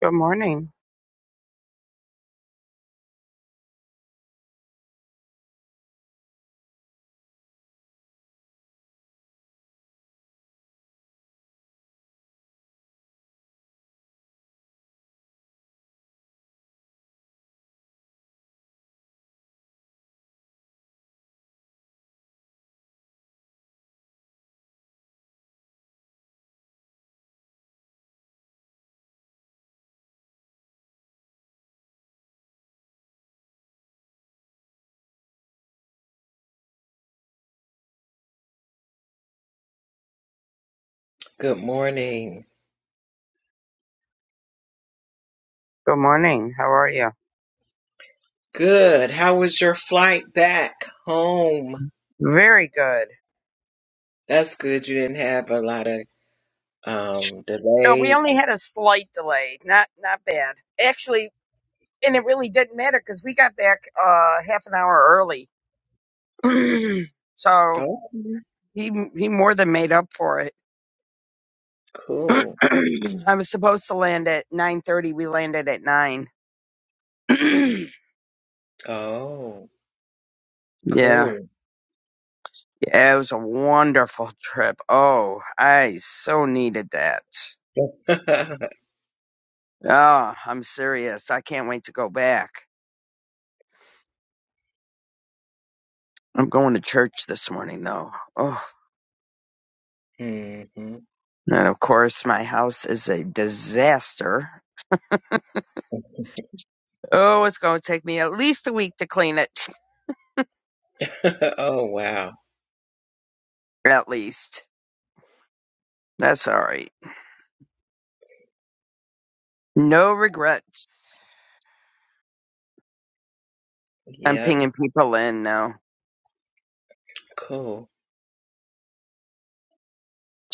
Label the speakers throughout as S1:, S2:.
S1: Good morning.
S2: Good morning.
S1: Good morning. How are you?
S2: Good. How was your flight back home?
S1: Very good.
S2: That's good. You didn't have a lot of um
S1: No, we
S2: delays.
S1: only had a slight delay. Not not bad. Actually, and it really didn't matter because we got back uh half an hour early. so
S2: Okay.
S1: he he more than made up for it.
S2: Cool.
S1: I was supposed to land at nine thirty. We landed at nine.
S2: Oh,
S1: yeah.
S2: cool.
S1: Yeah, it was a wonderful trip. Oh, I so needed that. Oh, I'm serious. I can't wait to go back. I'm going to church this morning though. Oh,
S2: hmm
S1: and of course my house is a disaster. Oh, it's going to take me at least a week to clean it.
S2: Oh, wow.
S1: At least. That's all right. No regrets. I'm
S2: Yep.
S1: pinging people in now.
S2: Cool.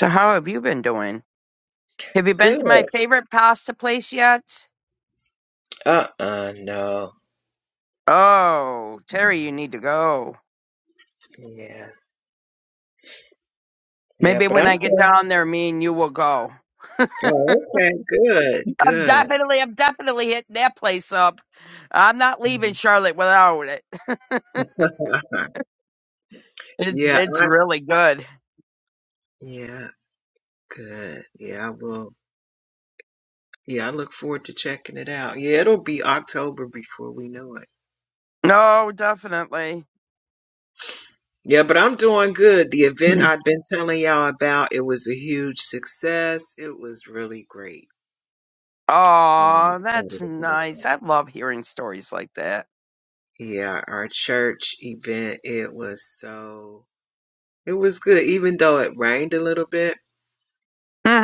S1: So how have you been doing? Have you been
S2: Good.
S1: to my favorite pasta place yet?
S2: Uh-uh, no.
S1: Oh, Terry, you need to go.
S2: Yeah. Yeah,
S1: Maybe
S2: but
S1: when I
S2: I'm
S1: get
S2: good.
S1: down there, me and you will go.
S2: Oh, okay. Good.
S1: I'm
S2: Good.
S1: definitely, I'm definitely hitting that place up. I'm not leaving
S2: Mhm.
S1: Charlotte without it.
S2: Uh-huh.
S1: It's
S2: Yeah,
S1: it's
S2: I,
S1: really good.
S2: yeah, good. Yeah, I will. Yeah, I look forward to checking it out. Yeah, it'll be October before we know it.
S1: No, definitely.
S2: Yeah, but I'm doing good. The event I've been telling y'all about, it was a huge success. It was really great. So I'm
S1: Oh,
S2: excited
S1: that's
S2: about
S1: nice.
S2: that.
S1: I love hearing stories like that.
S2: Yeah, our church event, it was so, it was good, even though it rained a little bit,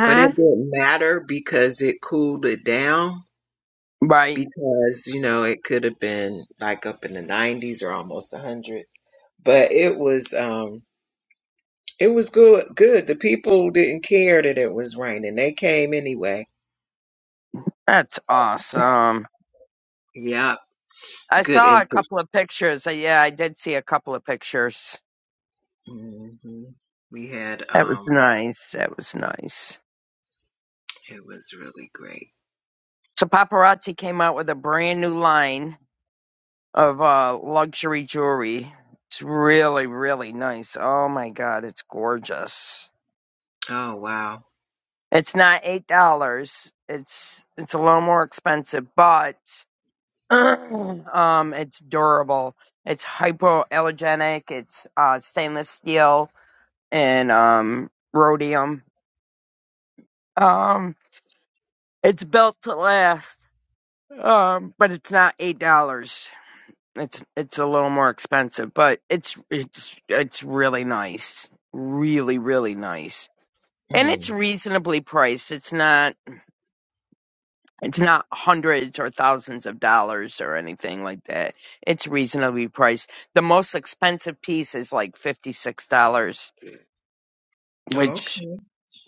S2: but it didn't matter because it cooled it down
S1: Right.
S2: because, you know, it could have been like up in the 90s or almost 100 but it was um It was good. Good. The people didn't care that it was raining. They came anyway.
S1: That's awesome.
S2: Yeah.
S1: I
S2: Good
S1: saw a
S2: input.
S1: couple of pictures. Uh, Yeah, I did see a couple of pictures.
S2: hmm We had
S1: That was
S2: um.
S1: nice. That was nice.
S2: It was really great.
S1: So paparazzi came out with a brand new line of uh luxury jewelry. It's really, really nice. Oh my god, it's gorgeous.
S2: Oh wow.
S1: It's not eight dollars. It's it's a little more expensive, but um, it's durable. It's hypoallergenic. It's uh, stainless steel and um, rhodium. Um, it's built to last. Um, but it's not eight dollars. It's it's a little more expensive, but it's it's it's really nice. Really, really nice. And it's
S2: Mm.
S1: reasonably priced. It's not It's not hundreds or thousands of dollars or anything like that. It's reasonably priced. The most expensive piece is like $56,
S2: Oh,
S1: which
S2: okay.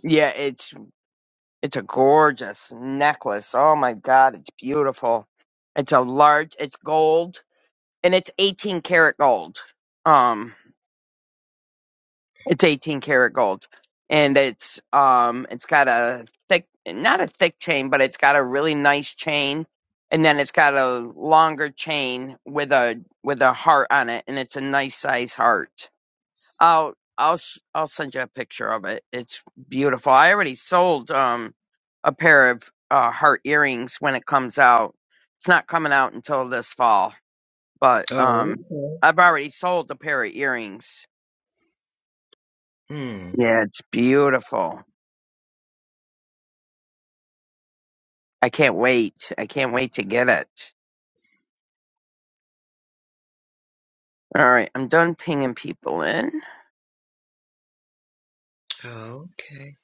S1: yeah, it's it's a gorgeous necklace. Oh my god, it's beautiful. It's a large, it's gold and it's 18 karat gold. Um It's 18 karat gold. And it's um it's got a thick not a thick chain, but it's got a really nice chain. And then it's got a longer chain with a with a heart on it and it's a nice size heart. I'll I'll s- I'll send you a picture of it. It's beautiful. I already sold um a pair of uh heart earrings when it comes out. It's not coming out until this fall, but um
S2: Oh okay.
S1: I've already sold a pair of earrings.
S2: Mm.
S1: Yeah, it's beautiful. I can't wait. I can't wait to get it. All right, I'm done pinging people in.
S2: Oh, okay.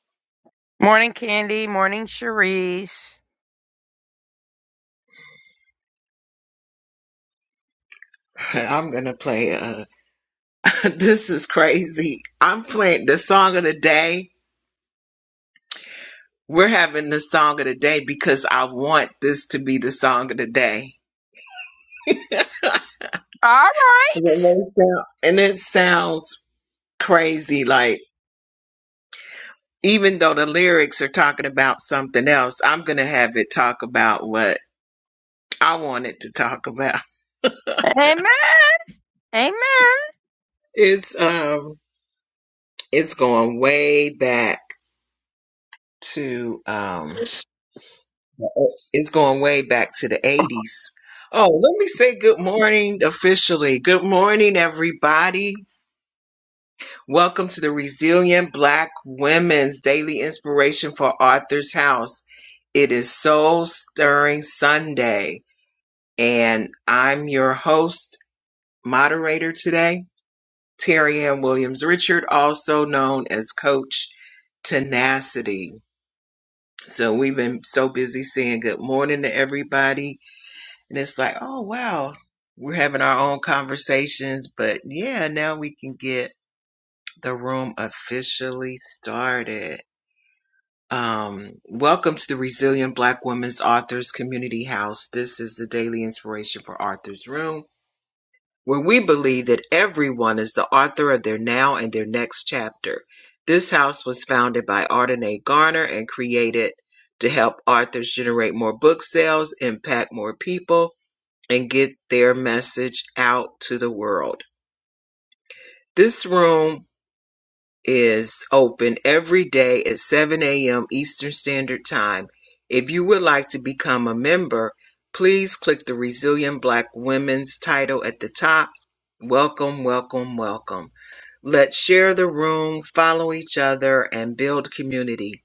S1: Morning, Candy. Morning, Cherise.
S2: I'm gonna play. Uh, this is crazy. I'm playing the song of the day. We're having the song of the day because I want this to be the song of the day.
S1: All
S2: And it
S1: right.
S2: may sound- and it sounds crazy, like even though the lyrics are talking about something else, I'm gonna have it talk about what I want it to talk about.
S1: Amen. Amen.
S2: It's um it's going way back to um It's going way back to the 80s. Oh, let me say good morning officially. Good morning, everybody. Welcome to the Resilient Black Women's Daily Inspiration for Arthur's House. It is Soul Stirring Sunday, and I'm your host, moderator today, Terry Ann Williams Richard, also known as Coach Tenacity. So we've been so busy saying good morning to everybody And it's like, oh, wow, we're having our own conversations. But yeah, now we can get the room officially started. Um, welcome to the Resilient Black Women's Authors Community House. This is the daily inspiration for Arthur's Room, where we believe that everyone is the author of their now and their next chapter. This house was founded by Ardenae Garner and created to help authors generate more book sales, impact more people, and get their message out to the world. This room is open every day at 7 a.m. Eastern Standard Time. If you would like to become a member, please click the Resilient Black Women's title at the top. Welcome, welcome, welcome. Let's share the room, follow each other, and build community.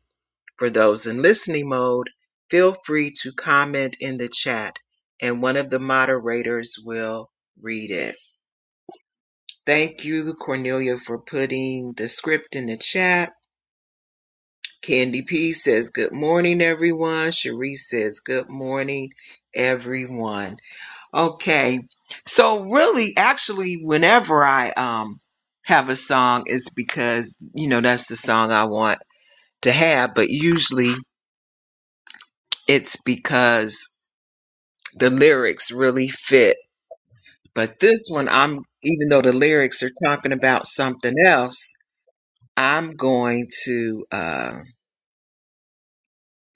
S2: For those in listening mode, feel free to comment in the chat, and one of the moderators will read it. Thank you, Cornelia, for putting the script in the chat. Candy P says, Good morning, everyone. Cherie says, Good morning, everyone. Okay. So, really, actually, whenever I um, have a song, it's because, you know, that's the song I want to have, but usually it's because the lyrics really fit. But this one, I'm, even though the lyrics are talking about something else, I'm going to. Uh,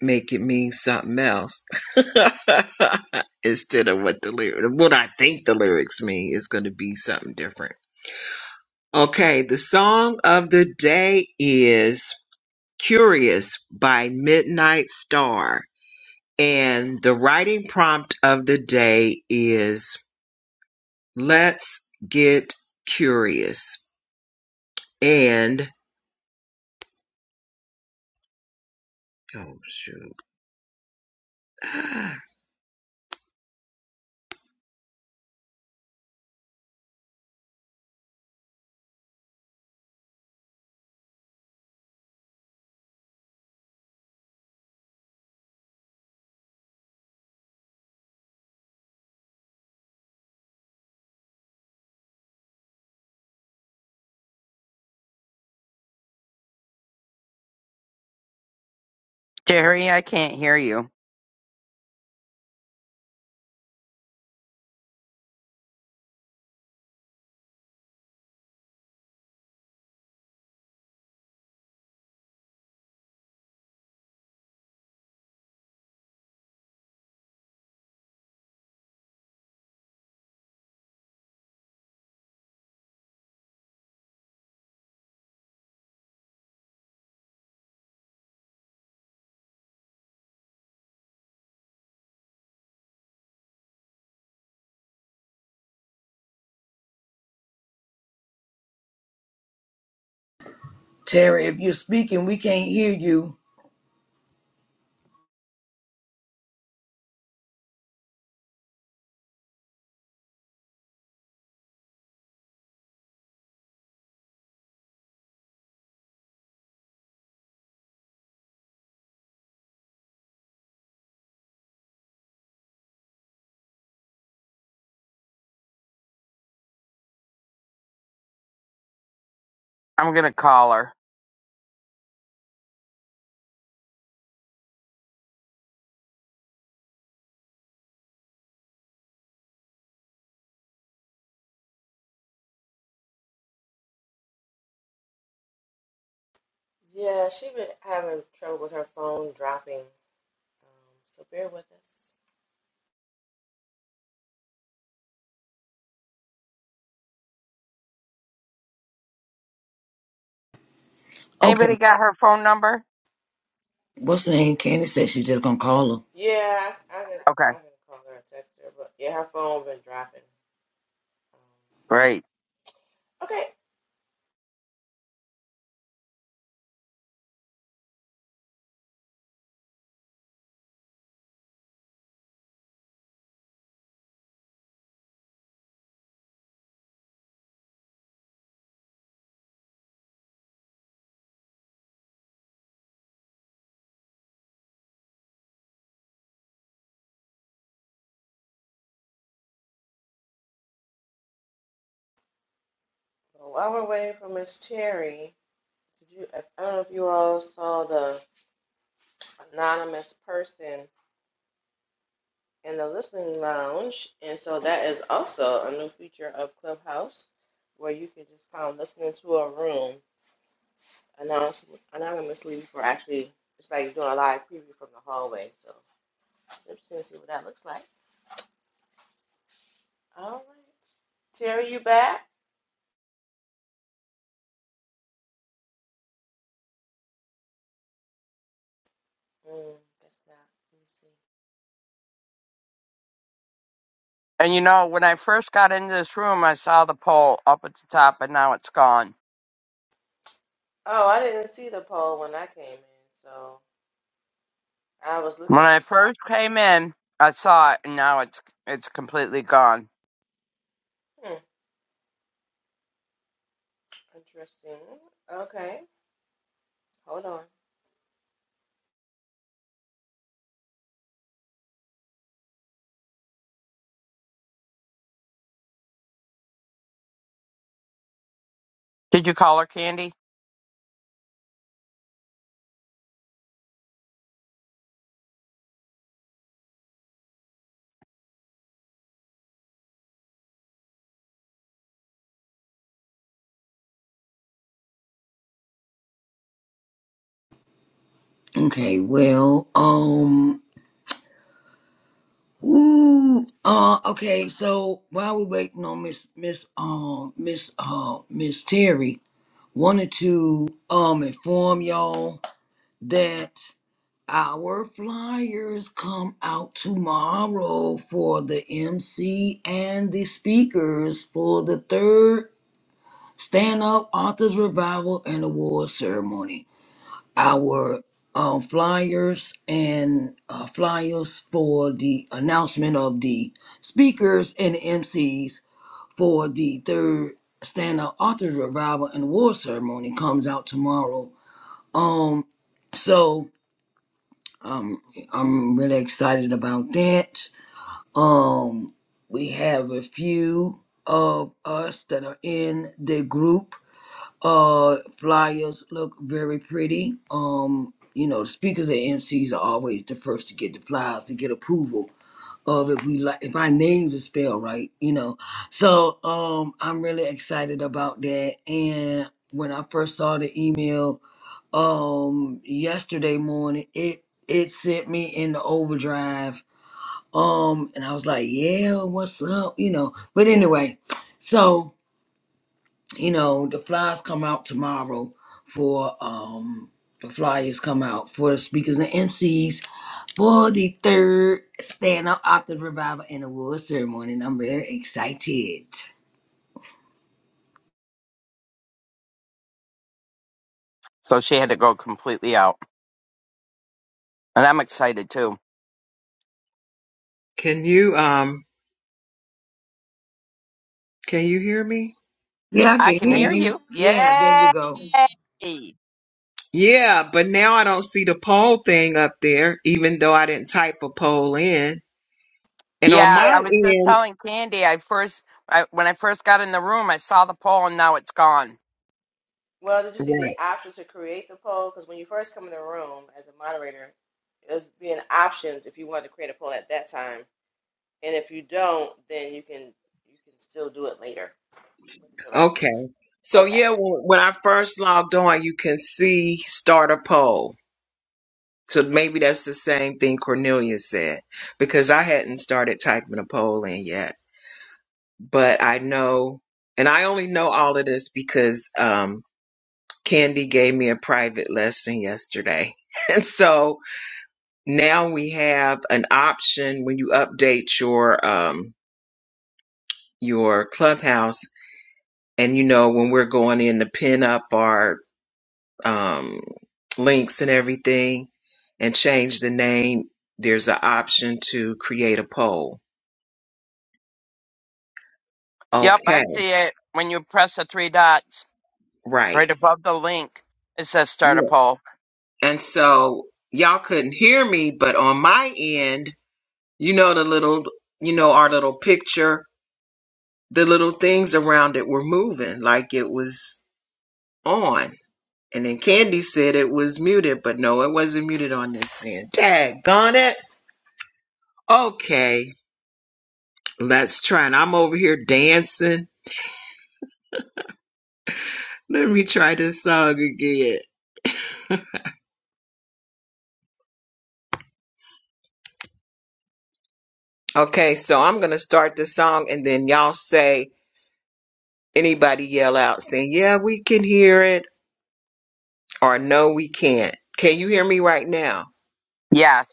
S2: make it mean something else instead of what the lyric, what I think the lyrics mean is going to be something different. Okay, the song of the day is Curious by Midnight Star. And the writing prompt of the day is Let's Get Curious. And, oh shoot.
S1: Jerry, I can't hear you.
S3: Terry, if you're speaking, we can't hear you.
S1: I'm gonna call her.
S4: Yeah, she's been having trouble with her phone dropping. Um, so bear with us.
S3: Okay.
S1: Anybody got her phone number?
S3: What's her name? Candy said she's just gonna call her.
S4: Yeah, I, I can
S1: Okay,
S4: I can call her and text her, but yeah, her phone been dropping. Um,
S1: great.
S4: okay. Well, while we're waiting for Miss Terry, did you? I don't know if you all saw the anonymous person in the listening lounge, and so that is also a new feature of Clubhouse, where you can just kind of listen into a room anonymous, anonymously for actually it's like doing a live preview from the hallway. so. Let's see what that looks like. All right. Terry, you back? Mm, that's not. Let me see.
S1: And you know, when I first got into this room, I saw the poll up at the top, and now it's gone.
S4: Oh, I didn't see the poll when I came in, so I was
S1: When
S4: looking.
S1: I first came in, I saw it, and now it's it's completely gone.
S4: Hmm, interesting. Okay, hold on.
S1: Did you call her, Candy?
S3: Okay, well, um Ooh, uh, okay, so while we're waiting on Miss Miss um Miss uh Miss Terry, wanted to um inform y'all that our flyers come out tomorrow for the MC and the speakers for the third Stand Up Authors Revival and Award Ceremony. Our um, flyers and uh, flyers for the announcement of the speakers and the MCs for the third Stand Up Authors Revival and Award Ceremony comes out tomorrow. Um, so um, I'm really excited about that. Um, we have a few of us that are in the group uh flyers look very pretty um you know the speakers and mcs are always the first to get the flyers to get approval of if we like if our names are spelled right you know so um i'm really excited about that and when i first saw the email um yesterday morning it it sent me in the overdrive um and i was like yeah what's up you know but anyway so you know, the flyers come out tomorrow for um the flyers come out for the speakers and MCs for the third stand up after revival and award ceremony. And I'm very excited.
S1: So she had to go completely out. And I'm excited too.
S2: Can you, um, can you hear me?
S3: Yeah, I
S1: I
S3: can
S1: can
S3: hear
S1: hear
S3: you.
S1: you.
S3: Yeah, there we
S1: Yay!
S3: go.
S2: Yeah, but now I don't see the poll thing up there, even though I didn't type a poll in. And on
S1: Yeah,
S2: my
S4: Yeah.
S1: I was just
S2: end,
S1: telling Candy. I first, I, when I first got in the room, I saw the poll, and now it's gone.
S4: Well, did you see the
S2: right.
S4: option to create the poll? Because when you first come in the room as a moderator, there's being options if you wanted to create a poll at that time, and if you don't, then you can you can still do it later with the
S2: Okay.
S4: directions.
S2: So,
S4: Okay.
S2: yeah, when when I first logged on, you can see start a poll. So maybe that's the same thing Cornelia said, because I hadn't started typing a poll in yet. But I know, and I only know all of this because um, Candy gave me a private lesson yesterday. And so, now we have an option when you update your um your clubhouse and you know when we're going in to pin up our um links and everything and change the name there's an option to create a poll
S1: Yep, I
S2: okay
S1: see it. When you press the three dots
S2: right
S1: right above the link, it says start a
S2: yeah
S1: poll.
S2: and so y'all couldn't hear me but on my end you know the little you know our little picture the little things around it were moving like it was on And then Candy said it was muted, but no, it wasn't muted on this end. Daggone it. Okay, let's try it. I'm over here dancing. Let me try this song again. Okay, so I'm going to start the song and then y'all say, anybody yell out saying, yeah, we can hear it or no, we can't. Can you hear me right now?
S1: Yes,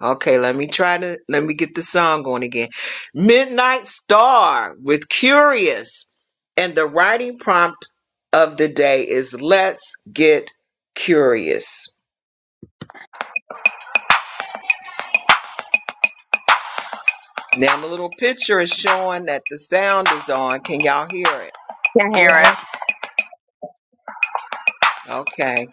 S2: Okay, let me try to let me get the song going again. Midnight Star with Curious. And the writing prompt of the day is Let's Get Curious. Now the little picture is showing that the sound is on. Can y'all hear it?
S1: can hear it.
S3: Yes.
S2: Okay.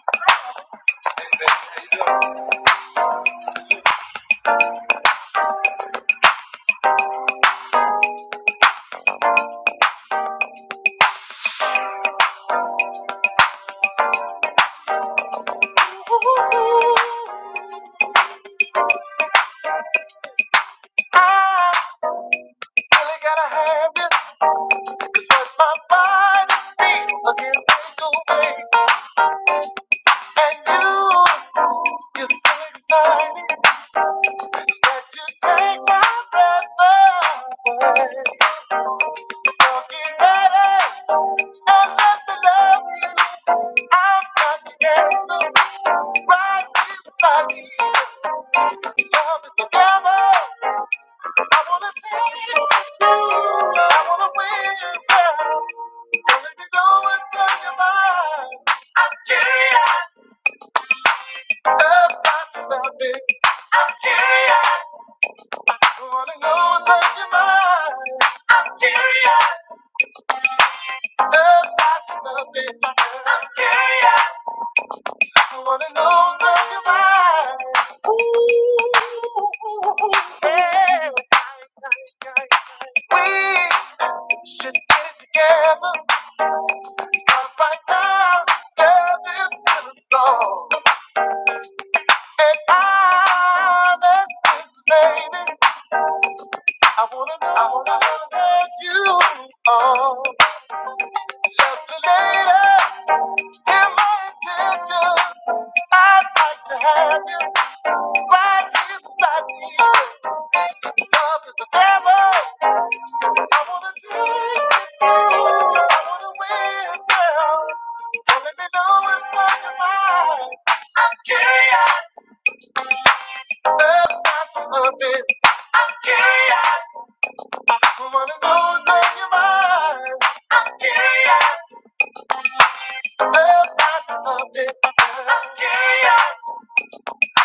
S2: I really And you, you're so exciting. But you take my breath away. So get ready and let me love you. I'm not the answer. Right here beside me. Love is the devil. I wanna take it with you. I wanna win, you, girl. So let me know what's on your mind. I'm curious about your loving. I'm curious. I wanna know what's on your mind. I'm curious Should get it together right now. Girl, this feeling's And I, that baby, I wanna know, I you. Oh, lovely lady, hear my intentions. I'd like to have you right here beside me. Love is the devil. I wanna drink with you. I wanna win girl. So let me know what's on your mind. I'm curious. Love not for nothing. I'm curious. Wanna know what's on your mind. I'm curious. Love not for nothing. I'm curious.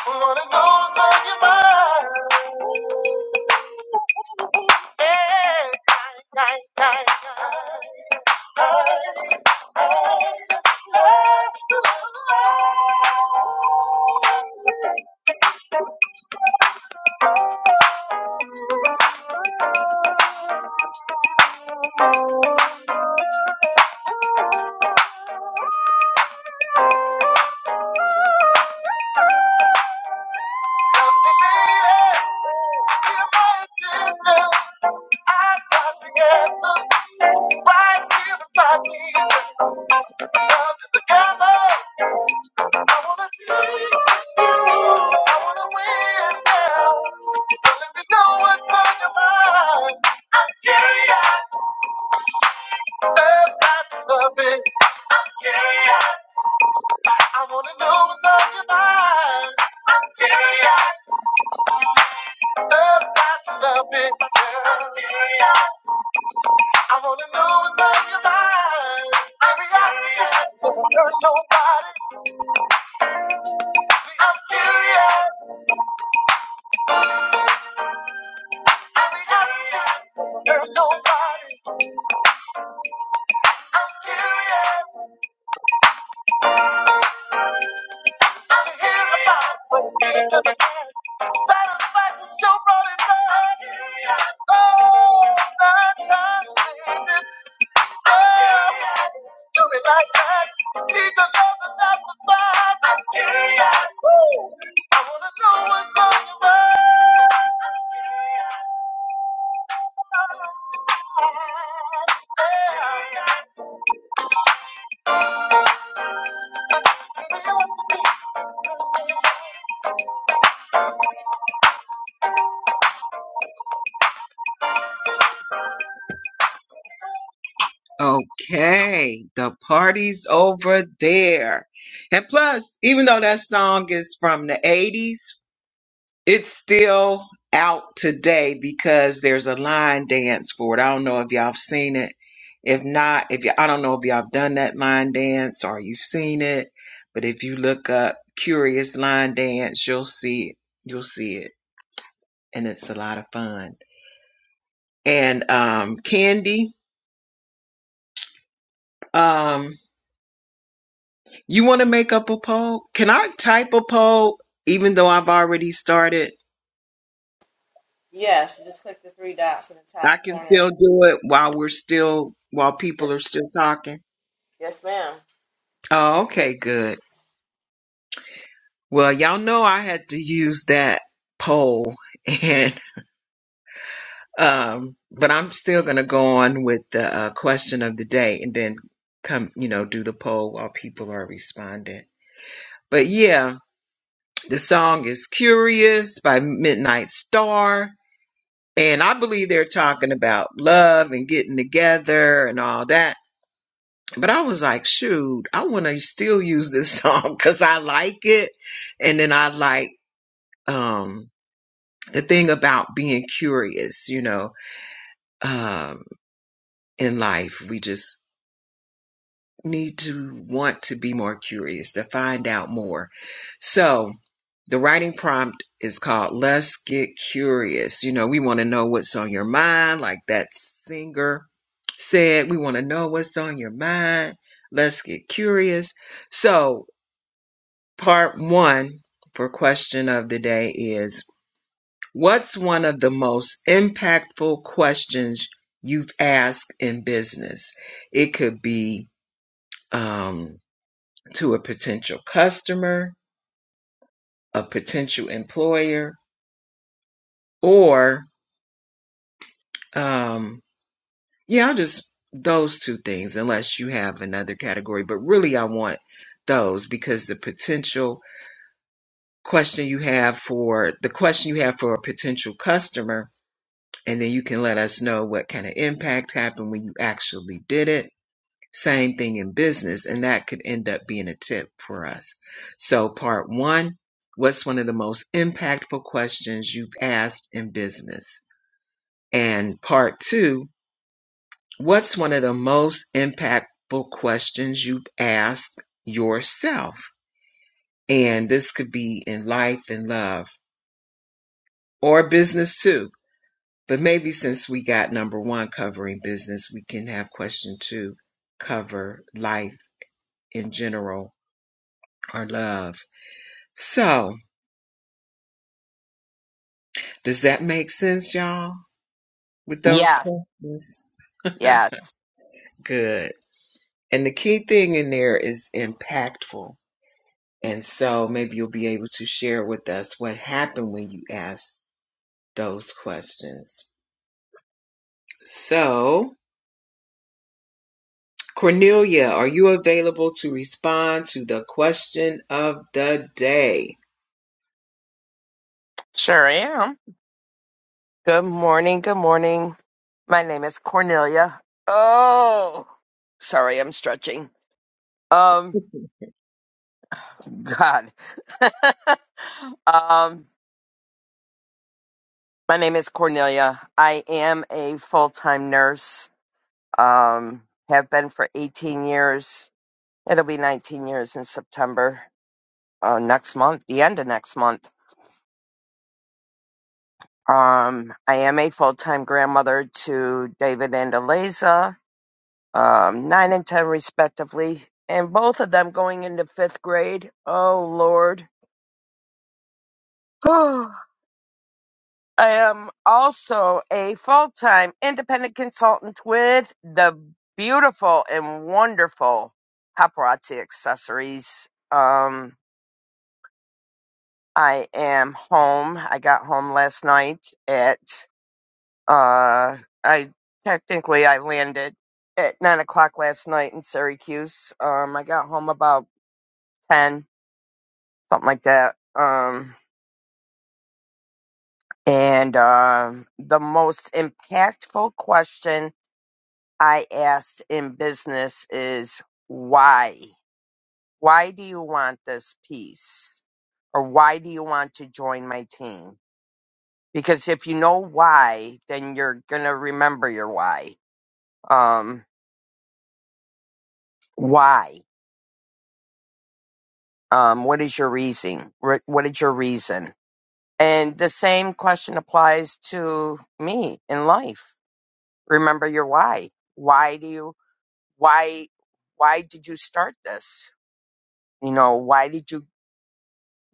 S2: Wanna know what's on your mind. I wanna win now. So let me know what's on your mind. I'm curious. I love it. I'm curious. I wanna know what's on your mind. I'm curious. Love, I love it. I'm curious. I wanna know what's on your mind. Baby, I be asking, don't hurt nobody. I'm curious. Baby, I be asking, don't hurt nobody. I'm curious. you hear on? Oh, oh, night time, baby, Oh, do me like that. that Need to wanna know know I'm I'm curious. Woo. I curious. what's on your mind. I'm curious. Oh, Yeah. Baby, what's Okay, the party's over there. And plus, even though that song is from the 80s, it's still out today because there's a line dance for it. I don't know if y'all have seen it. If not, if you, I don't know if y'all have done that line dance or you've seen it, but if you look up Curious Line Dance, you'll see it. You'll see it. And it's a lot of fun. And um, Candy. um, You want to make up a poll? Can I type a poll even though I've already started?
S4: Yes, just click the three dots in the
S2: I
S4: top
S2: can
S4: corner.
S2: still do it while we're still while people are still talking.
S4: Yes, ma'am.
S2: Oh, okay, good. Well, y'all know I had to use that poll and um but I'm still going to go on with the uh, question of the day and then come, you know, do the poll while people are responding. But yeah, the song is Curious by Midnight Star And I believe they're talking about love and getting together and all that. But I was like, shoot, I want to still use this song because I like it. And then I like um, the thing about being curious, you know, um, in life. We just need to want to be more curious, to find out more. So the writing prompt is called Let's Get Curious. You know, we want to know what's on your mind, like that singer said, we want to know what's on your mind. Let's get curious. So, part one for question of the day is What's one of the most impactful questions you've asked in business? It could be, um, to a potential customer, a potential employer, or um, yeah, I'll just those two things, unless you have another category. But really, I want those because the potential question you have for the question you have for a potential customer, and then you can let us know what kind of impact happened when you actually did it Same thing in business, and that could end up being a tip for us. So, part one what's one of the most impactful questions you've asked in business? And part two what's one of the most impactful questions you've asked yourself? And this could be in life and love or business too. But maybe since we got number one covering business, we can have question two cover life in general or love. So, does that make sense, y'all, with those
S1: Yes,
S2: questions?
S1: yes,
S2: Good. And the key thing in there is impactful. And so maybe you'll be able to share with us what happened when you asked those questions. So, Cornelia, are you available to respond to the question of the day?
S1: sure am. Good morning. Good morning. My name is Cornelia. Oh, sorry, I'm stretching. Um. God. um, my name is Cornelia. I am a full time nurse. Um, have been for 18 years. It'll be 19 years in September uh, next month, the end of next month. Um, I am a full time grandmother to David and Eliza, um, nine and 10 respectively, and both of them going into fifth grade. Oh, Lord. I am also a full time independent consultant with the beautiful and wonderful paparazzi accessories. Um, I am home. I got home last night at, uh, I technically I landed at nine o'clock last night in Syracuse. Um, I got home about 10, something like that. Um, and, um the most impactful question I asked in business is why? Why do you want this piece? Or why do you want to join my team? Because if you know why, then you're going to remember your why. Um, why? Um, what is your reason? Re- What is your reason? And the same question applies to me in life. Remember your why. Why do you, why, why did you start this? You know, why did you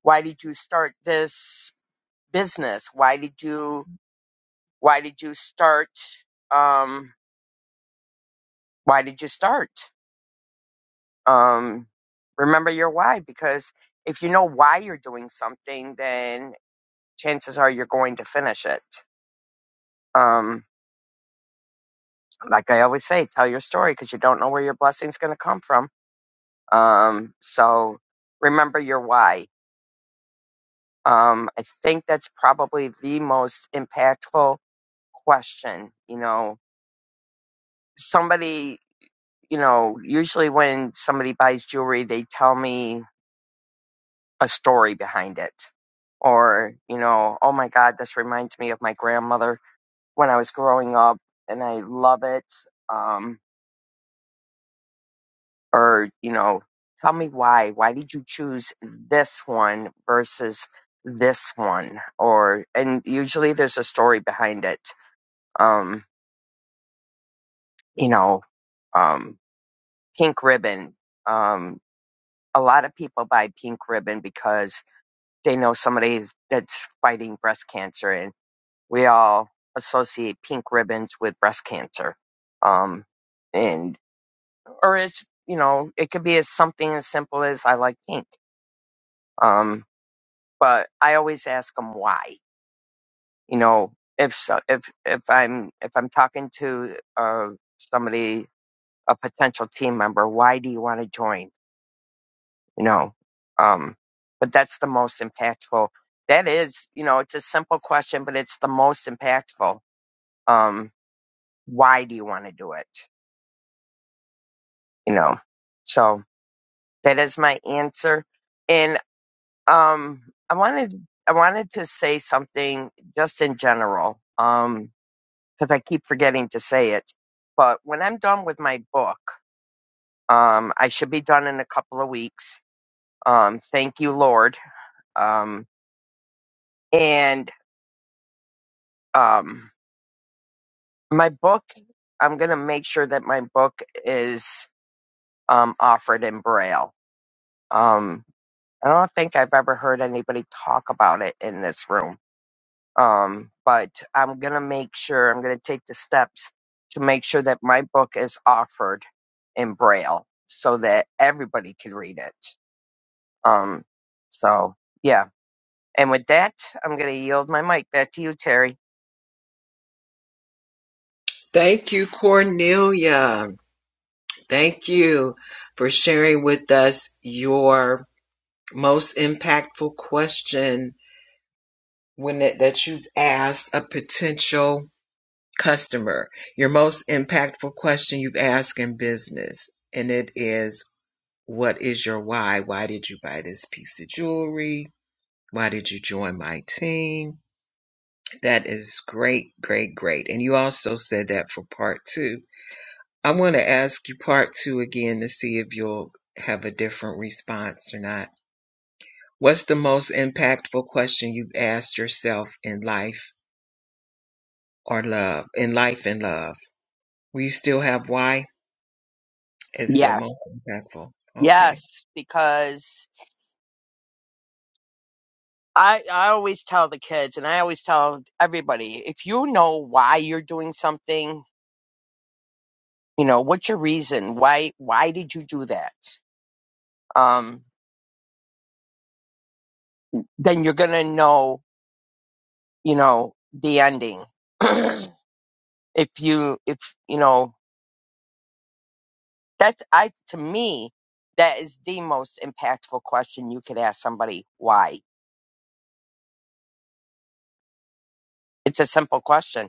S1: Why did you start this business? Why did you why did you start um why did you start? Um remember your why because if you know why you're doing something then chances are you're going to finish it. Um like I always say, tell your story because you don't know where your blessing's going to come from. Um so remember your why. Um, I think that's probably the most impactful question. You know, somebody you know, usually when somebody buys jewelry, they tell me a story behind it. Or, you know, oh my God, this reminds me of my grandmother when I was growing up and I love it. Um, or, you know, tell me why. Why did you choose this one versus this one? Or, and usually there's a story behind it. Um, you know, um, pink ribbon. Um, a lot of people buy pink ribbon because they know somebody that's fighting breast cancer and we all associate pink ribbons with breast cancer um and or it's you know it could be as something as simple as i like pink um but i always ask them why you know if so if if i'm if i'm talking to uh somebody a potential team member why do you want to join you know um but that's the most impactful that is you know it's a simple question but it's the most impactful um why do you want to do it you know so that is my answer and um i wanted i wanted to say something just in general um because i keep forgetting to say it but when i'm done with my book um i should be done in a couple of weeks um thank you lord um and um my book i'm going to make sure that my book is um, offered in braille um, i don't think i've ever heard anybody talk about it in this room um, but i'm going to make sure i'm going to take the steps to make sure that my book is offered in braille so that everybody can read it um, so yeah and with that i'm going to yield my mic back to you terry
S2: Thank you, Cornelia. Thank you for sharing with us your Most impactful question when it, that you've asked a potential customer. Your most impactful question you've asked in business, and it is, "What is your why? Why did you buy this piece of jewelry? Why did you join my team?" That is great, great, great. And you also said that for part two. I want to ask you part two again to see if you'll have a different response or not. What's the most impactful question you've asked yourself in life or love? In life and love. Will you still have why? It's the
S1: yes
S2: most impactful. Okay.
S1: yes because I, I always tell the kids and I always tell everybody, if you know why you're doing something, you know, what's your reason? Why, why did you do that? Um, then you're going to know, you know, the ending. if you, if, you know, that's, I, to me, that is the most impactful question you could ask somebody. Why? It's a simple question,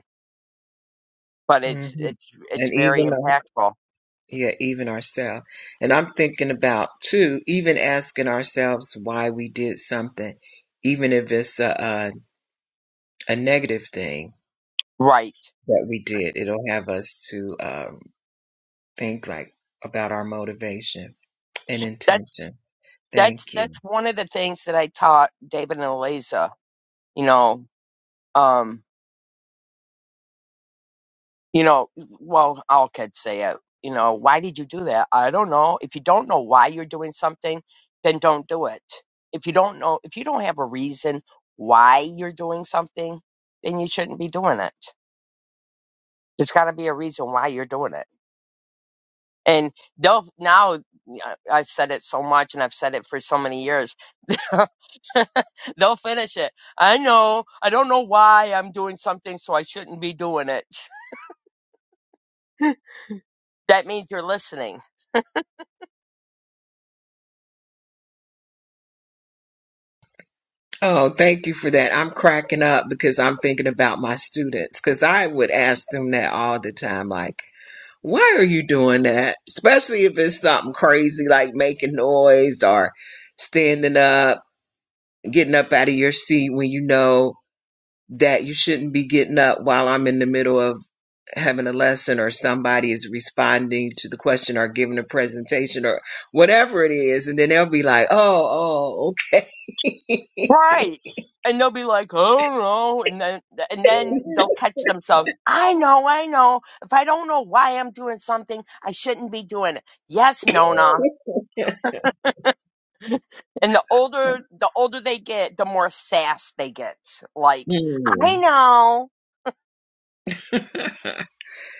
S1: but it's,
S2: hmm
S1: it's, it's
S2: And
S1: very
S2: even our,
S1: impactful.
S2: yeah, even ourselves. And I'm thinking about too, even asking ourselves why we did something, even if it's a, a, a negative thing.
S1: Right.
S2: that we did. It'll have us to um, think like about our motivation and
S1: That's.
S2: intentions.
S1: that's
S2: Thank you.
S1: that's one of the things that I taught David and Eliza. You know, um, you know, well, all kids say it. You know, why did you do that? I don't know. If you don't know why you're doing something, then don't do it. If you don't know, if you don't have a reason why you're doing something, then you shouldn't be doing it. There's got to be a reason why you're doing it. And they'll now. I- I've said it so much, and I've said it for so many years They'll finish it. I know. I don't know why I'm doing something, so I shouldn't be doing it. That means you're listening.
S2: Oh, thank you for that. I'm cracking up because I'm thinking about my students because I would ask them that all the time, like, why are you doing that? Especially if it's something crazy like making noise or standing up, getting up out of your seat when you know that you shouldn't be getting up while I'm in the middle of having a lesson or somebody is responding to the question or giving a presentation or whatever it is. And then they'll be like, oh, oh, okay.
S1: Right. And they'll be like, I don't know. And then, and then they'll catch themselves. I know, I know. If I don't know why I'm doing something, I shouldn't be doing it. Yes, Nona. And the older, the older they get, the more sass they get. Like, I
S2: Mm.
S1: know.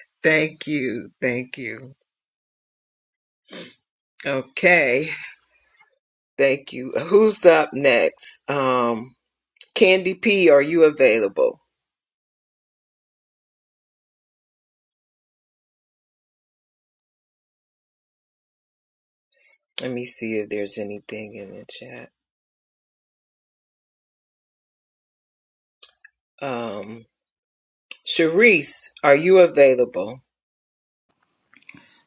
S2: Thank you. Thank you. Okay. Thank you. Who's up next? Um, Candy P, are you available? Let me see if there's anything in the chat. Um, Sharice, are you available?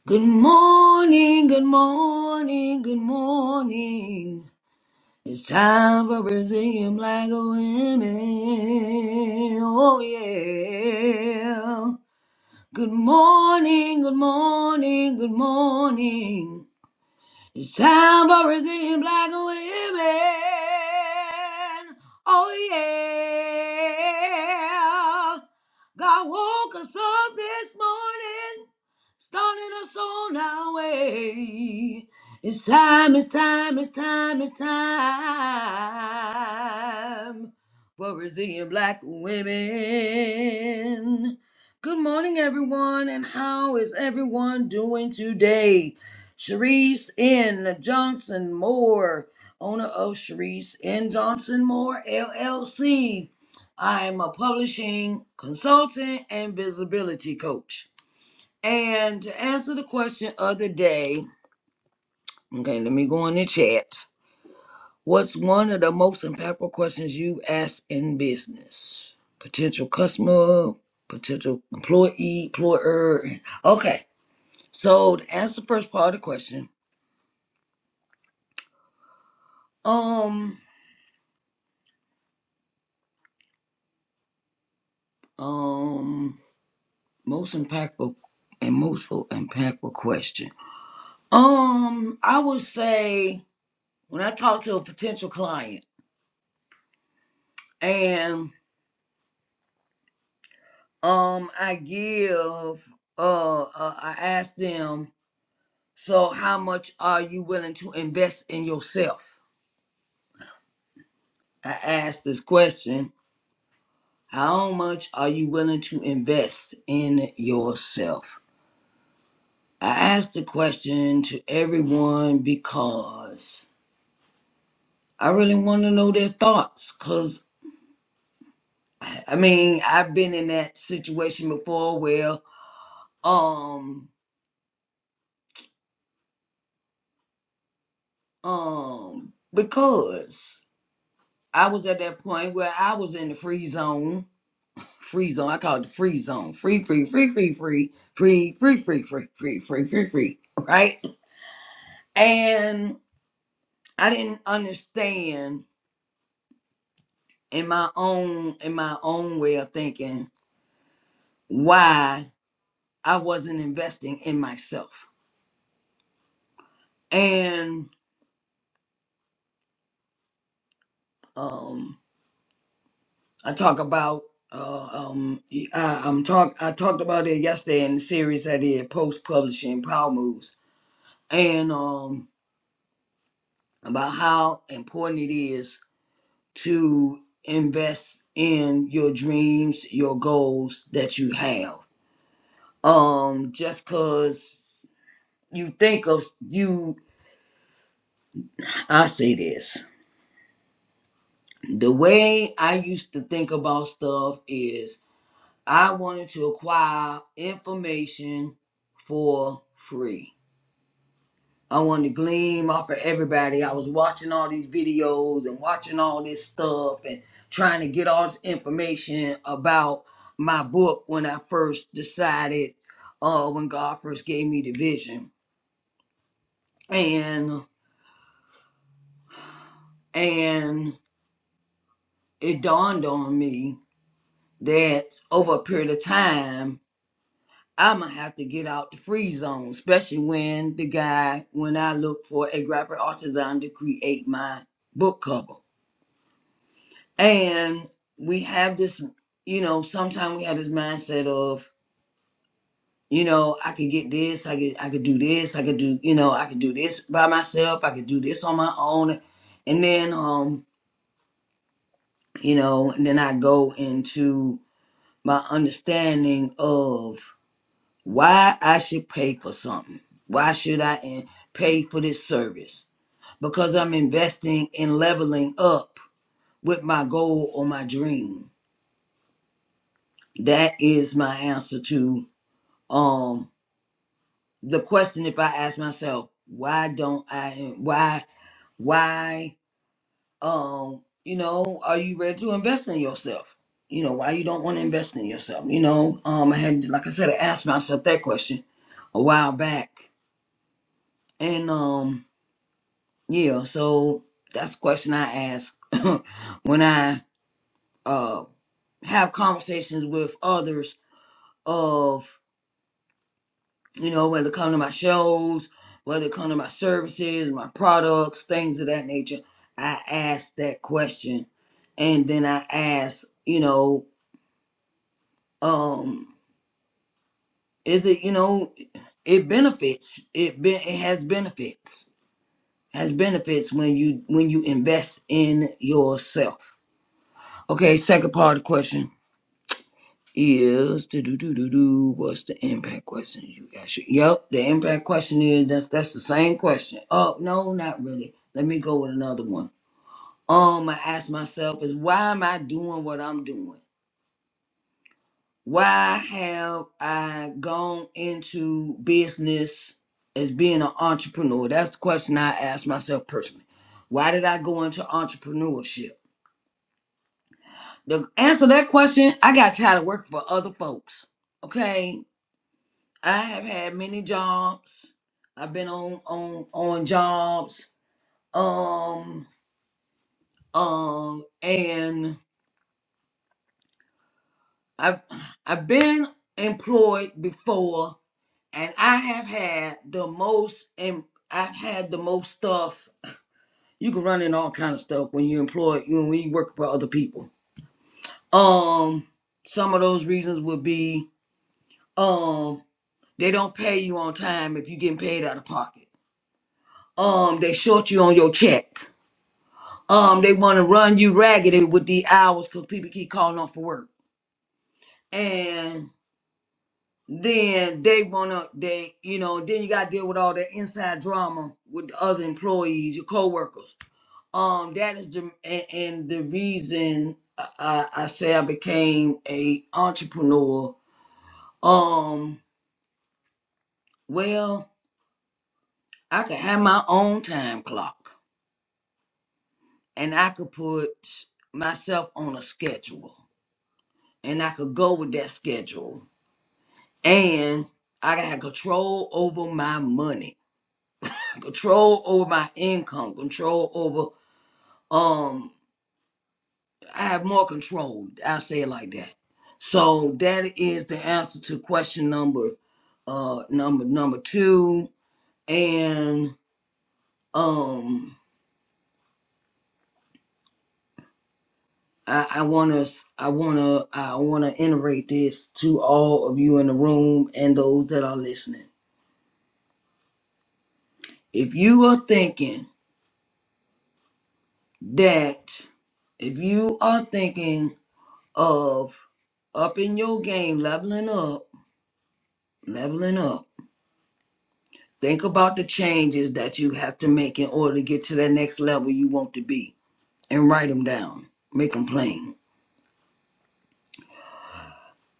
S3: Good morning, good morning, good morning. It's time for Brazilian black women. Oh yeah. Good morning, good morning, good morning. It's time for us black women. Oh yeah. God woke us up this morning, starting us on our way. It's time, it's time, it's time, it's time for Brazilian black women. Good morning, everyone, and how is everyone doing today? Sharice N. Johnson Moore, owner of Sharice N. Johnson Moore LLC. I am a publishing consultant and visibility coach. And to answer the question of the day, okay, let me go in the chat. What's one of the most impactful questions you ask in business? Potential customer, potential employee, employer. Okay, so to answer the first part of the question, um. Um, most impactful and most impactful question. Um, I would say when I talk to a potential client and um I give uh, uh I ask them, so how much are you willing to invest in yourself? I ask this question, how much are you willing to invest in yourself? I ask the question to everyone because I really want to know their thoughts because I mean I've been in that situation before where um um because I was at that point where I was in the free zone free zone I call it the free zone free free free free free free free free free free free free free right and I didn't understand in my own in my own way of thinking why I wasn't investing in myself and. um i talk about uh um I, i'm talk i talked about it yesterday in the series i did post publishing power moves and um about how important it is to invest in your dreams your goals that you have um just cause you think of you i say this the way i used to think about stuff is I wanted to acquire information for free. I wanted to glean off of everybody. I was watching all these videos and watching all this stuff and trying to get all this information about my book when I first decided, uh, when God first gave me the vision. And and it dawned on me that over a period of time I'ma have to get out the free zone, especially when the guy, when I look for a graphic artisan to create my book cover. And we have this, you know, sometimes we have this mindset of, you know, I could get this, I could I could do this, I could do, you know, I could do this by myself, I could do this on my own. And then um, you know, and then I go into my understanding of why I should pay for something. Why should I in- pay for this service? Because I'm investing in leveling up with my goal or my dream. That is my answer to um the question if I ask myself, why don't I why why um you know, are you ready to invest in yourself? You know, why you don't want to invest in yourself? You know, um I had like I said, I asked myself that question a while back. And um Yeah, so that's a question I ask when I uh have conversations with others of you know whether come to my shows, whether come to my services, my products, things of that nature. I ask that question, and then I ask, you know, um, is it you know, it benefits it be it has benefits has benefits when you when you invest in yourself. Okay, second part of the question. is do do do do do. What's the impact question you asked? you? Yep, the impact question is that's that's the same question. Oh no, not really. Let me go with another one. Um, I ask myself is why am I doing what I'm doing? Why have I gone into business as being an entrepreneur? That's the question I ask myself personally. Why did I go into entrepreneurship? The answer to that question, I got tired of working for other folks. Okay. I have had many jobs. I've been on on on jobs. Um um and I've I've been employed before and I have had the most and I've had the most stuff. You can run in all kind of stuff when you're employed, you know, when you work for other people. Um some of those reasons would be um they don't pay you on time if you're getting paid out of pocket. Um they short you on your check Um, they want to run you ragged with the hours because people keep calling off for work, and then they want to they you know then you got to deal with all that inside drama with the other employees, your coworkers. Um, that is the and, and the reason I, I I say I became a entrepreneur. Um, well, I could have my own time clock, and I could put myself on a schedule, and I could go with that schedule and I got control over my money, control over my income, control over um I have more control. I say it like that. So that is the answer to question number uh number number two. And um I, I wanna I wanna I wanna iterate this to all of you in the room and those that are listening. If you are thinking that if you are thinking of upping your game, leveling up, leveling up. Think about the changes that you have to make in order to get to that next level you want to be and write them down. Make them plain.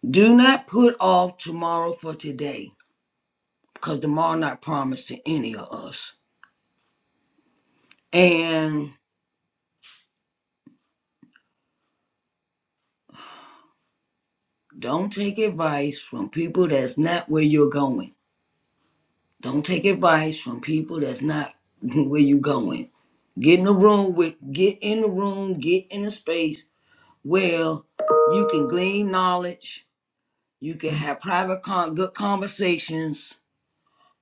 S3: Do not put off tomorrow for today because tomorrow not promised to any of us. And don't take advice from people that's not where you're going. Don't take advice from people that's not where you're going get in the room with get in the room get in the space Well, you can glean knowledge, you can have private con- good conversations,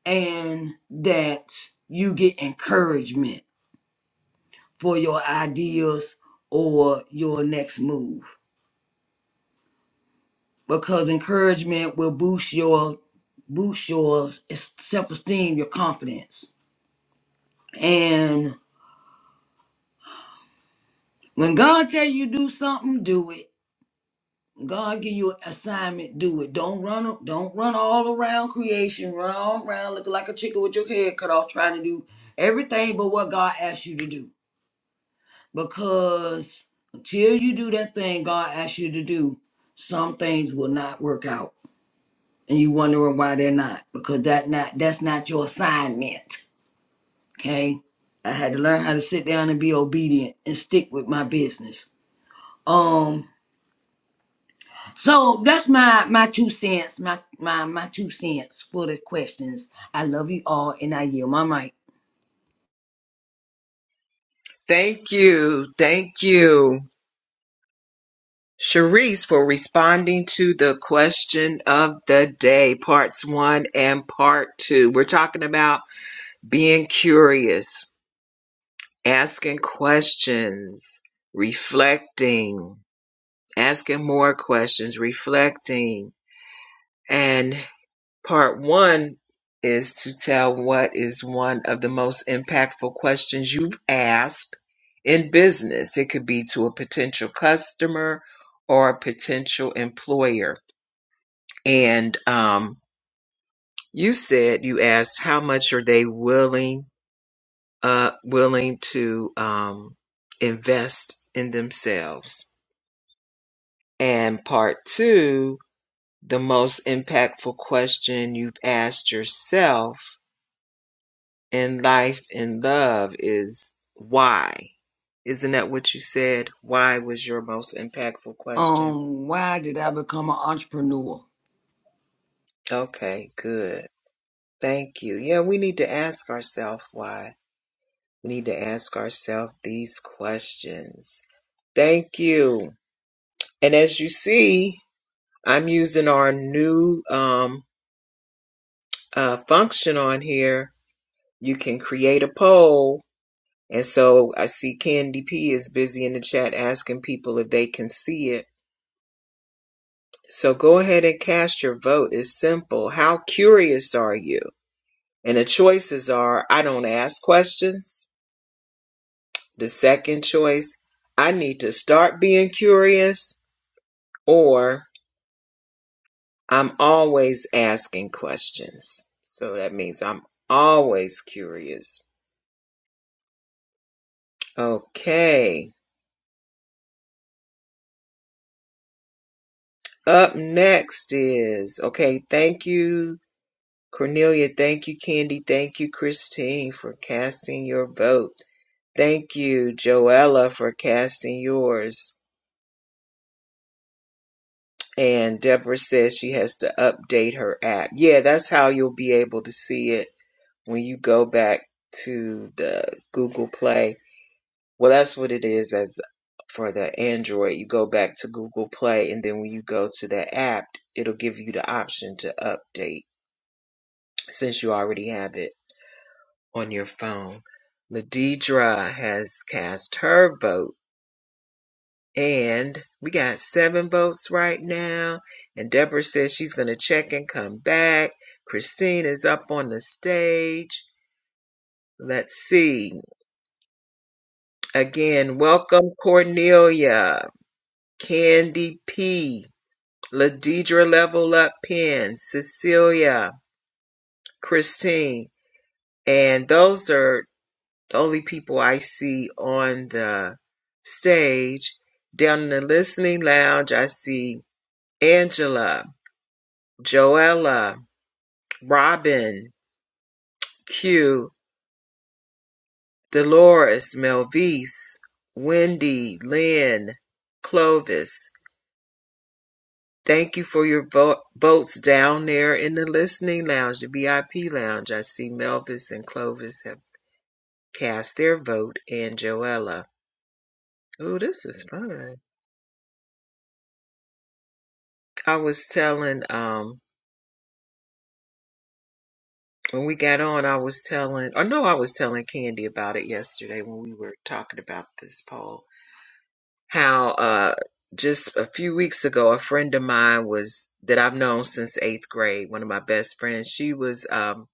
S3: and that you get encouragement for your ideas or your next move. Because encouragement will boost your boost your self esteem, your confidence. And when God tell you do something, do it. God give you an assignment, do it. Don't run don't run all around creation, run all around looking like a chicken with your head cut off, trying to do everything but what God asked you to do. Because until you do that thing God asked you to do, some things will not work out. And you wondering why they're not. Because that not that's not your assignment. Okay? I had to learn how to sit down and be obedient and stick with my business. Um. So that's my my two cents, my my my two cents for the questions. I love you all, and I yield my mic.
S2: Thank you. Thank you. Sharice for responding to the question of the day, parts one and part two. We're talking about being curious, asking questions, reflecting, asking more questions, reflecting. And part one is to tell what is one of the most impactful questions you've asked in business. It could be to a potential customer or a potential employer and um, you said you asked how much are they willing uh, willing to um, invest in themselves and part two the most impactful question you've asked yourself in life and love is why isn't that what you said why was your most impactful question
S3: Um, why did I become an entrepreneur?
S2: okay good thank you yeah we need to ask ourselves why We need to ask ourselves these questions. Thank you. And as you see, I'm using our new um, uh, function on here. You can create a poll. And so I see Candy P is busy in the chat asking people if they can see it. So go ahead and cast your vote. It's simple. How curious are you? And the choices are I don't ask questions. The second choice, I need to start being curious. Or I'm always asking questions. So that means I'm always curious. Okay. Up next is, okay, thank you, Cornelia. Thank you, Candy. Thank you, Christine, for casting your vote. Thank you, Joella, for casting yours. And Deborah says she has to update her app. Yeah, that's how you'll be able to see it when you go back to the Google Play Well, that's what it is as for the Android. You go back to Google Play, and then when you go to the app, it'll give you the option to update since you already have it on your phone. Ladidra has cast her vote, and we got seven votes right now. And Deborah says she's going to check and come back. Christine is up on the stage. Let's see. Again, welcome Cornelia, Candy P. Ladidra Level Up Pen, Cecilia, Christine, and those are the only people I see on the stage. Down in the listening lounge, I see Angela, Joella, Robin, Q, Dolores, Melvise, Wendy, Lynn, Clovis. Thank you for your vo- votes down there in the listening lounge, the VIP lounge. I see Melvis and Clovis have cast their vote and Joella. Ooh, this is fun. I was telling um when we got on, I was telling or no, I was telling Candy about it yesterday when we were talking about this poll. How uh just a few weeks ago a friend of mine was that I've known since eighth grade, one of my best friends, she was um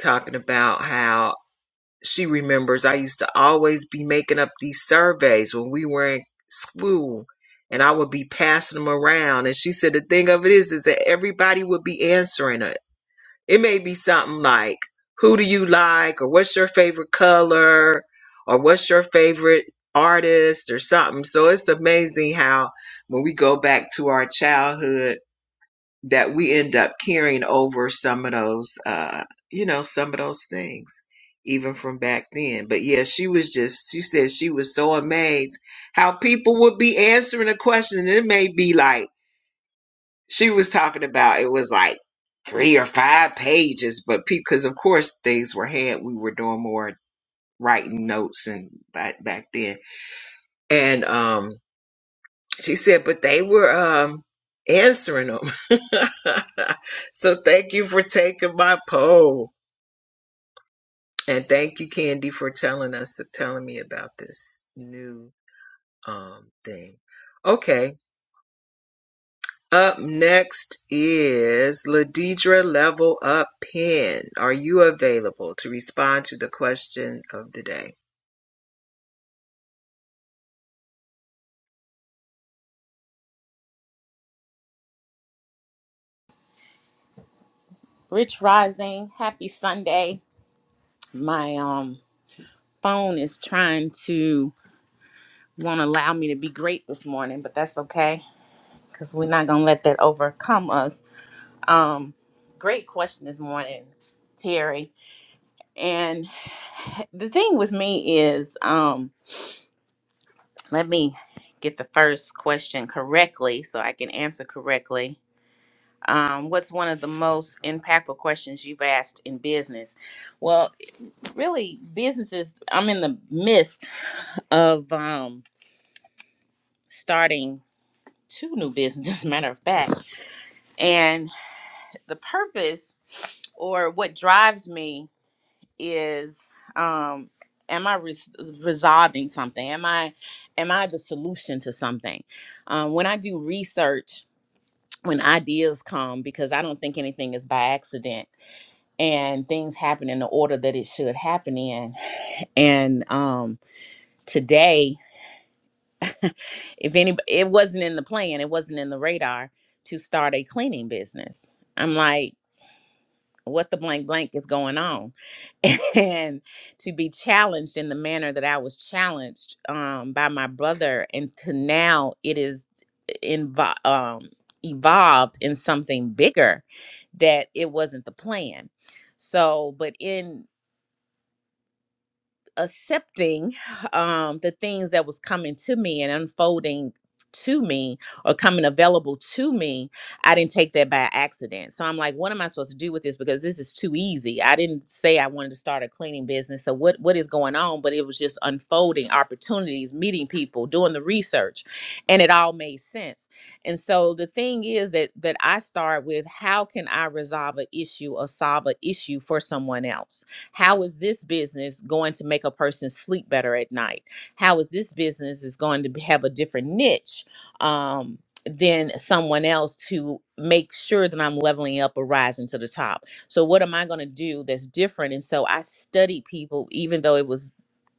S2: talking about how She remembers I used to always be making up these surveys when we were in school and I would be passing them around. And she said the thing of it is is that everybody would be answering it. It may be something like, Who do you like? or what's your favorite color? or what's your favorite artist or something. So it's amazing how when we go back to our childhood that we end up carrying over some of those uh you know some of those things even from back then but yeah she was just she said she was so amazed how people would be answering a question and it may be like she was talking about it was like three or five pages but because of course things were hand we were doing more writing notes and back back then and um she said, but they were um, answering them. so thank you for taking my poll, and thank you, Candy, for telling us telling me about this new um thing. Okay, Up next is Ladidra Level Up Pen. Are you available to respond to the question of the day?
S5: Rich Rising, happy Sunday. My um phone is trying to won't allow me to be great this morning, but that's okay because we're not gonna let that overcome us. Um, great question this morning, Terry. And the thing with me is, um, let me get the first question correctly so I can answer correctly. Um, what's one of the most impactful questions you've asked in business? Well. really businesses i'm in the midst of um starting two new businesses matter of fact and the purpose or what drives me is um am i res- resolving something am i am i the solution to something um when i do research when ideas come because i don't think anything is by accident and things happen in the order that it should happen in and um today if any it wasn't in the plan it wasn't in the radar to start a cleaning business i'm like what the blank blank is going on and to be challenged in the manner that i was challenged um, by my brother and to now it is invo- um, evolved in something bigger that it wasn't the plan so but in accepting um, the things that was coming to me and unfolding to me or coming available to me i didn't take that by accident so i'm like what am i supposed to do with this because this is too easy i didn't say i wanted to start a cleaning business so what what is going on but it was just unfolding opportunities meeting people doing the research and it all made sense and so the thing is that that i start with how can i resolve an issue or solve an issue for someone else how is this business going to make a person sleep better at night? How is this business is going to have a different niche um, than someone else to make sure that I'm leveling up or rising to the top? So what am I going to do that's different? And so I studied people, even though it was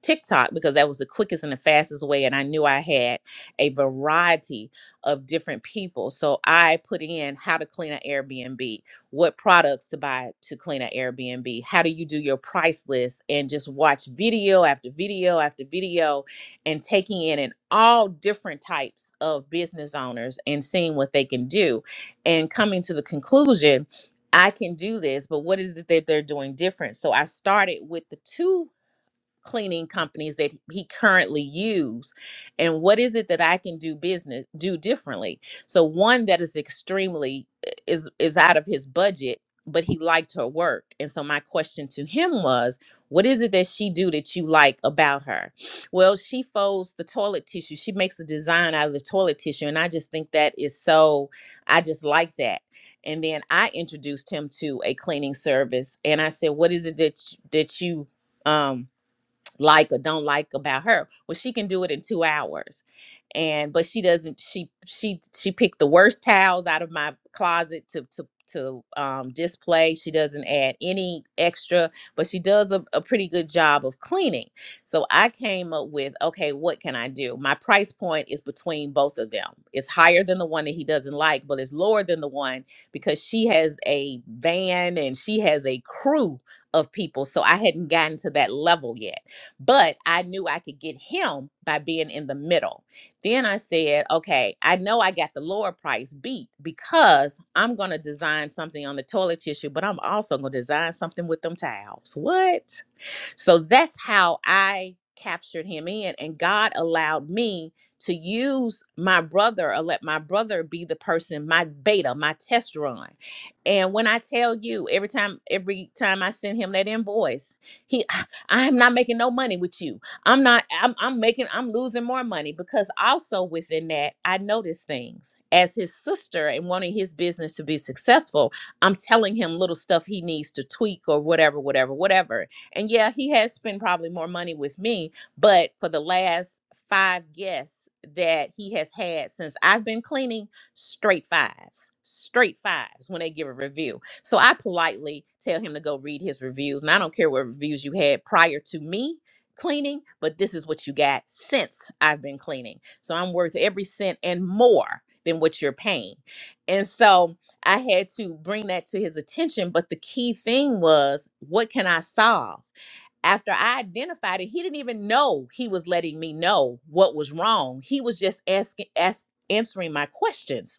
S5: TikTok because that was the quickest and the fastest way, and I knew I had a variety of different people. So I put in how to clean an Airbnb, what products to buy to clean an Airbnb. How do you do your price list and just watch video after video after video and taking in and all different types of business owners and seeing what they can do and coming to the conclusion I can do this, but what is it that they're doing different? So I started with the two cleaning companies that he currently use and what is it that I can do business do differently so one that is extremely is is out of his budget but he liked her work and so my question to him was what is it that she do that you like about her well she folds the toilet tissue she makes a design out of the toilet tissue and I just think that is so I just like that and then I introduced him to a cleaning service and I said what is it that you, that you um like or don't like about her. Well, she can do it in two hours and but she doesn't she she she picked the worst towels out of my closet to to to um, display she doesn't add any extra but she does a, a pretty good job of cleaning so i came up with okay what can i do my price point is between both of them it's higher than the one that he doesn't like but it's lower than the one because she has a van and she has a crew of people so i hadn't gotten to that level yet but I knew I could get him by being in the middle. Then I said, okay, I know I got the lower price beat because I'm going to design something on the toilet tissue, but I'm also going to design something with them towels. What? So that's how I captured him in. And God allowed me to use my brother or let my brother be the person, my beta, my test run. And when I tell you, every time, every time I send him that invoice, he "Ah, I am not making no money with you. I'm not, I'm I'm making, I'm losing more money because also within that, I noticed things. As his sister and wanting his business to be successful, I'm telling him little stuff he needs to tweak or whatever, whatever, whatever and yeah, he has spent probably more money with me, but for the last five guests that he has had since I've been cleaning, straight fives, straight fives when they give a review. So I politely tell him to go read his reviews. And I don't care what reviews you had prior to me cleaning, but this is what you got since I've been cleaning. So I'm worth every cent and more than what you're paying. And so, I had to bring that to his attention. But the key thing was, what can I solve? After I identified it, he didn't even know he was letting me know what was wrong. He was just asking, ask, answering my questions.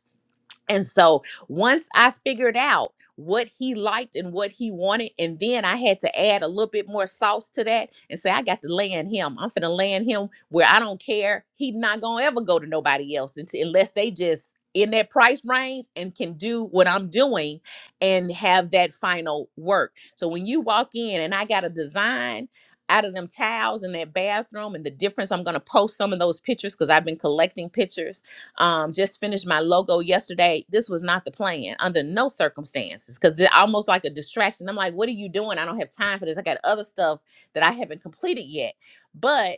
S5: And so once I figured out what he liked and what he wanted, and then I had to add a little bit more sauce to that and say, I got to land him. I'm finna land him where I don't care. He not gonna ever go to nobody else unti- unless they just in that price range and can do what I'm doing and have that final work. So when you walk in and I got a design out of them tiles in that bathroom and the difference, I'm gonna post some of those pictures because I've been collecting pictures um, just finished my logo yesterday. This was not the plan under no circumstances because they're almost like a distraction. I'm like, what are you doing? I don't have time for this. I got other stuff that I haven't completed yet. But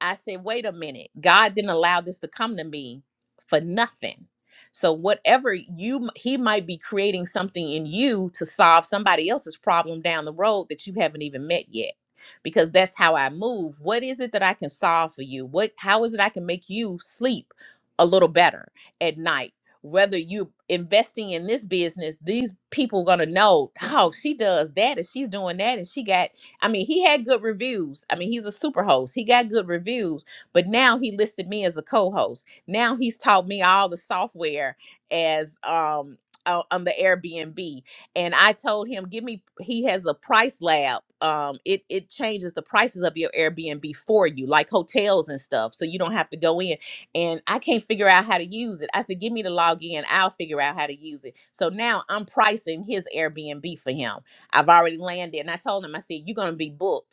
S5: I said, wait a minute. God didn't allow this to come to me for nothing. So whatever you he might be creating something in you to solve somebody else's problem down the road that you haven't even met yet. Because that's how I move. What is it that I can solve for you? What how is it I can make you sleep a little better at night? Whether you investing in this business, these people gonna know, oh, she does that and she's doing that and she got I mean, he had good reviews. I mean, he's a super host. He got good reviews, but now he listed me as a co-host. Now he's taught me all the software as um o- on the Airbnb. And I told him, give me he has a price lab. Um it it changes the prices of your Airbnb for you, like hotels and stuff. So you don't have to go in. And I can't figure out how to use it. I said, give me the login, I'll figure out how to use it. So now I'm pricing his Airbnb for him I've already landed. And I told him, I said, you're going to be booked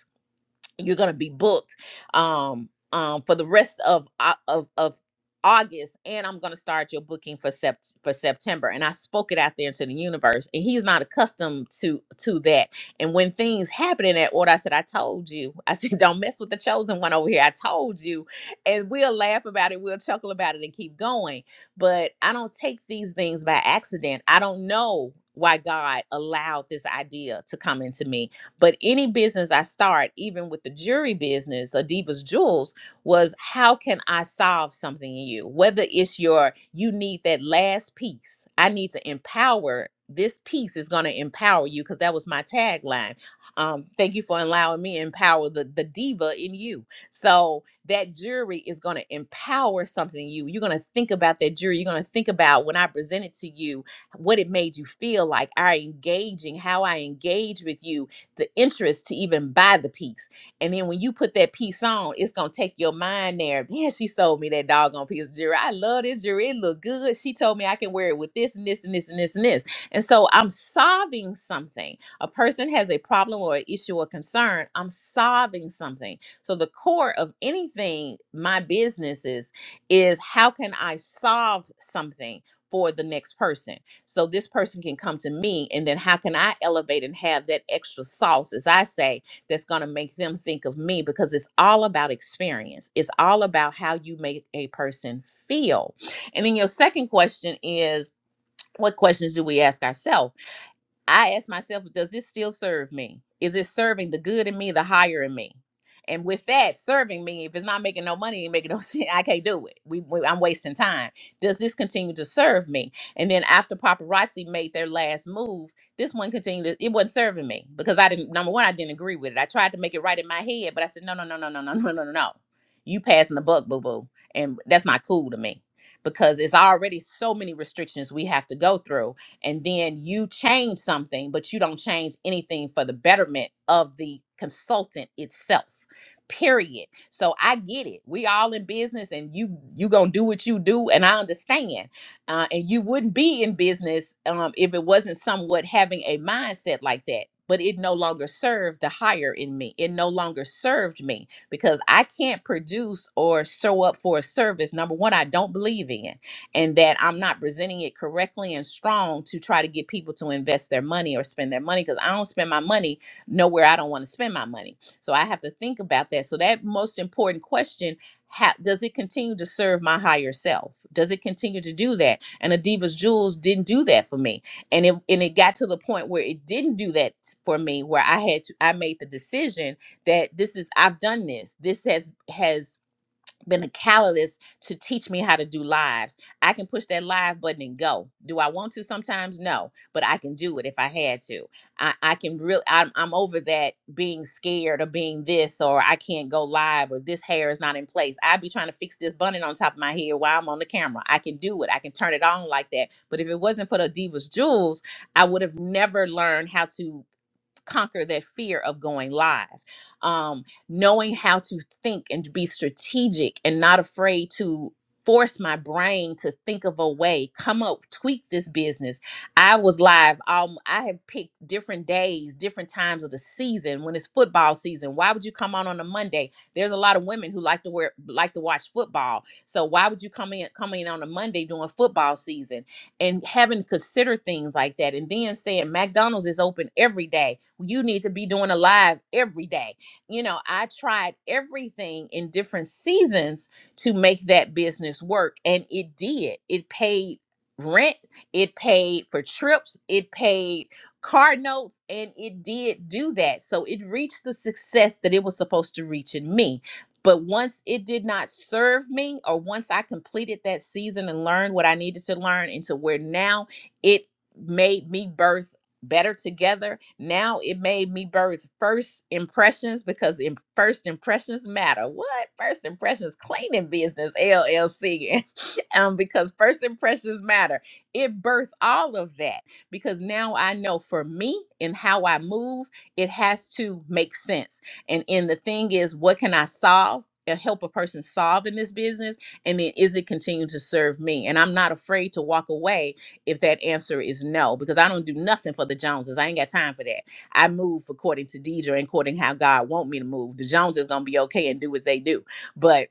S5: you're going to be booked um um for the rest of Au- of of August and I'm going to start your booking for sept- for September and I spoke it out there into the universe and he's not accustomed to to that and when things happen in that order I said I told you I said don't mess with the chosen one over here I told you and we'll laugh about it we'll chuckle about it and keep going but I don't take these things by accident I don't know why God allowed this idea to come into me but any business I start, even with the jewelry business, Adiba's Jewels, was how can I solve something in you? Whether it's your, you need that last piece, I need to empower. This piece is going to empower you because that was my tagline. Um, thank you for allowing me to empower the, the diva in you. So that jewelry is going to empower something in you. You're going to think about that jewelry. You're going to think about when I presented to you what it made you feel like, our engaging, how I engage with you, the interest to even buy the piece. And then when you put that piece on, it's gonna take your mind there. Man, she sold me that doggone piece of jewelry. I love this jewelry. It look good. She told me I can wear it with this and this and this and this and this. And so I'm solving something. A person has a problem or an issue or concern. I'm solving something. So the core of anything my business is is how can I solve something for the next person? so this person can come to me and then how can i elevate and have that extra sauce as i say that's going to make them think of me because it's all about experience it's all about how you make a person feel and then your second question is what questions do we ask ourselves I ask myself, does this still serve me? Is it serving the good in me, the higher in me? And with that, serving me, if it's not making no money, ain't making no sense, I can't do it. We, we- I'm wasting time. Does this continue to serve me? And then after paparazzi made their last move, this one continued. To, it wasn't serving me because I didn't. Number one, I didn't agree with it. I tried to make it right in my head, but I said, no, no, no, no, no, no, no, no, no. no. You passing the buck, boo boo, and that's not cool to me because it's already so many restrictions we have to go through and then you change something, but you don't change anything for the betterment of the consultant itself. Period. So I get it. We all in business, and you you gonna do what you do, and I understand. Uh, and you wouldn't be in business um, if it wasn't somewhat having a mindset like that. But it no longer served the higher in me. It no longer served me because I can't produce or show up for a service. Number one, I don't believe in and that I'm not presenting it correctly and strong to try to get people to invest their money or spend their money because I don't spend my money nowhere I don't want to spend my money. So I have to think about that. So that most important question ha- does it continue to serve my higher self? Does it continue to do that? And Adiva's Jewels didn't do that for me. And it and it got to the point where it didn't do that for me where I had to I made the decision that this is I've done this. This has has been a catalyst to teach me how to do lives. I can push that live button and go. Do I want to sometimes? No, but I can do it if I had to. I, I can really, I'm, I'm over that being scared or being this or I can't go live or this hair is not in place. I'd be trying to fix this bun on top of my head while I'm on the camera. I can do it. I can turn it on like that. But if it wasn't for the Divas Jewels, I would have never learned how to conquer that fear of going live. Um, knowing how to think and be strategic and not afraid to force my brain to think of a way, come up, tweak this business. I was live. Um, I have picked different days, different times of the season. When it's football season, why would you come on on a Monday? There's a lot of women who like to wear, like to watch football. So why would you come in, come in on a Monday during football season? and having to consider things like that and then saying McDonald's is open every day. Well, You need to be doing a live every day. You know, I tried everything in different seasons to make that business work and it did. It paid rent, it paid for trips, it paid car notes and it did do that so it reached the success that it was supposed to reach in me but once it did not serve me, or once I completed that season and learned what I needed to learn, into where now it made me birth better together. Now it made me birth first impressions because in first impressions matter. What first impressions cleaning business LLC? um, because first impressions matter. It birthed all of that because now I know for me and how I move, it has to make sense and and the thing is, what can I solve? and Help a person solve in this business, and then is it continue to serve me? And I'm not afraid to walk away if that answer is no, because I don't do nothing for the Joneses. I ain't got time for that. I move according to Deidre and according how God want me to move. The Joneses gonna be okay and do what they do, but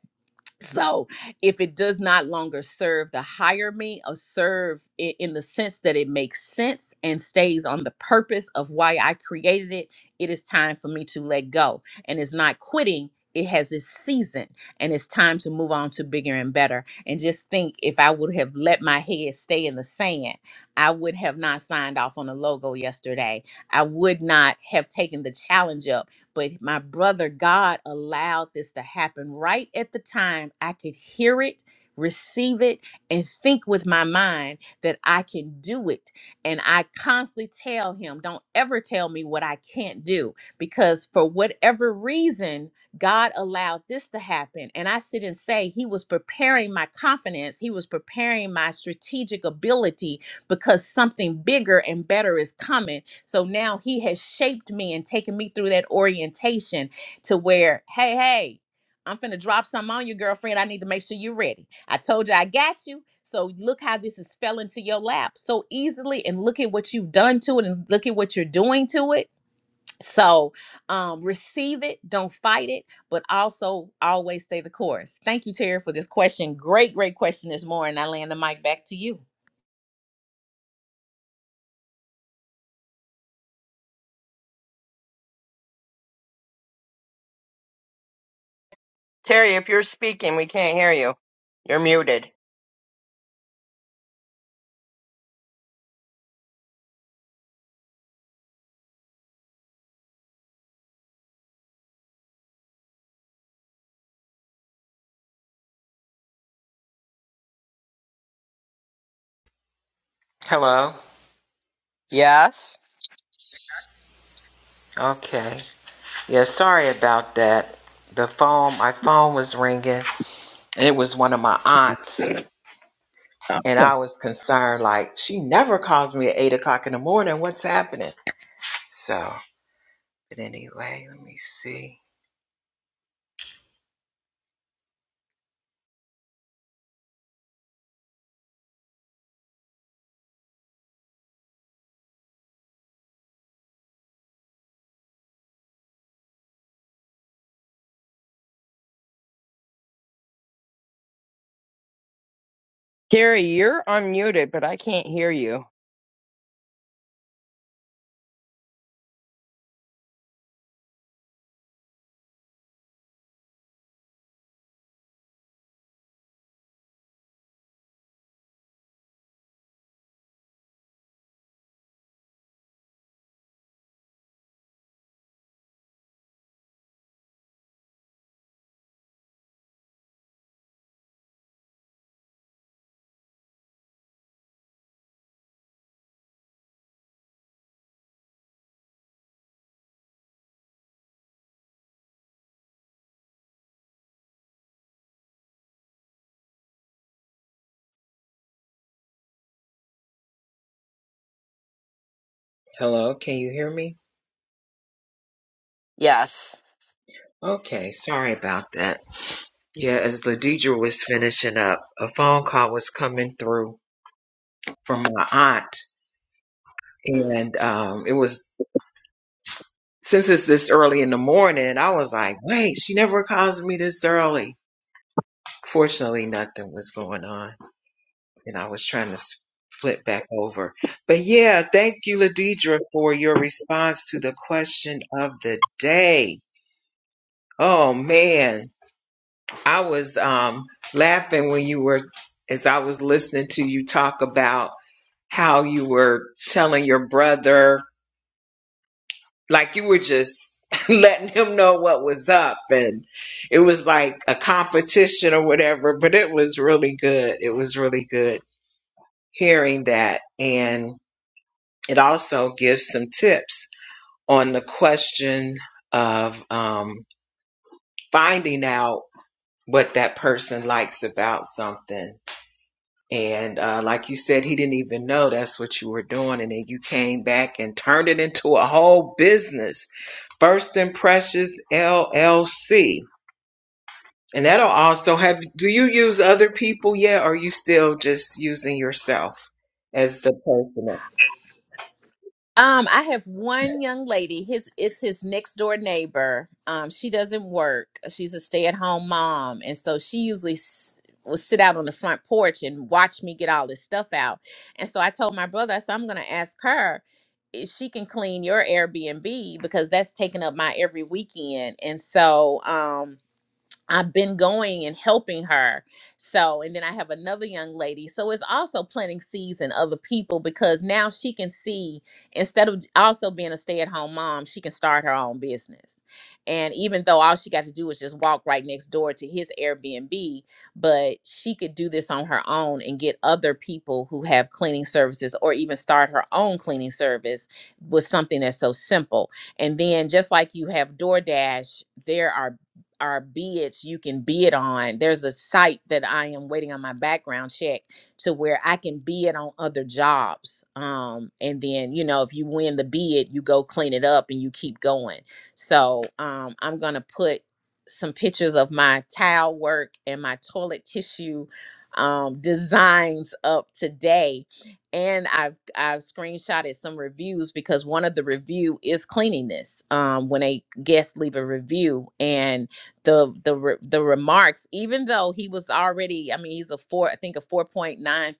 S5: so if it does not longer serve the higher me or serve it in the sense that it makes sense and stays on the purpose of why I created it, it is time for me to let go. And it's not quitting. It has its season and it's time to move on to bigger and better. And just think if I would have let my head stay in the sand, I would have not signed off on a logo yesterday. I would not have taken the challenge up but my brother, God allowed this to happen right at the time I could hear it, receive it, and think with my mind that I can do it. And I constantly tell him, don't ever tell me what I can't do because for whatever reason, God allowed this to happen. And I sit and say, He was preparing my confidence. He was preparing my strategic ability because something bigger and better is coming so now he has shaped me and taken me through that orientation to where, hey, hey, I'm finna drop something on you, girlfriend. I need to make sure you're ready. I told you I got you. So look how this has fell into your lap so easily, and look at what you've done to it, and look at what you're doing to it. So um, receive it, don't fight it, but also always stay the course. Thank you, Terry, for this question. Great, great question this morning. I land the mic back to you.
S1: Terry, if you're speaking, we can't hear you. You're muted.
S2: Hello.
S1: Yes.
S2: Okay. Yeah, sorry about that. The phone, my phone was ringing, and it was one of my aunts. And I was concerned, like, she never calls me at eight o'clock in the morning. What's happening? So, but anyway, let me see.
S1: Gary, you're unmuted, but I can't hear you.
S2: Hello, can you hear me?
S1: Yes.
S2: Okay, sorry about that. Yeah, as Ladidra was finishing up, a phone call was coming through from my aunt. And um, it was, since it's this early in the morning, I was like, wait, she never calls me this early. Fortunately, nothing was going on. and I was trying to s- flip back over. But yeah, thank you, Ladidra, for your response to the question of the day. Oh man, I was um, laughing when you were, as I was listening to you talk about how you were telling your brother, like you were just letting him know what was up, and it was like a competition or whatever. But it was really good. It was really good hearing that, and It also gives some tips on the question of um, finding out what that person likes about something. And uh, like you said, he didn't even know that's what you were doing. And then you came back and turned it into a whole business. First and Precious LLC. And that'll also have, do you use other people yet? Or are you still just using yourself as the person?
S5: Um, I have one young lady. His it's his next door neighbor. Um, she doesn't work. She's a stay at home mom, and so she usually s- will sit out on the front porch and watch me get all this stuff out. And so I told my brother, I said, I'm gonna ask her if she can clean your Airbnb because that's taking up my every weekend. And so, um, I've been going and helping her. So, and then I have another young lady. So it's also planting seeds in other people because now she can see, instead of j- also being a stay at home mom, she can start her own business. And even though all she got to do is just walk right next door to his Airbnb, but she could do this on her own and get other people who have cleaning services or even start her own cleaning service with something that's so simple. And then just like you have DoorDash, there are our bids you can bid on there's a site that i am waiting on my background check to where i can bid on other jobs um and then you know if you win the bid you go clean it up and you keep going so um i'm gonna put some pictures of my towel work and my toilet tissue um designs up today and I've I've screenshotted some reviews because one of the review is cleanliness. Um, when a guest leave a review, and the the re- the remarks even though he was already i mean he's a four i think a 4.93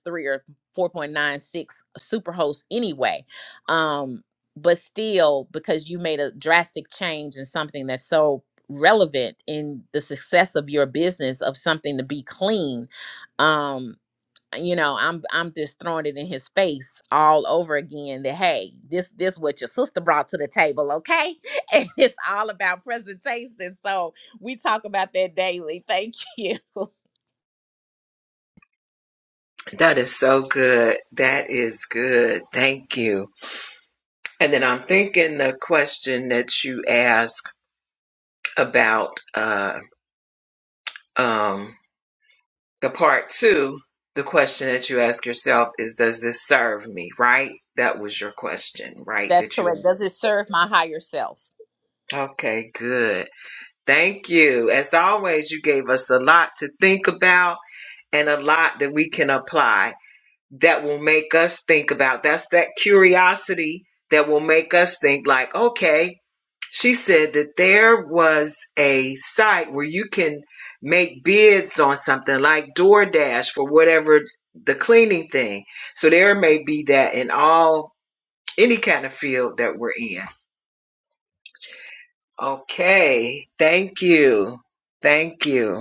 S5: or 4.96 superhost anyway um but still because you made a drastic change in something that's so relevant in the success of your business of something to be clean um you know i'm i'm just throwing it in his face all over again that hey this this what your sister brought to the table okay and it's all about presentation so we talk about that daily thank you
S2: That is so good. That is good. Thank you. And then I'm thinking the question that you asked about uh, um, the part two, the question that you ask yourself is, does this serve me? Right? That was your question, right?
S5: that's
S2: That
S5: correct
S2: you
S5: does it serve my higher self
S2: Okay, good. Thank you. As always, you gave us a lot to think about and a lot that we can apply that will make us think about. That's that curiosity that will make us think, like, okay, she said that there was a site where you can make bids on something like DoorDash for whatever the cleaning thing. So there may be that in all any kind of field that we're in. Okay, thank you. Thank you.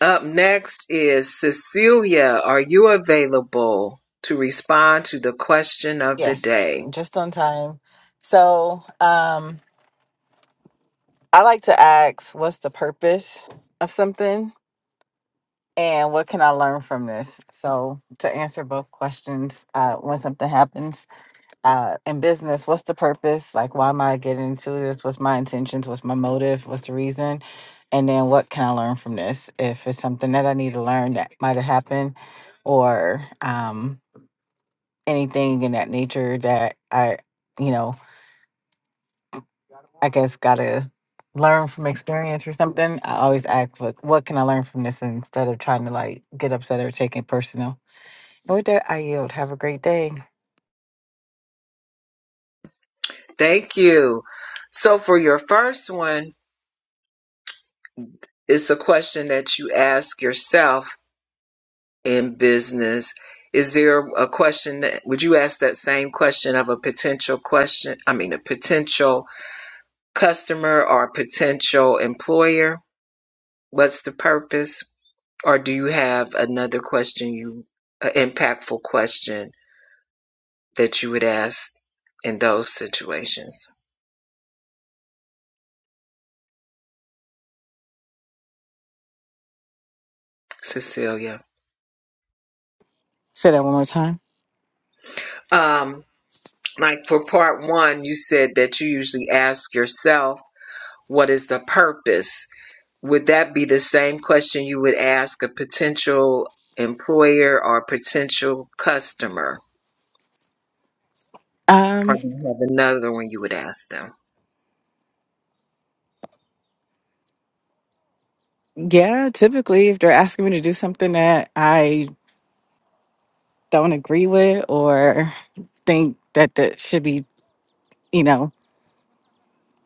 S2: Up next is Cecilia. Are you available to respond to the question of the
S6: Yes,
S2: day?
S6: just on time. So, um, I like to ask, what's the purpose of something, and what can I learn from this? So, to answer both questions, uh, when something happens uh, in business, what's the purpose? Like, why am I getting into this? What's my intentions? What's my motive? What's the reason? And then, what can I learn from this? If it's something that I need to learn that might have happened, or um, anything in that nature that I, you know I guess gotta learn from experience or something. I always ask, like, what can I learn from this instead of trying to like get upset or take it personal. And with that, I yield. Have a great day.
S2: Thank you. So, for your first one, it's a question that you ask yourself in business. Is there a question that would you ask that same question of a potential question? I mean, a potential customer or a potential employer? What's the purpose? Or do you have another question you, an impactful question that you would ask in those situations, Cecilia?
S6: Say that one more time.
S2: Um, like for part one, you said that you usually ask yourself, what is the purpose? Would that be the same question you would ask a potential employer or potential customer? Or
S6: Um,
S2: do you have another one you would ask them?
S6: yeah, typically if they're asking me to do something that I don't agree with or think that that should be, you know,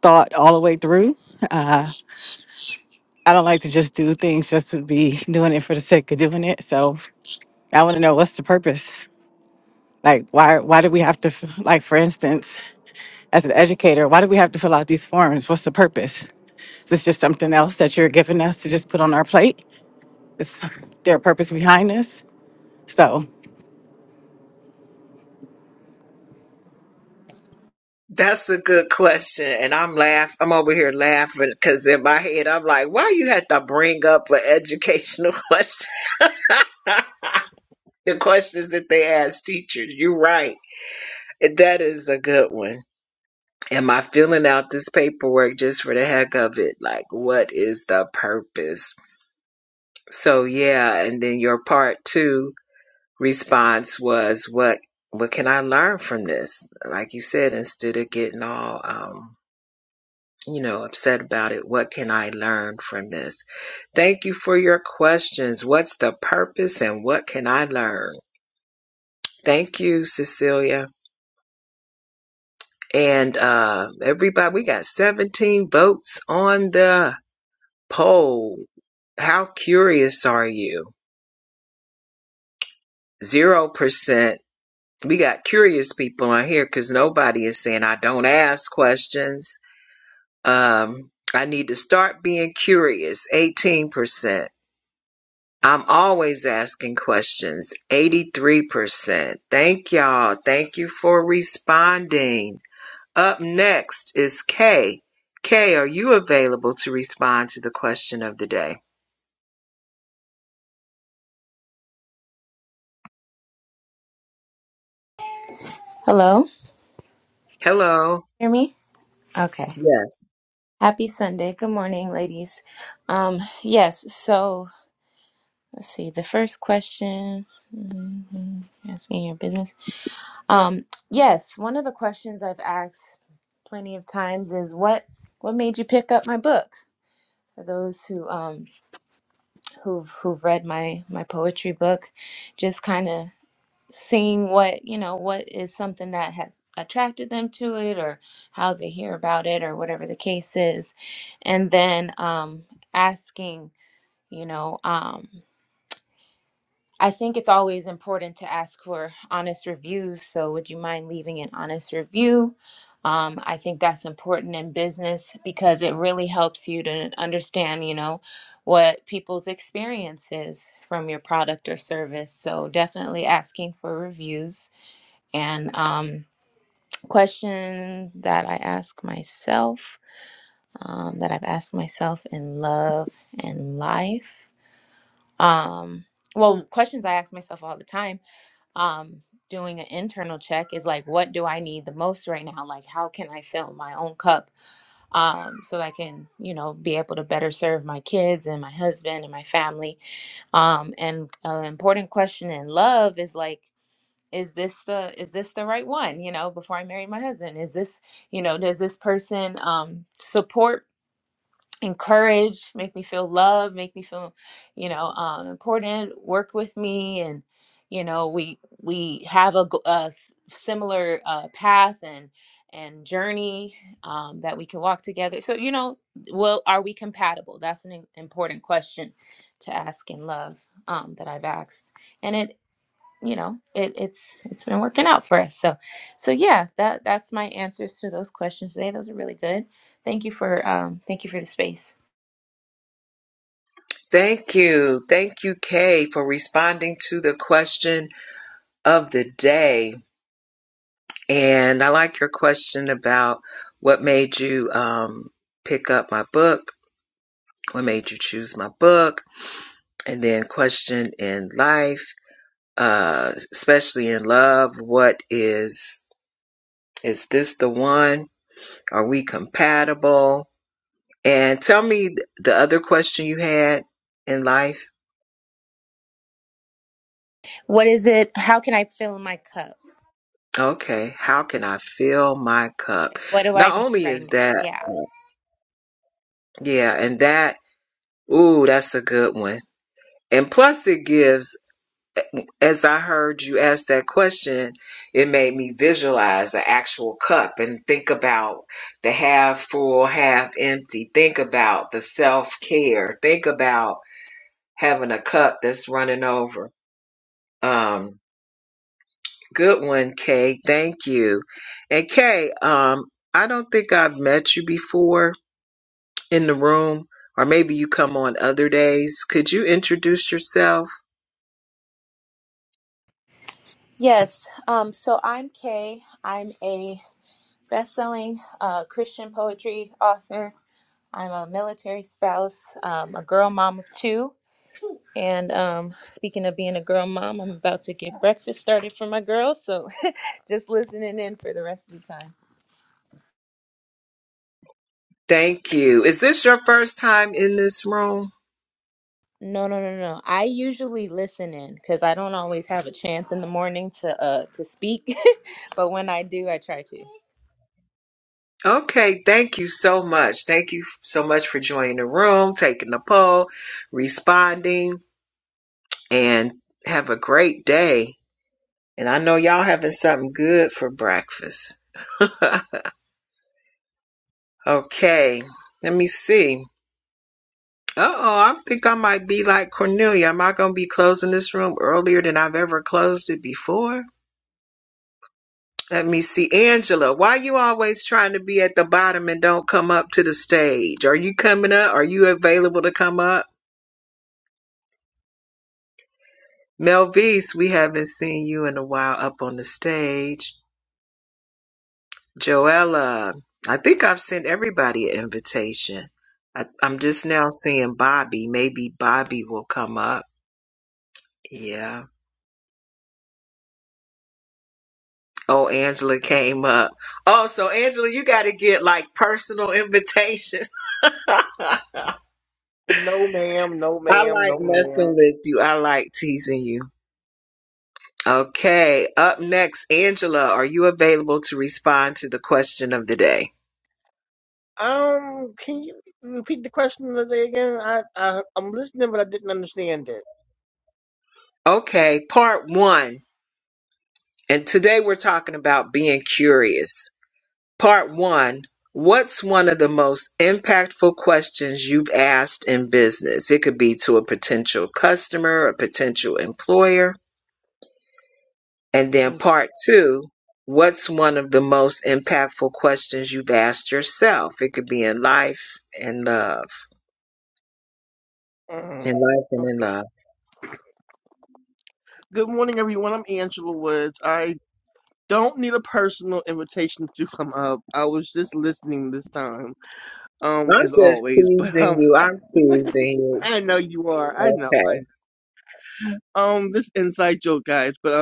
S6: thought all the way through. Uh, I don't like to just do things just to be doing it for the sake of doing it. So I want to know what's the purpose. Like, why, why do we have to, f- like, for instance, as an educator, why do we have to fill out these forms? What's the purpose? Is this just something else that you're giving us to just put on our plate? Is there a purpose behind this? So
S2: That's a good question, and I'm laugh. I'm over here laughing because in my head I'm like, "Why you have to bring up an educational question?" the questions that they ask teachers. You're right. That is a good one. Am I filling out this paperwork just for the heck of it? Like, what is the purpose? So yeah, and then your part two response was, "What what can I learn from this?" Like you said, instead of getting all um, you know upset about it, what can I learn from this? Thank you for your questions. What's the purpose, and what can I learn? Thank you, Cecilia. And uh, everybody, we got 17 votes on the poll. How curious are you? 0%. We got curious people on here because nobody is saying, I don't ask questions. Um, I need to start being curious. 18%. I'm always asking questions. 83%. Thank y'all. Thank you for responding. Up next is Kay. Kay, are you available to respond to the question of the day?
S7: Hello?
S2: Hello.
S7: Hear me? Okay.
S2: Yes.
S7: Happy Sunday. Good morning, ladies. Um, yes, so let's see. The first question mhm, asking your business. Um, yes, one of the questions I've asked plenty of times is what what made you pick up my book? For those who um who've who've read my my poetry book, just kind of seeing what you know what is something that has attracted them to it or how they hear about it or whatever the case is and then um asking you know um I think it's always important to ask for honest reviews so would you mind leaving an honest review um, I think that's important in business because it really helps you to understand, you know, what people's experience is from your product or service. So definitely asking for reviews and um, question that I ask myself, um, that I've asked myself in love and life. Um, well, questions I ask myself all the time. Um, doing an internal check is like, what do I need the most right now? Like, how can I fill my own cup um, so that I can, you know, be able to better serve my kids and my husband and my family? Um, and an important question in love is like. is this the is this the right one you know before i married my husband is this you know does this person um support encourage make me feel loved make me feel you know um important work with me and you know we we have a, g- a s- similar uh, path and and journey um, that we can walk together so you know well are we compatible that's an im- important question to ask in love um, that i've asked and it you know it, it's it's been working out for us so so yeah that that's my answers to those questions today those are really good thank you for um thank you for the space
S2: Thank you. Thank you, Kay, for responding to the question of the day. And I like your question about what made you um, pick up my book, what made you choose my book, and then question in life, uh, especially in love. What is, is this the one? Are we compatible? And tell me th- the other question you had in life.
S7: what is it how can i fill my cup
S2: Okay, how can I fill my cup?
S7: what do i
S2: Not
S7: need
S2: only
S7: right
S2: is
S7: now
S2: that,
S7: yeah
S2: yeah, and that, ooh, that's a good one. And plus, it gives, as I heard you ask that question, it made me visualize an actual cup and think about the half full, half empty. Think about the self care. Think about having a cup that's running over. Um, Good one, Kay. Thank you. And Kay, um, I don't think I've met you before in the room, or maybe you come on other days. Could you introduce yourself?
S7: yes um so i'm kay i'm a best-selling uh, christian poetry author i'm a military spouse um, a girl mom of two and um, speaking of being a girl mom i'm about to get breakfast started for my girls so Just listening in for the rest of the time.
S2: Thank you. Is this your first time in this room?
S7: No, no, no, no. I usually listen in because I don't always have a chance in the morning to uh to speak, but when I do, I try to.
S2: Okay, thank you so much. Thank you so much for joining the room, taking the poll, responding. and have a great day. And I know y'all having something good for breakfast. Okay, let me see. Uh oh, I think I might be like Cornelia. Am I going to be closing this room earlier than I've ever closed it before? Let me see. Angela, why you always trying to be at the bottom and don't come up to the stage? Are you coming up? Are you available to come up? Melvise, we haven't seen you in a while up on the stage. Joella, I think I've sent everybody an invitation. I, I'm just now seeing Bobby. Maybe Bobby will come up. Yeah. Oh, Angela came up. Oh, so Angela, you got to get like personal invitations. I
S8: No, ma'am. No, ma'am.
S2: like
S8: No, ma'am.
S2: messing with you. I like teasing you. Okay. Up next, Angela, are you available to respond to the question of the day?
S8: Um, can you repeat the question of the day again? I, I I'm listening, but I didn't understand it.
S2: Okay. Part one. And today we're talking about being curious. Part one What's one of the most impactful questions you've asked in business? It could be to a potential customer, a potential employer. And then part two What's one of the most impactful questions you've asked yourself? It could be in life and love. In
S8: Mm,
S2: life and in
S8: okay.
S2: love.
S8: Good morning, everyone. I'm Angela Woods. I don't need a personal invitation to come up. I was just listening this time, um,
S2: I'm
S8: as
S2: just
S8: always. But
S2: teasing
S8: um,
S2: you.
S8: I,
S2: I'm teasing you.
S8: I know you are. I know.
S2: Okay.
S8: I know. Um, this inside joke, guys. But uh,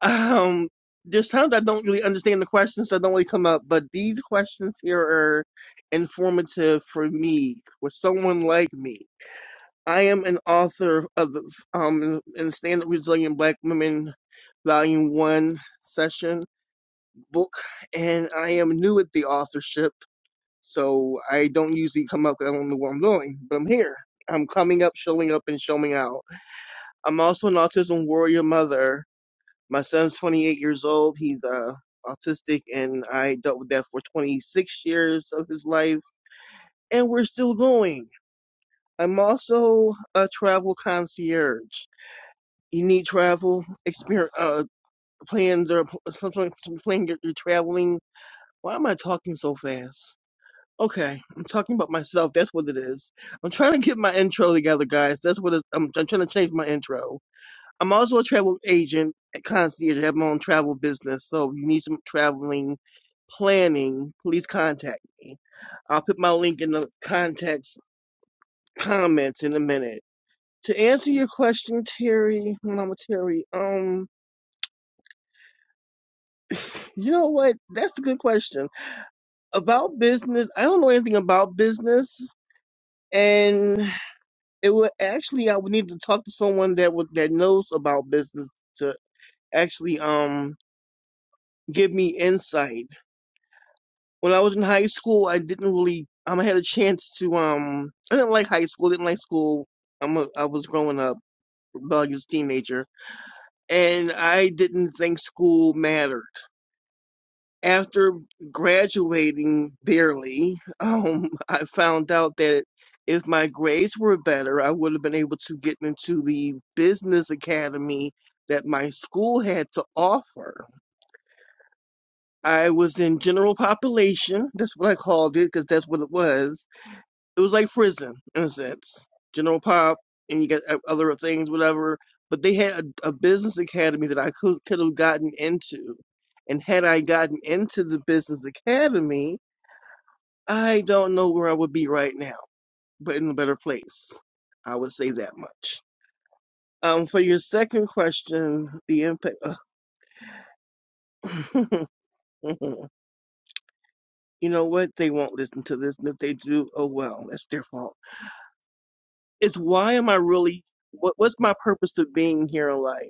S8: Um, there's times I don't really understand the questions that don't really come up, but these questions here are informative for me, for someone like me. I am an author of um in Stand Up Resilient Black Women Volume One session book, and I am new at the authorship, so I don't usually come up. 'cause I don't know what I'm doing, but I'm here. I'm coming up, showing up, and showing out. I'm also an autism warrior mother my son's 28 years old. He's uh, autistic, and I dealt with that for 26 years of his life, and we're still going. I'm also a travel concierge. You need travel experience uh, plans or something. some sort plan you're, you're traveling. Why am I talking so fast? Okay, I'm talking about myself. That's what it is. I'm trying to get my intro together, guys. That's what it, I'm, I'm trying to change my intro. I'm also a travel agent at concierge. I have my own travel business. So if you need some traveling planning, please contact me. I'll put my link in the contacts comments in a minute. To answer your question, Terry, Mama Terry, um, you know what? That's a good question. About business, I don't know anything about business. And it would actually I would need to talk to someone that would that knows about business to actually um give me insight When I was in high school, I didn't really. Um, I had a chance to. Um, I didn't like high school. Didn't like school. I'm. A, I was growing up, rebellious teenager, and I didn't think school mattered. After graduating barely, um, I found out that if my grades were better, I would have been able to get into the business academy that my school had to offer. I was in general population. That's what I called it because that's what it was it was like prison in a sense. General Pop, and you got uh, other things, whatever. But they had a, a business academy that I could could have gotten into, and had I gotten into the business academy, I don't know where I would be right now, but in a better place. I would say that much. Um, for your second question, the impact. you know what? They won't listen to this, and if they do, oh well, that's their fault. It's why am I really? What, what's my purpose of being here in life?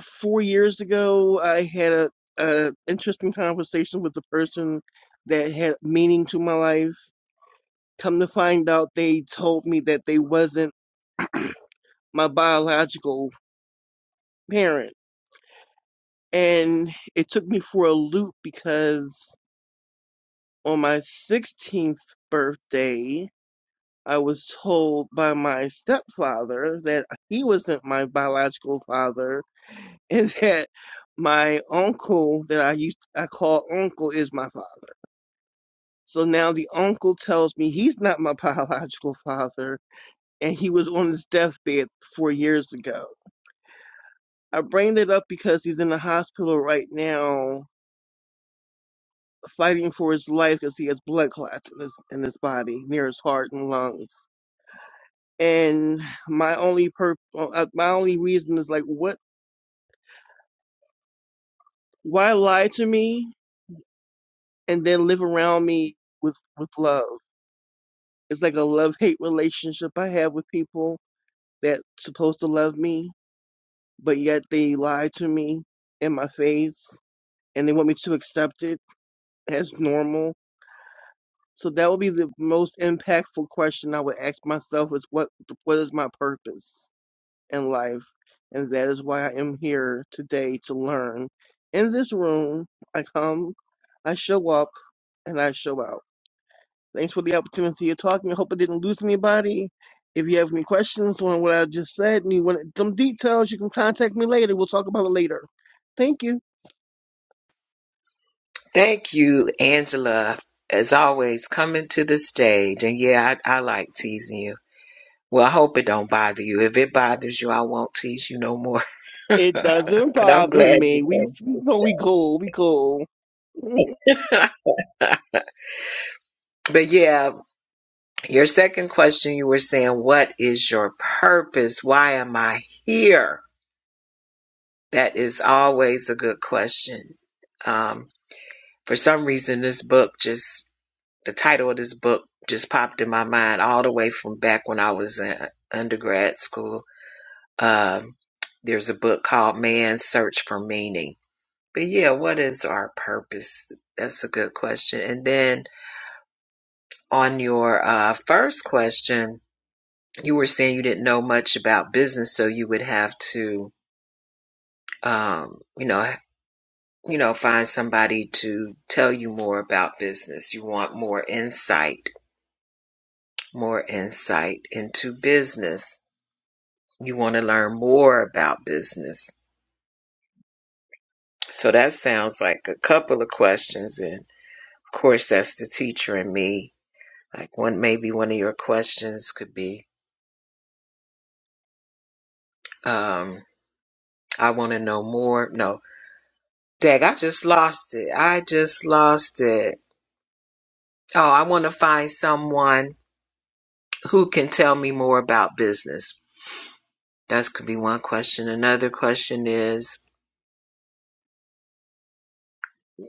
S8: four years ago, I had a, a interesting conversation with a person that had meaning to my life. Come to find out, they told me that they wasn't my biological parent, and it took me for a loop because on my 16th birthday, I was told by my stepfather that he wasn't my biological father, and that my uncle that I used to, I call uncle is my father So now the uncle tells me he's not my biological father and he was on his deathbed four years ago. I bring it up because he's in the hospital right now fighting for his life because he has blood clots in his, in his body near his heart and lungs. And my only pur- uh, uh, my only reason is like, what? Why lie to me and then live around me with with love? It's like a love hate relationship I have with people that's supposed to love me but yet they lie to me in my face and they want me to accept it as normal. So that would be the most impactful question I would ask myself is what what is my purpose in life? And that is why I am here today to learn. In this room, I come, I show up, and I show out. Thanks for the opportunity of talking. I hope I didn't lose anybody. If you have any questions on what I just said and you want some details, you can contact me later. We'll talk about it later. Thank you.
S2: Thank you, Angela, as always, coming to the stage. And yeah, I, I like teasing you. Well, I hope it don't bother you. If it bothers you, I won't tease you no more.
S8: It doesn't
S2: but I'm
S8: bother
S2: glad
S8: me. We, you
S2: you
S8: know, we cool. We cool.
S2: came. but yeah, your second question, you were saying, what is your purpose? Why am I here? That is always a good question. Um, for some reason, this book just the title of this book just popped in my mind all the way from back when I was in undergrad school. Um, there's a book called Man's Search for Meaning. But yeah, what is our purpose? That's a good question. And then on your uh, first question, you were saying you didn't know much about business, so you would have to, um, you know, you know, find somebody to tell you more about business. You want more insight, more insight into business you want to learn more about business. So that sounds like a couple of questions. And of course, that's the teacher and me. Like one, maybe one of your questions could be, um, I want to know more. No, Dag, I just lost it. I just lost it. Oh, I want to find someone who can tell me more about business. That could be one question. Another question is,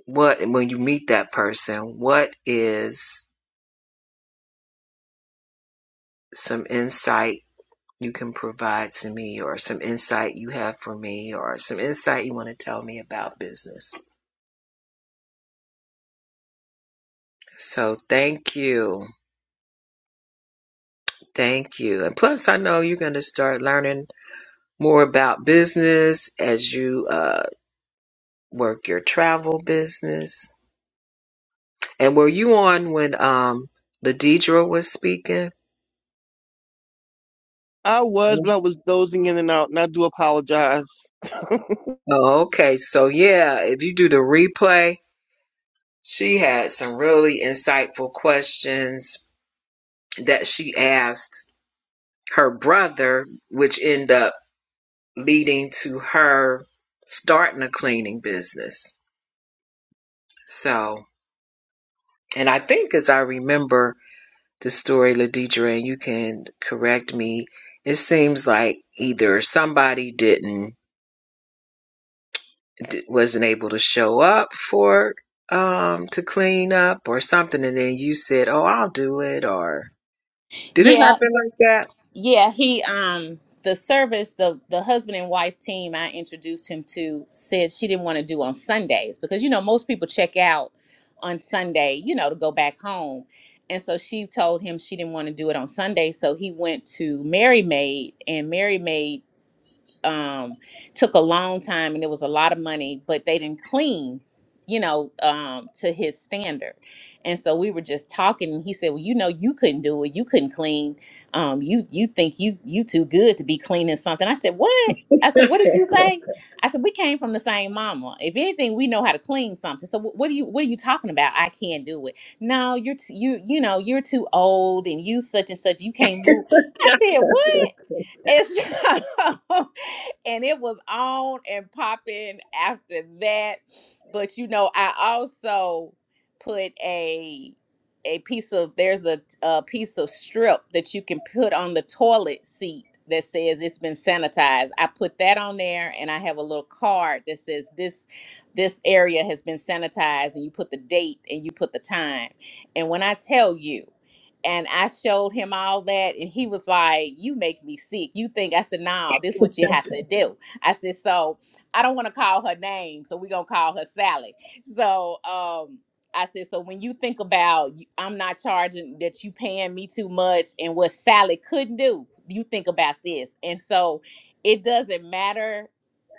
S2: what, when you meet that person, what is some insight? you can provide to me or some insight you have for me or some insight you want to tell me about business. So thank you. Thank you. And plus, I know you're going to start learning more about business as you uh, work your travel business. And were you on when um, Ladidra was speaking?
S8: I was, but
S2: Mhm.
S8: I was dozing in and out, and I do apologize.
S2: Oh, okay. So, yeah, if you do the replay, she had some really insightful questions that she asked her brother, which end up leading to her starting a cleaning business. So, and I think as I remember the story, Ladidra, and you can correct me, it seems like either somebody didn't wasn't able to show up for um to clean up or something, and then you said, "Oh, I'll do it," or did it
S5: yeah
S2: happen like
S5: Yeah, he um the service the the husband and wife team I introduced him to said she didn't want to do on Sundays because you know most people check out on Sunday, you know, to go back home. And so she told him she didn't want to do it on Sunday, so he went to Mary Maid and Mary Maid um, took a long time and it was a lot of money, but they didn't clean, you know, um, to his standard. And so we were just talking, and he said, "Well, you know, you couldn't do it. You couldn't clean. Um, you you think you you too good to be cleaning something." I said, "What?" I said, "What did you say?" I said, "We came from the same mama. If anything, we know how to clean something. So wh- what are you what are you talking about? I can't do it. No, you're t- you you know you're too old, and you such and such. You can't move." I said, "What?" And so, and it was on and popping after that. But you know, I also put a a piece of there's a, a piece of strip that you can put on the toilet seat that says it's been sanitized. I put that on there and I have a little card that says this this area has been sanitized and you put the date and you put the time. And when I tell you and I showed him all that, and he was like, "You make me sick." You think I said, "No, this is what you have to do." I said, "So I don't want to call her name, so we gonna call her Sally." So um, I said, "So when you think about, I'm not charging that you paying me too much, and what Sally couldn't do, you think about this." And so it doesn't matter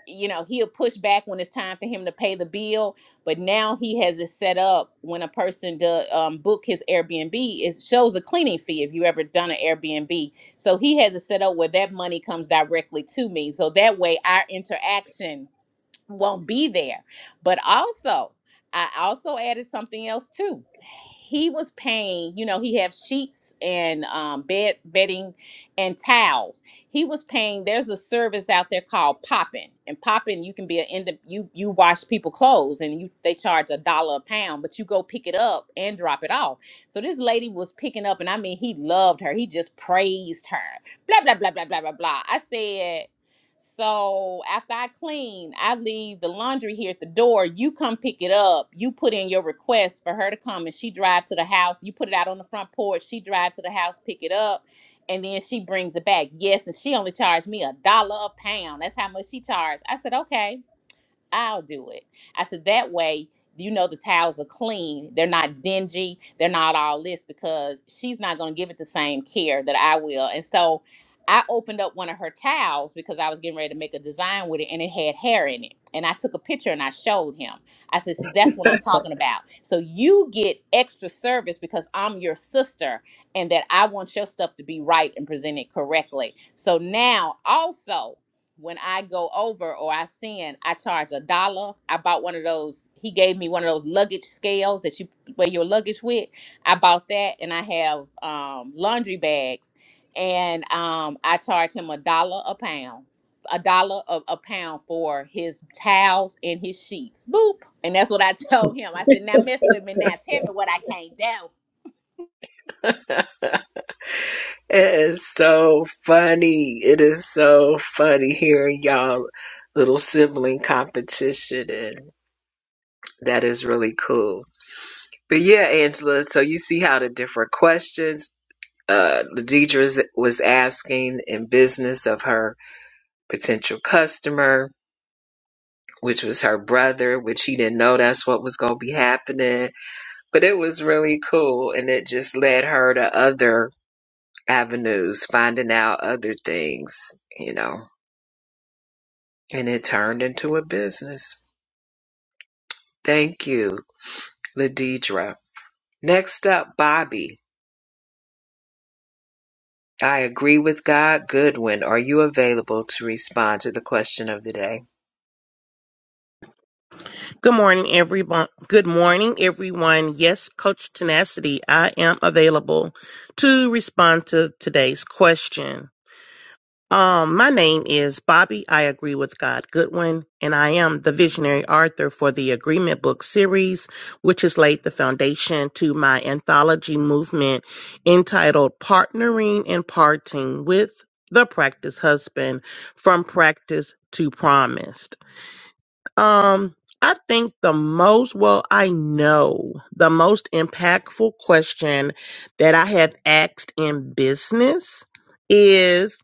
S5: you know he'll push back when it's time for him to pay the bill but now he has it set up when a person does um, book his airbnb it shows a cleaning fee if you ever done an airbnb so he has it set up where that money comes directly to me so that way our interaction won't be there. But also, I also added something else too. He was paying, you know, he have sheets and um, bed bedding and towels. He was paying. There's a service out there called Poppin, and Poppin, you can be an end. You you wash people clothes, and you they charge a dollar a pound, but you go pick it up and drop it off. So this lady was picking up, and I mean, he loved her. He just praised her. Blah blah blah blah blah blah blah. I said. So after I clean, I leave the laundry here at the door. You come pick it up. You put in your request for her to come and she drive to the house. You put it out on the front porch. She drive to the house, pick it up, and then she brings it back. Yes, and she only charged me a dollar a pound. That's how much she charged. I said, okay. I'll do it. I said, that way, you know, the towels are clean. They're not dingy. They're not all this because she's not going to give it the same care that I will. And so I opened up one of her towels because I was getting ready to make a design with it and it had hair in it. And I took a picture and I showed him. I said, see, that's what I'm talking about. So you get extra service because I'm your sister and that I want your stuff to be right and presented correctly. So now also, when I go over or I send, I charge a dollar. I bought one of those. He gave me one of those luggage scales that you weigh your luggage with. I bought that, and I have um, laundry bags, and um, I charge him a dollar a pound, a dollar a, a pound for his towels and his sheets. Boop, and that's what I told him. I said, "Now mess with me. Now tell me what I can't do."
S2: It is so funny. It is so funny hearing y'all little sibling competition, and that is really cool. But yeah, Angela, so you see how the different questions uh Deidre was asking in business of her potential customer which was her brother, which she didn't know that's what was going to be happening. But it was really cool, and it just led her to other avenues, finding out other things, you know, and it turned into a business. Thank you, Ladidra. Next up, Bobby. I agree with God. Goodwin, are you available to respond to the question of the day?
S9: Good morning, everyone. Good morning, everyone. Yes, Coach Tenacity, I am available to respond to today's question. Um, my name is Bobby. I agree with God Goodwin, and I am the visionary author for the Agreement Book series, which has laid the foundation to my anthology movement entitled Partnering and Parting with the Practice Husband from Practice to Promise. Um, I think the most, well, I know the most impactful question that I have asked in business is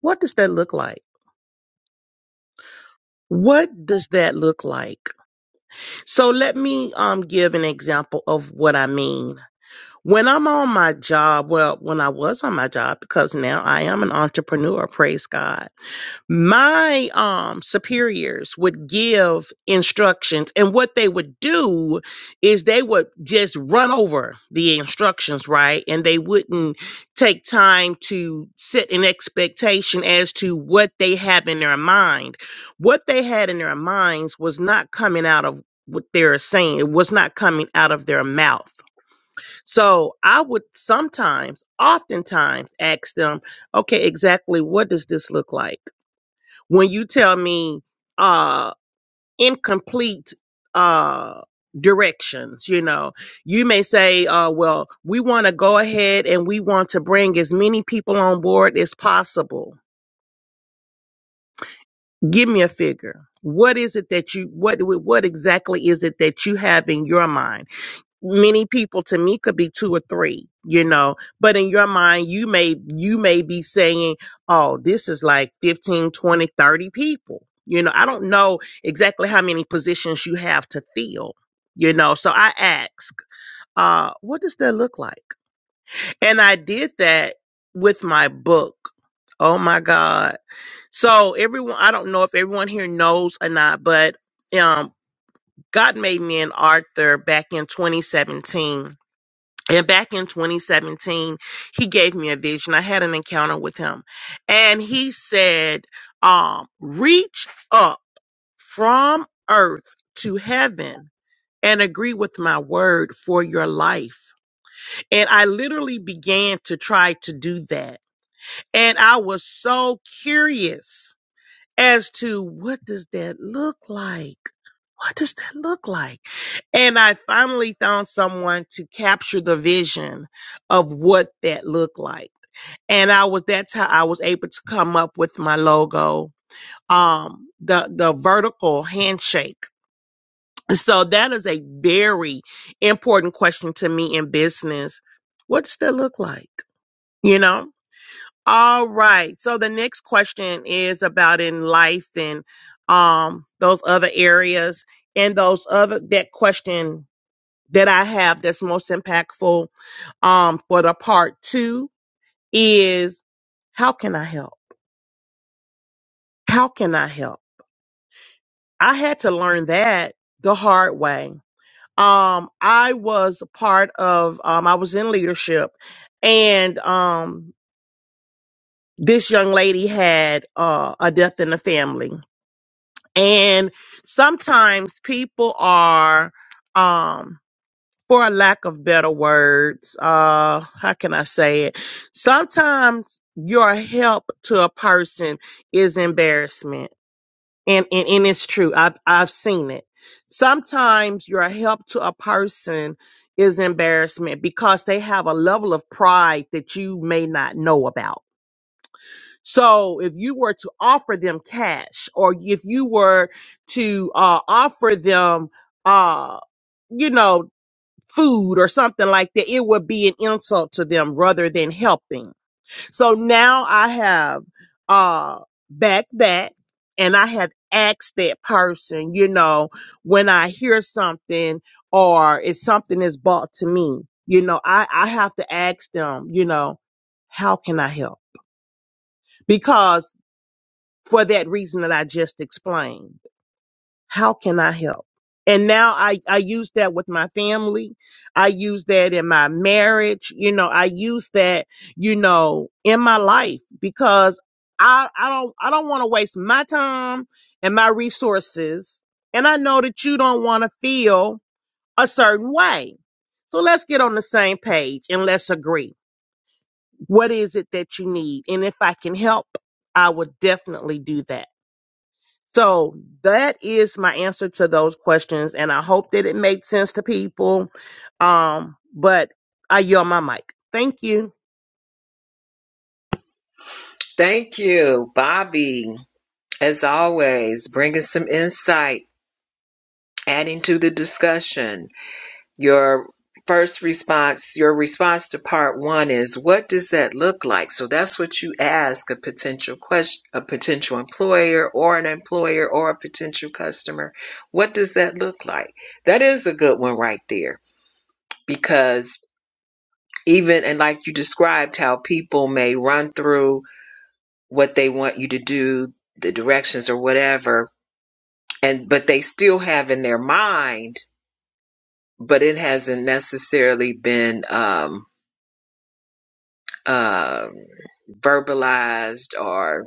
S9: what does that look like? What does that look like? So let me um give an example of what I mean. When I'm on my job, well, when I was on my job because now I am an entrepreneur, praise God. my um superiors would give instructions and what they would do is they would just run over the instructions right and they wouldn't take time to set an expectation as to what they have in their mind what they had in their minds was not coming out of what they're saying it was not coming out of their mouth so i would sometimes oftentimes ask them okay exactly what does this look like when you tell me uh incomplete uh directions you know you may say uh well we want to go ahead and we want to bring as many people on board as possible give me a figure what is it that you what what exactly is it that you have in your mind many people to me could be two or three you know but in your mind you may you may be saying oh this is like 15, 20, 30 people you know i don't know exactly how many positions you have to fill you know so i ask uh what does that look like and i did that with my book oh my god so everyone i don't know if everyone here knows or not but um god made me an author back in 2017 and back in 2017, he gave me a vision. I had an encounter with him and he said, um, reach up from earth to heaven and agree with my word for your life. And I literally began to try to do that. And I was so curious as to what does that look like? What does that look like? And I finally found someone to capture the vision of what that looked like. And I was, that's how I was able to come up with my logo, um, the, the vertical handshake. So that is a very important question to me in business. What does that look like? You know? All right. So the next question is about in life and, um, those other areas and those other, that question that I have that's most impactful um, for the part two is how can I help? How can I help? I had to learn that the hard way. Um, I was part of, um, I was in leadership and, um, this young lady had, uh, a death in the family. And sometimes people are, um, for a lack of better words, uh, how can I say it? Sometimes your help to a person is embarrassment. And, and, and it's true. I've, I've seen it. Sometimes your help to a person is embarrassment because they have a level of pride that you may not know about. So if you were to offer them cash or if you were to, uh, offer them, uh, you know, food or something like that, it would be an insult to them rather than helping. So now I have uh back back and I have asked that person, you know, when I hear something or if something is brought to me, you know, I, I have to ask them, you know, how can I help? Because for that reason that I just explained. How can I help? And now I, I use that with my family. I use that in my marriage. You know, I use that, you know, in my life because I, I don't, I don't want to waste my time and my resources. And I know that you don't want to feel a certain way. So let's get on the same page and let's agree. What is it that you need? And if I can help, I would definitely do that. So that is my answer to those questions, and I hope that it made sense to people. Um, but I yell my mic. Thank you.
S2: Thank you, Bobby. As always, bringing some insight, adding to the discussion. your first response, your response to part one is, what does that look like? So that's what you ask a potential question, a potential employer or an employer or a potential customer. What does that look like? That is a good one right there because even, and like you described how people may run through what they want you to do, the directions or whatever, and, but they still have in their mind, but it hasn't necessarily been, um, um, verbalized or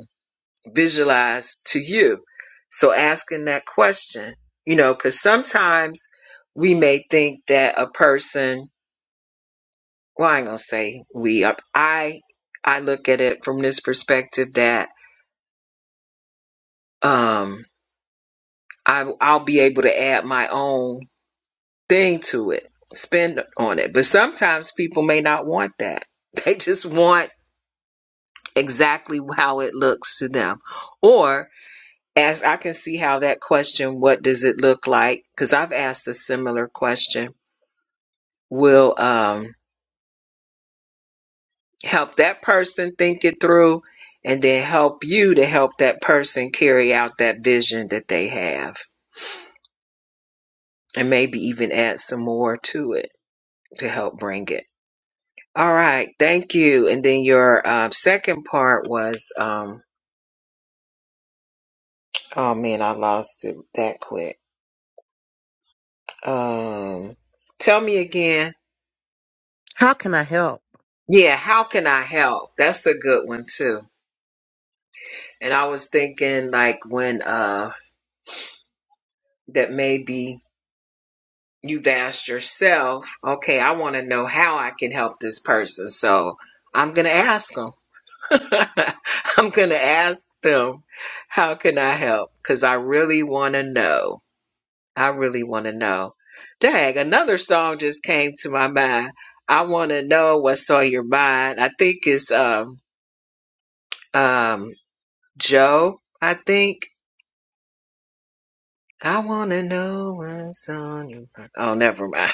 S2: visualized to you. So asking that question, you know, because sometimes we may think that a person, well, I ain't gonna say we. I I I look at it from this perspective that um, I I'll be able to add my own thing to it, spend on it. But sometimes people may not want that. They just want exactly how it looks to them, or As I can see how that question, what does it look like? Because I've asked a similar question, will um, help that person think it through and then help you to help that person carry out that vision that they have and maybe even add some more to it to help bring it. All right, thank you. And then your uh, second part was, um, oh man, I lost it that quick. Um, tell me again.
S9: How can I help?
S2: Yeah, how can I help? That's a good one too. And I was thinking like when uh that maybe you've asked yourself, okay, I want to know how I can help this person. So I'm going to ask them. I'm going to ask them, how can I help? Cuz I really want to know. I really want to know. Dang, another song just came to my mind. I want to know what's on your mind. I think it's um um Joe, I think I wanna know what's on your mind. Oh, never mind.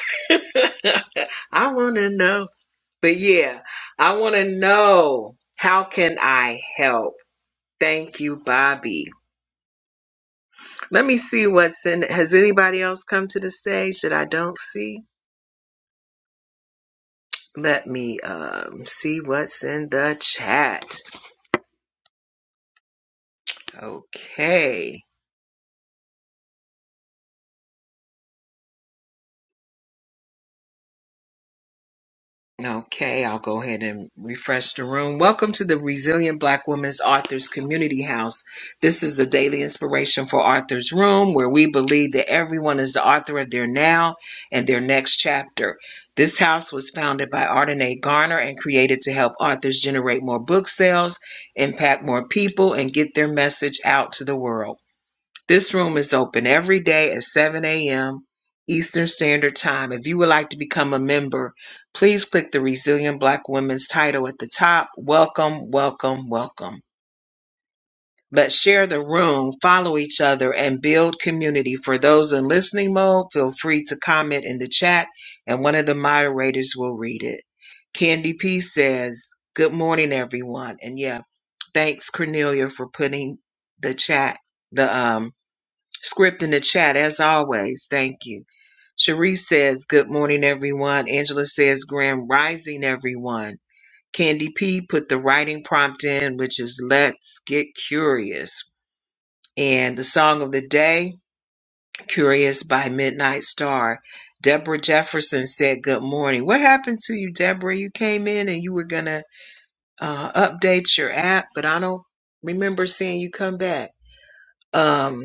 S2: I wanna know. But yeah, I wanna know how can I help? Thank you, Bobby. Let me see what's in has anybody else come to the stage that I don't see? Let me um see what's in the chat. Okay. Okay, I'll go ahead and refresh the room. Welcome to the Resilient Black Women's Authors Community House. This is the daily inspiration for Authors Room, where we believe that everyone is the author of their now and their next chapter. This house was founded by Ardenae Garner and created to help authors generate more book sales, impact more people, and get their message out to the world. This room is open every day at 7 a.m. Eastern Standard Time. If you would like to become a member, please click the Resilient Black Women's title at the top. Welcome, welcome, welcome. Let's share the room, follow each other, and build community. For those in listening mode, feel free to comment in the chat, and one of the moderators will read it. Candy P says, Good morning, everyone. And yeah, thanks, Cornelia, for putting the chat, the um, Script in the chat, as always. Thank you. Cherise says, Good morning, everyone. Angela says, Grand rising, everyone. Candy P put the writing prompt in, which is Let's Get Curious. And the song of the day, Curious by Midnight Star. Deborah Jefferson said, Good morning. What happened to you, Deborah? You came in and you were going to uh, update your app, but I don't remember seeing you come back. Um,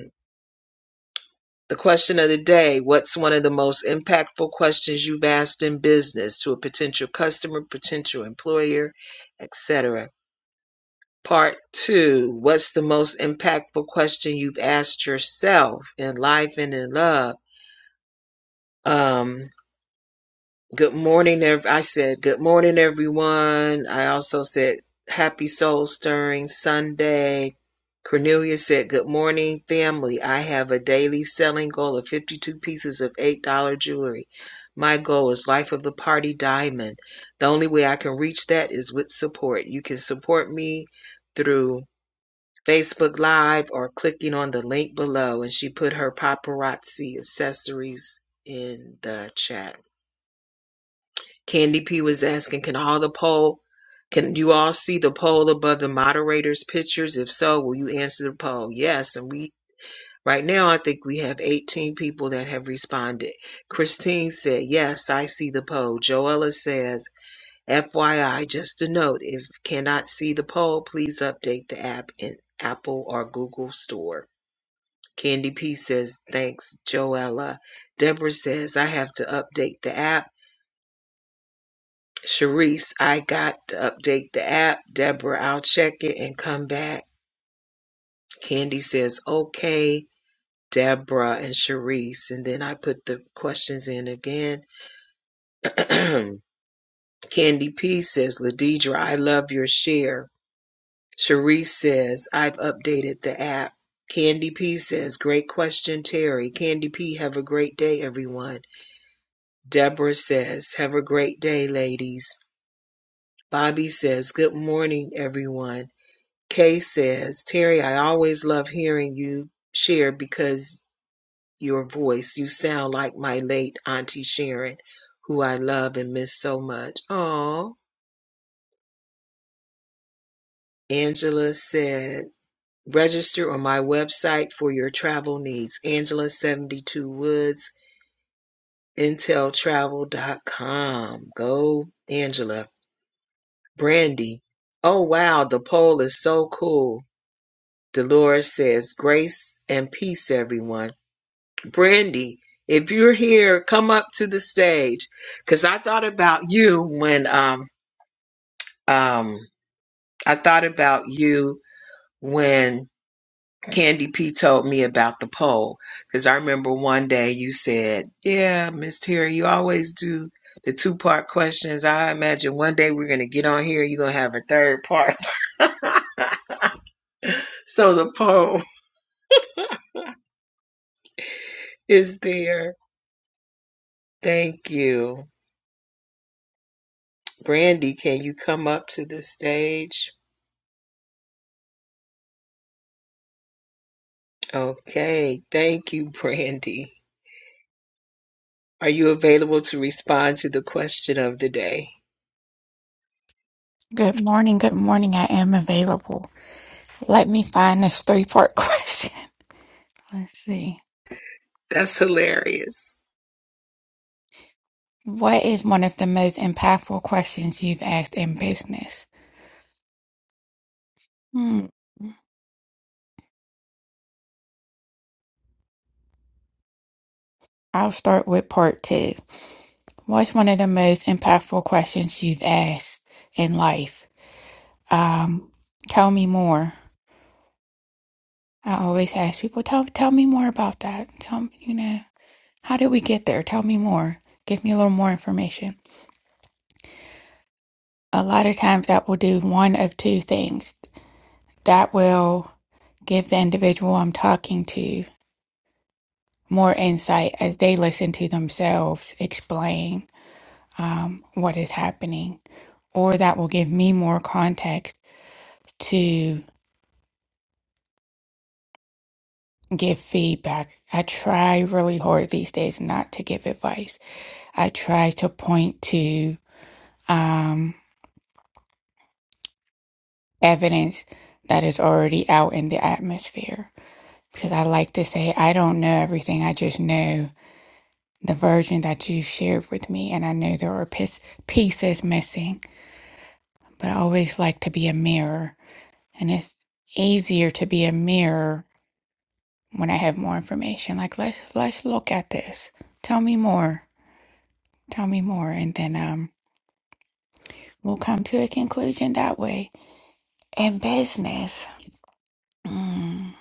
S2: The question of the day, what's one of the most impactful questions you've asked in business to a potential customer, potential employer, etc.? Part two, what's the most impactful question you've asked yourself in life and in love? Um, Good morning, ev- I said good morning, everyone. I also said happy soul stirring Sunday. Cornelia said, Good morning, family. I have a daily selling goal of 52 pieces of $8 jewelry. My goal is life of the party diamond. The only way I can reach that is with support. You can support me through Facebook Live or clicking on the link below. And she put her paparazzi accessories in the chat. Candy P was asking, can all the poll, can you all see the poll above the moderators' pictures? If so, will you answer the poll? Yes. And we, right now, I think we have 18 people that have responded. Christine said, yes, I see the poll. Joella says, FYI, just a note, if you cannot see the poll, please update the app in Apple or Google Store. Candy P says, thanks, Joella. Deborah says, I have to update the app. Sharice, I got to update the app. Deborah, I'll check it and come back. Candy says, okay. Deborah and Sharice. And then I put the questions in again. Candy P says, Ladidra, I love your share. Sharice says, I've updated the app. Candy P says, great question, Terry. Candy P, have a great day, everyone. Deborah says, have a great day, ladies. Bobby says, good morning, everyone. Kay says, Terry, I always love hearing you share because your voice, you sound like my late Auntie Sharon, who I love and miss so much. Aw. Angela said, register on my website for your travel needs. Angela72woods, Intel Travel dot com. Go, Angela. Brandy, oh wow, the poll is so cool. Dolores says, grace and peace, everyone. Brandy, if you're here, come up to the stage. Cause I thought about you when um um I thought about you when Candy P told me about the poll. Cause I remember one day you said, Yeah, Miss Terry, you always do the two part questions. I imagine one day we're gonna get on here, you're gonna have a third part. so the poll is there. Thank you. Brandy, can you come up to the stage? Okay, thank you, Brandy. Are you available to respond to the question of the day?
S10: Good morning. Good morning. I am available. Let me find this three part question. Let's see.
S2: That's hilarious.
S10: What is one of the most impactful questions you've asked in business? Hmm. I'll start with part two. What's one of the most impactful questions you've asked in life? Um, tell me more. I always ask people, tell tell me more about that. Tell me, you know, how did we get there? Tell me more. Give me a little more information. A lot of times that will do one of two things. That will Give the individual I'm talking to more insight as they listen to themselves explain um, what is happening, or that will give me more context to give feedback. I try really hard these days not to give advice. I try to point to um, evidence that is already out in the atmosphere because I like to say, I don't know everything, I just know. the version that you shared with me. And I know there are piece, pieces missing, but I always like to be a mirror. And it's easier to be a mirror when I have more information. Like let's let's look at this. Tell me more. Tell me more. And then um we'll come to a conclusion that way. In business. Mm,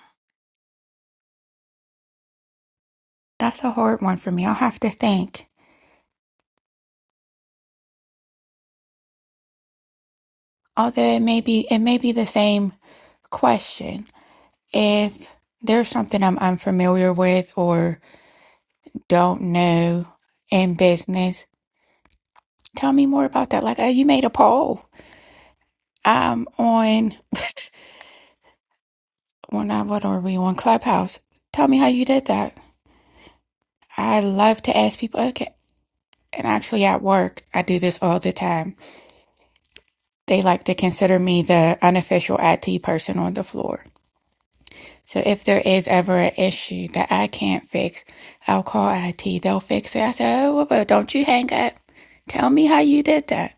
S10: that's a hard one for me. I'll have to think. Although it may be it may be the same question. If there's something I'm unfamiliar with or don't know in business. Tell me more about that. Like, oh, you made a poll. I'm on, well, not what are we on Clubhouse? Tell me how you did that. I love to ask people. Okay, and actually at work, I do this all the time. They like to consider me the unofficial IT person on the floor. So if there is ever an issue that I can't fix, I'll call IT. They'll fix it. I say, oh, well, but don't you hang up. Tell me how you did that.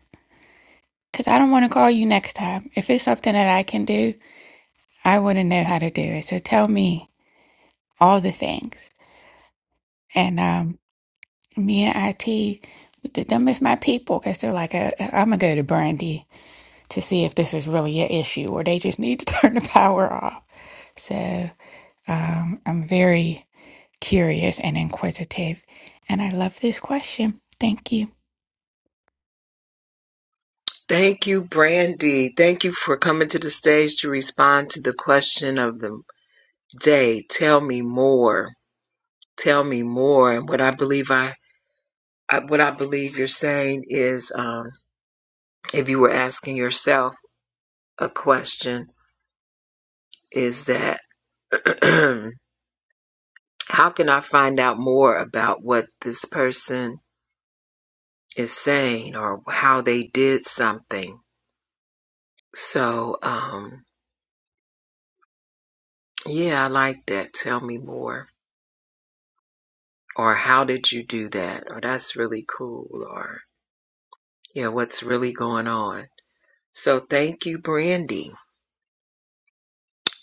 S10: Because I don't want to call you next time. If it's something that I can do, I want to know how to do it. So tell me all the things. And um, me and IT, th- them is my people because they're like, i am I'm going to go to Brandy to see if this is really an issue or they just need to turn the power off. So um, I'm very curious and inquisitive. And I love this question. Thank you.
S2: Thank you, Brandy. Thank you for coming to the stage to respond to the question of the day. Tell me more. Tell me more. And what I believe I, I what I believe you're saying is, um, if you were asking yourself a question, is that how can I find out more about what this person is saying or how they did something. So, um, yeah, I like that. Tell me more. Or how did you do that? Or that's really cool. Or yeah, what's really going on? So thank you, Brandy.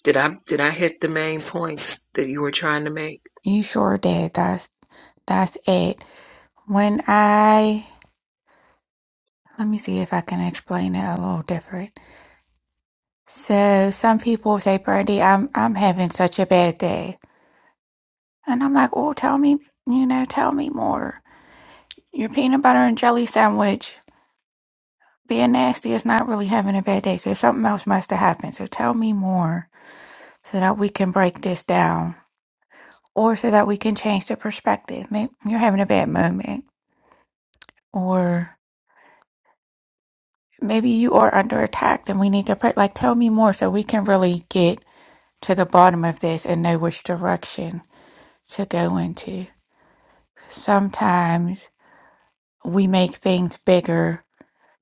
S2: Did I did I hit the main points that you were trying to make?
S10: You sure did. That's, that's it. When I, let me see if I can explain it a little different So some people say, Brandy, I'm I'm having such a bad day. And I'm like, Oh, tell me you know, tell me more. Your peanut butter and jelly sandwich being nasty is not really having a bad day. So something else must have happened. So tell me more so that we can break this down. Or so that we can change the perspective. Maybe you're having a bad moment. Or maybe you are under attack and we need to pray like tell me more so we can really get to the bottom of this and know which direction to go into. sometimes we make things bigger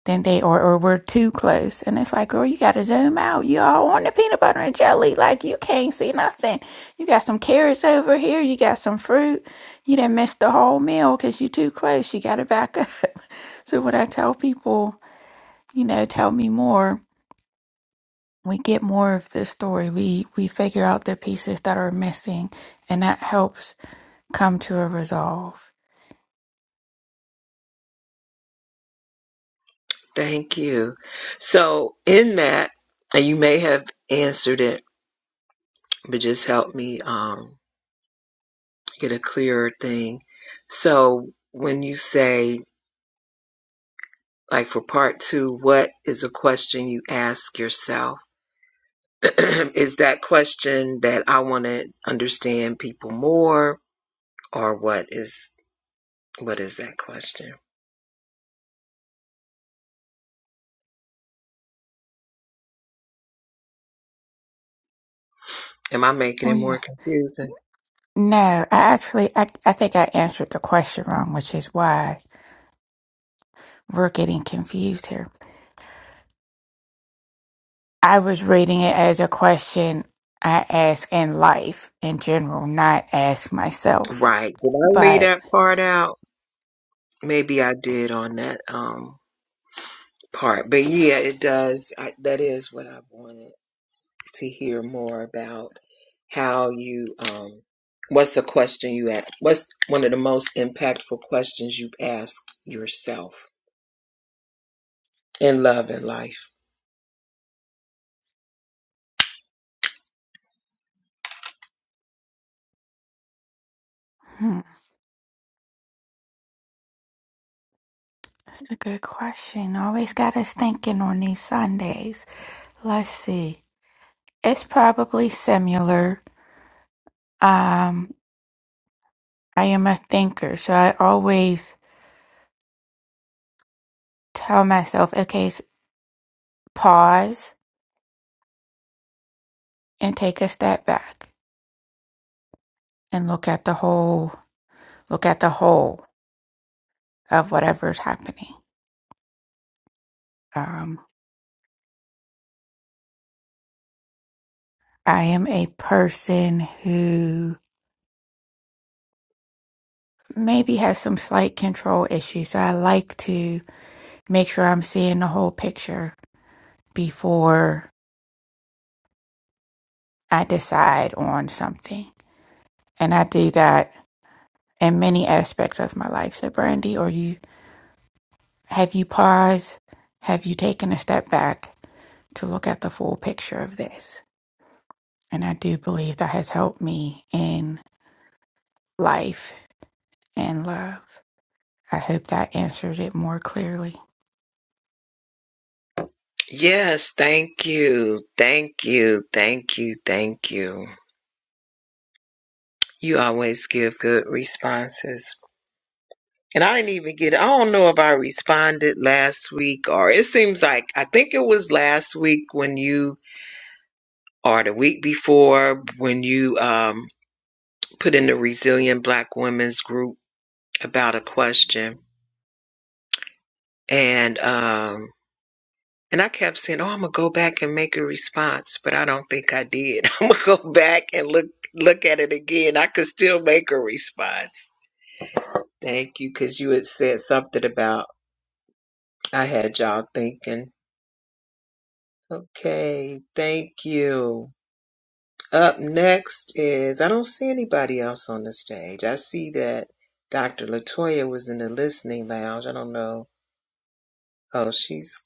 S10: than they are, or we're too close. And it's like, girl, you got to zoom out. You all on the peanut butter and jelly. Like, you can't see nothing. You got some carrots over here. You got some fruit. You didn't miss the whole meal because you're too close. You got to back up. so, when I tell people, you know, tell me more, we get more of the story. We, we figure out the pieces that are missing, and that helps come to a resolve.
S2: Thank you. So in that, and you may have answered it, but just help me um, get a clearer thing. So when you say like for part two, what is a question you ask yourself? is that question that I want to understand people more, or what is what is that question? Am I making
S10: Oh,
S2: it
S10: yeah.
S2: more confusing?
S10: No, I actually, I, I think I answered the question wrong, which is why we're getting confused here. I was reading it as a question I ask in life in general, not ask myself.
S2: Right. Did I leave
S10: But
S2: that part out? Maybe I did on that um part, but yeah, it does. I, that is what I wanted. to hear more about how you um what's the question you ask what's one of the most impactful questions you ask yourself in love and life
S10: hmm, that's a good question. Always got us thinking on these Sundays. Let's see. It's probably similar. Um, I am a thinker, so I always tell myself, okay, s- pause and take a step back and look at the whole Look at the whole of whatever's happening. Um, I am a person who maybe has some slight control issues, so I like to make sure I'm seeing the whole picture before I decide on something. And I do that in many aspects of my life. So, Brandy, or you, have you paused? Have you taken a step back to look at the full picture of this? And I do believe that has helped me in life and love. I hope that answered it more clearly.
S2: yes thank you thank you thank you thank you you always give good responses and i didn't even get i don't know if i responded last week or it seems like i think it was last week when you or the week before when you um put in the resilient black women's group about a question and um and I kept saying, "Oh, I'm gonna go back and make a response," but I don't think I did. I'm gonna go back and look look at it again. I could still make a response. Thank you, because you had said something about I had y'all thinking. Okay, thank you. Up next is I don't see anybody else on the stage. I see that Dr. Latoya was in the listening lounge. I don't know. Oh, she's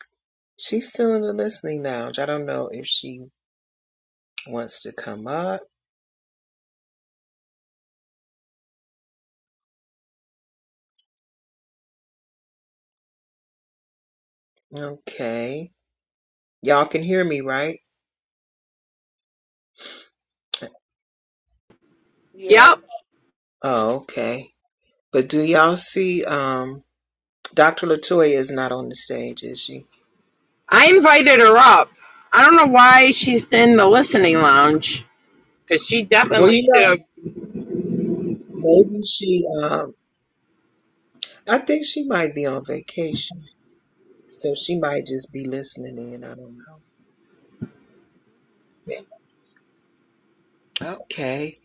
S2: She's still in the listening lounge. I don't know if she wants to come up. Okay. Y'all can hear me, right?
S8: yeah.
S2: Oh, okay. But do y'all see um Dr. Latoya is not on the stage, is she?
S1: I up. I don't. Okay,
S2: Well, you
S1: so
S2: know, maybe she um I think she might be on vacation. So she might just be listening in. I don't know. Okay.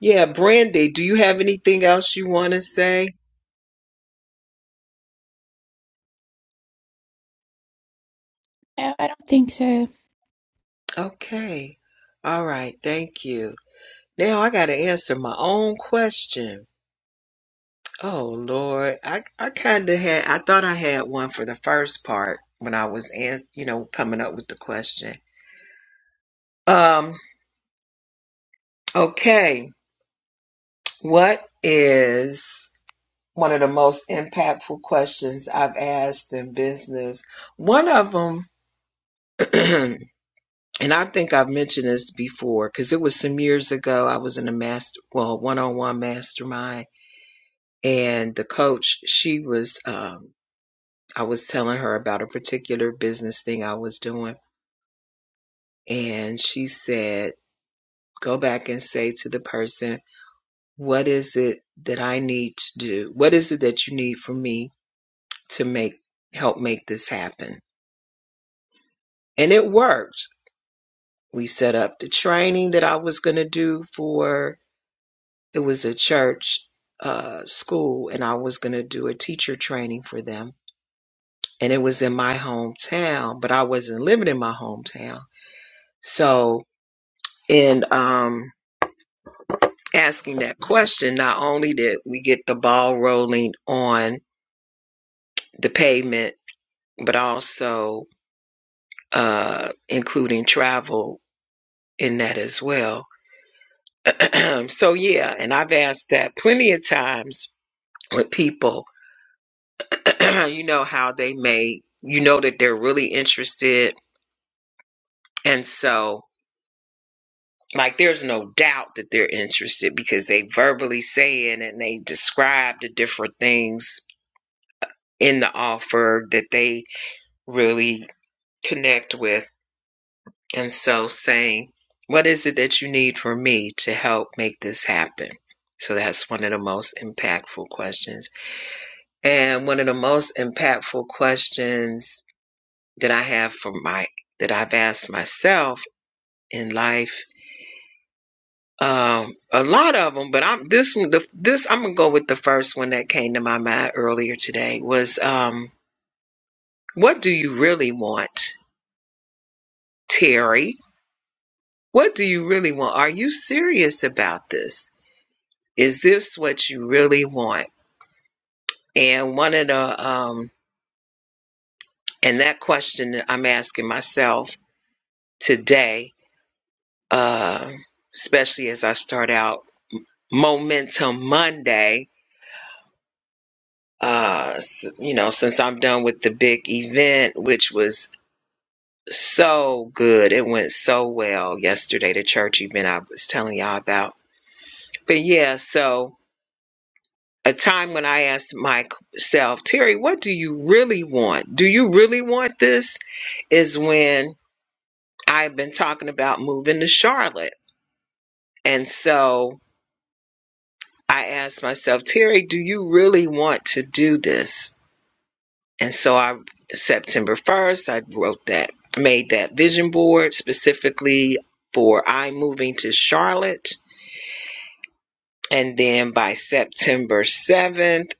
S2: Yeah, Brandy, do you have anything else you want to say?
S10: No, I don't think so.
S2: Okay. All right, thank you. Now I got to answer my own question. Oh Lord, I I kind of had I thought I had one for the first part when I was ans- you know coming up with the question. Um okay, what is one of the most impactful questions I've asked in business? One of them and I think I've mentioned this before cuz it was some years ago I was in a master well, one-on-one mastermind and the coach she was um I was telling her about a particular business thing I was doing. And she said, Go back and say to the person, What is it that I need to do? What is it that you need from me to make help make this happen? And it worked. We set up the training that I was going to do for it was a church uh, school, and I was going to do a teacher training for them. And it was in my hometown, but I wasn't living in my hometown. So, and um, asking that question, not only did we get the ball rolling on the pavement, but also uh, including travel in that as well. so, yeah, and I've asked that plenty of times with people, you know, how they may, you know, that they're really interested. And so, like, there's no doubt that they're interested because they verbally say it and they describe the different things in the offer that they really connect with. And so saying, what is it that you need from me to help make this happen? So that's one of the most impactful questions. And one of the most impactful questions that I have for my, that I've asked myself in life, um, a lot of them, but I'm, this one, the, this, I'm going to go with the first one that came to my mind earlier today was, um, what do you really want, Terry? What do you really want? Are you serious about this? is this what you really want? And one of the um and that question that I'm asking myself today, uh, especially as I start out Momentum Monday, uh, you know, since I'm done with the big event, which was so good, it went so well yesterday, the church event I was telling y'all about. But yeah, so a time when I asked myself, Terry, what do you really want? Do you really want this? Is when I've been talking about moving to Charlotte. And so I asked myself, Terry, do you really want to do this? And so I, September 1st, I wrote that, made that vision board specifically for I moving to Charlotte. And then by September 7th,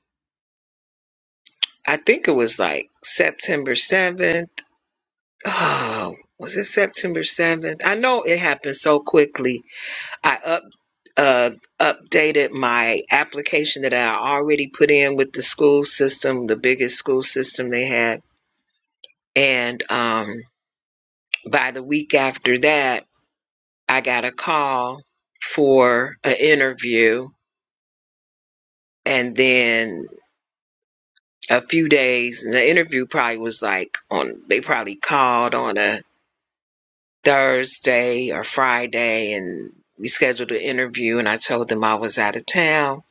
S2: I think it was like September 7th. oh, was it September 7th? I know it happened so quickly. I up uh updated my application that I already put in with the school system, the biggest school system they had. And um by the week after that, I got a call for an interview and then a few days and the interview probably was like on they probably called on a Thursday or Friday and we scheduled an interview and I told them I was out of town.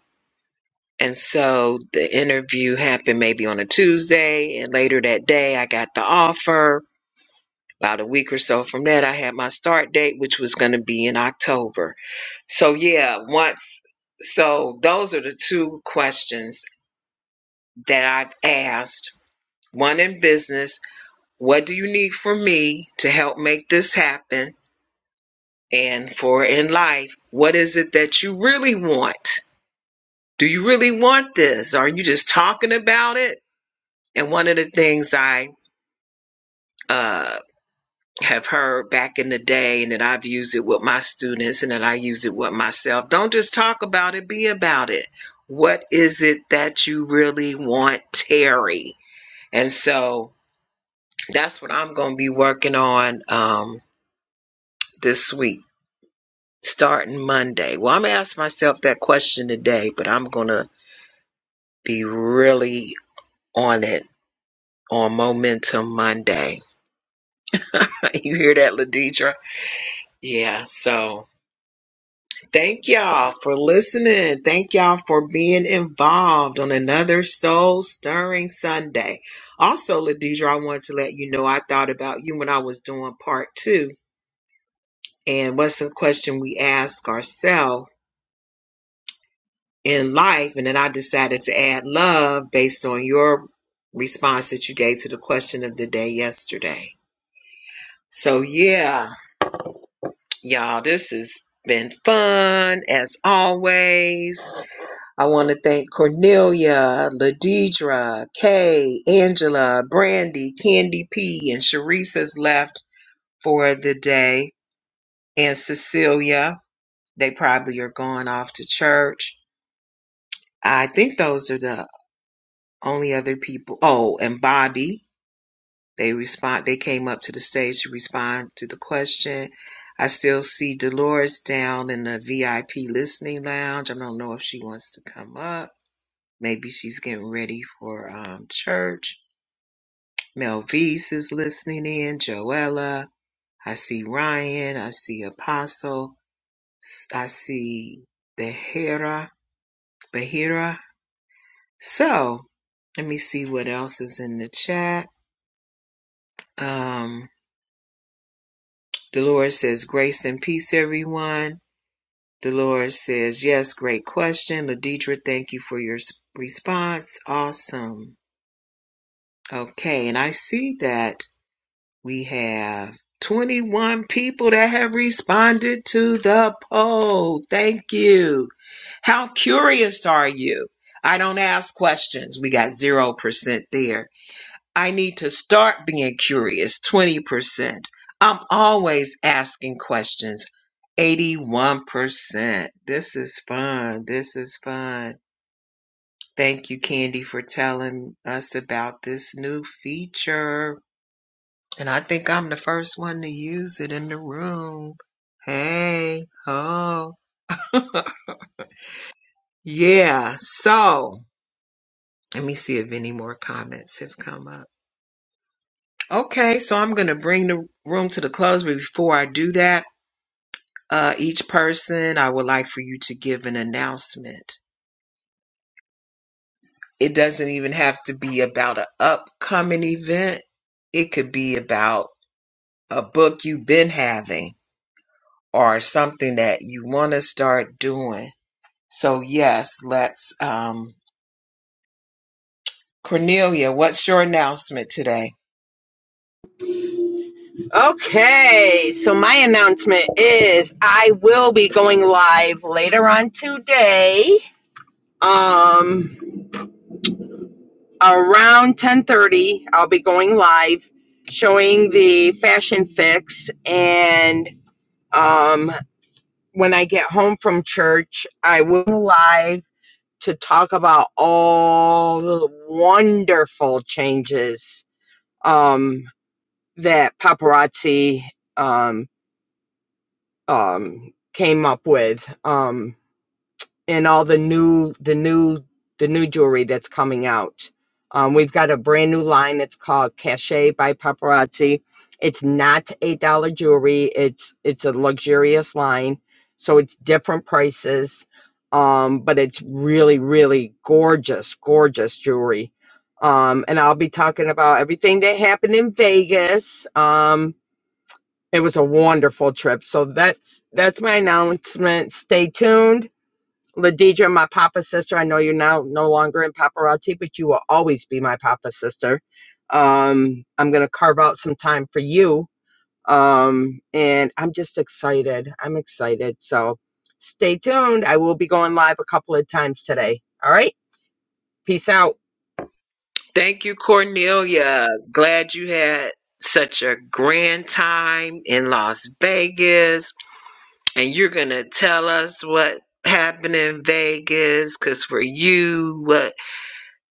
S2: And so the interview happened maybe on a Tuesday and later that day I got the offer. About a week or so from that I had my start date which was going to be in October. So yeah, once so those are the two questions that I've asked. One in business, what do you need from me to help make this happen? and for in life, what is it that you really want? Do you really want this? Are you just talking about it? And one of the things I uh, have heard back in the day, and that I've used it with my students, and that I use it with myself don't just talk about it, be about it. What is it that you really want, Terry? And so that's what I'm going to be working on um, this week, starting Monday. Well, I'm going to ask myself that question today, but I'm going to be really on it on Momentum Monday. you hear that, Ladidra? Yeah. So thank y'all for listening. Thank y'all for being involved on another soul stirring Sunday. Also, Ladidra, I wanted to let you know I thought about you when I was doing part two. And what's the question we ask ourselves in life? And then I decided to add love based on your response that you gave to the question of the day yesterday. So, yeah, Y'all, this has been fun as always. I want to thank Cornelia, Ladidra, Kay, Angela, Brandy, Candy P, and Sharice left for the day, and Cecilia. They probably are going off to church. I think those are the only other people. Oh, and Bobby. They respond. They came up to the stage to respond to the question. I still see Dolores down in the VIP listening lounge. I don't know if she wants to come up. Maybe she's getting ready for um, church. Melvise is listening in. Joella. I see Ryan. I see Apostle. S- I see Behira. Behira. So let me see what else is in the chat. Um, Dolores says, "Grace and peace, everyone." Dolores says, Yes, great question. Ladidra, thank you for your response. Awesome. Okay, and I see that we have 21 people that have responded to the poll. Thank you. How curious are you? I don't ask questions. We got 0% there. I need to start being curious 20%. I'm always asking questions 81%. This is fun. This is fun. Thank you, Candy, for telling us about this new feature. And I think I'm the first one to use it in the room. Hey, ho. Yeah, so let me see if any more comments have come up. Okay, so I'm going to bring the room to the close, but before I do that. Uh, each person, I would like for you to give an announcement. It doesn't even have to be about an upcoming event, it could be about a book you've been having or something that you want to start doing. So, yes, let's. Um, Cornelia, what's your announcement today?
S1: okay, so my announcement is I will be going live later on today. Um, around ten thirty, I'll be going live, showing the fashion fix, and um, when I get home from church, I will go live to talk about all the wonderful changes um, that paparazzi um, um, came up with. Um, and all the new the new the new jewelry that's coming out. Um, we've got a brand new line that's called Cachet by Paparazzi. It's not eight dollar jewelry. It's it's a luxurious line, so it's different prices, um, but it's really really gorgeous gorgeous jewelry. Um, and I'll be talking about everything that happened in Vegas. Um, it was a wonderful trip. So that's that's my announcement. Stay tuned Ladidra, my papa's sister. I know you're now no longer in paparazzi, but you will always be my papa's sister. Um, I'm gonna carve out some time for you. Um, and I'm just excited. I'm excited. So stay tuned. I will be going live a couple of times today. All right. Peace out.
S2: Thank you, Cornelia. Glad you had such a grand time in Las Vegas and you're gonna tell us what happened in Vegas, because for you, what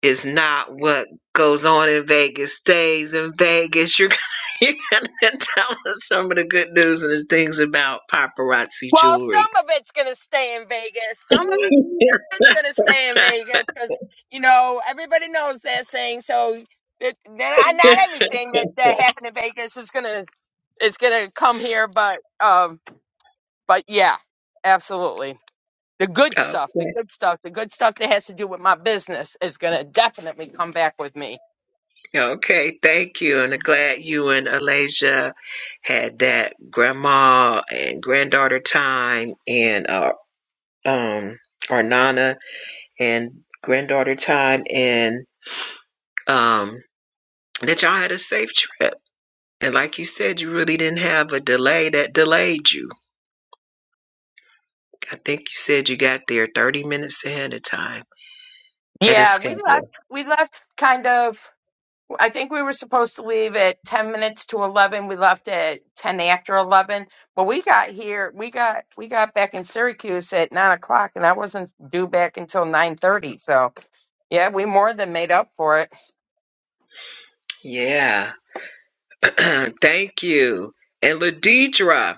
S2: is not what goes on in Vegas stays in Vegas. You're gonna, you're gonna tell us some of the good news and the things about paparazzi
S1: Well,
S2: jewelry.
S1: some of it's going to stay in Vegas. Some of it's gonna stay in Vegas because you know everybody knows that saying. So it, not not everything that
S2: okay,
S1: that happened in Vegas is gonna is gonna come here, but um, but yeah, absolutely. The good stuff, the good stuff, the good stuff that has to do with my business is gonna definitely come back with me.
S2: okay, thank you, and I'm glad you and Alasia had that grandma and granddaughter time and uh, um our nana and granddaughter time and. um that y'all had a safe trip. And like you said, you really didn't have a delay that delayed you. I think you said you got there 30 minutes ahead of time, ahead of
S1: Yeah, we left.
S2: schedule.
S1: We left kind of. I think we were supposed to leave at 10 minutes to 11. We left at 10 after 11, but we got here, we got, we got back in Syracuse at nine o'clock and I wasn't due back until 9:30. So yeah, we more than made up for it.
S2: Yeah. Thank you. And Ladidra,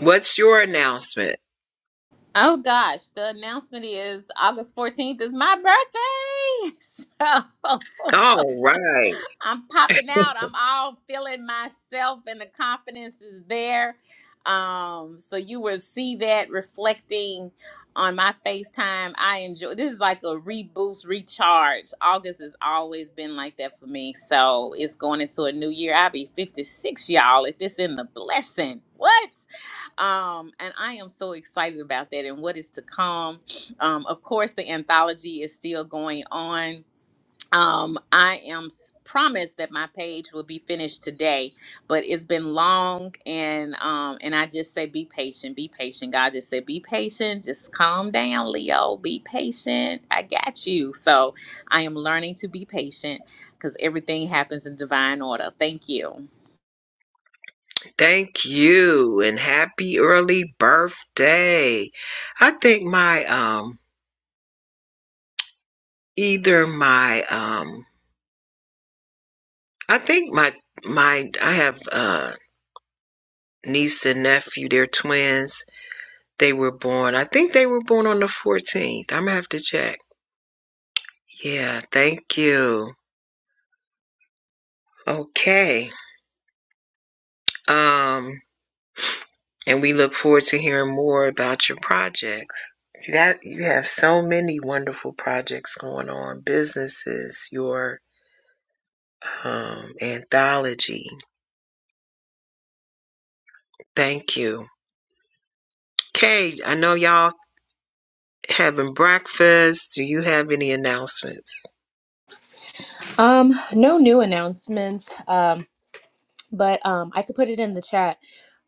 S2: what's your announcement?
S5: Oh gosh, the announcement is August 14th is my birthday. So
S2: All right.
S5: I'm popping out. I'm all feeling myself, and the confidence is there. Um, so you will see that reflecting on my FaceTime. I enjoy this is like a reboost, recharge. August has always been like that for me. So it's going into a new year. I'll be 56, y'all, if it's in the blessing. What? Um, and I am so excited about that and what is to come. Um, of course, the anthology is still going on um, I am s- promised that my page will be finished today, but it's been long, and um, and I just say be patient, be patient. God just said be patient, just calm down, Leo, be patient. I got you. So I am learning to be patient because everything happens in divine order. Thank you.
S2: Thank you and happy early birthday. I think my um either my um I think my my I have uh niece and nephew, they're twins They were born. I think they were born on the 14th. I'm gonna have to check. Yeah, thank you. Okay. Um, and we look forward to hearing more about your projects. You got you have so many wonderful projects going on, businesses, your um anthology. Thank you. Okay, I know y'all having breakfast. Do you have any announcements?
S7: Um, no new announcements. Um, but um, I could put it in the chat.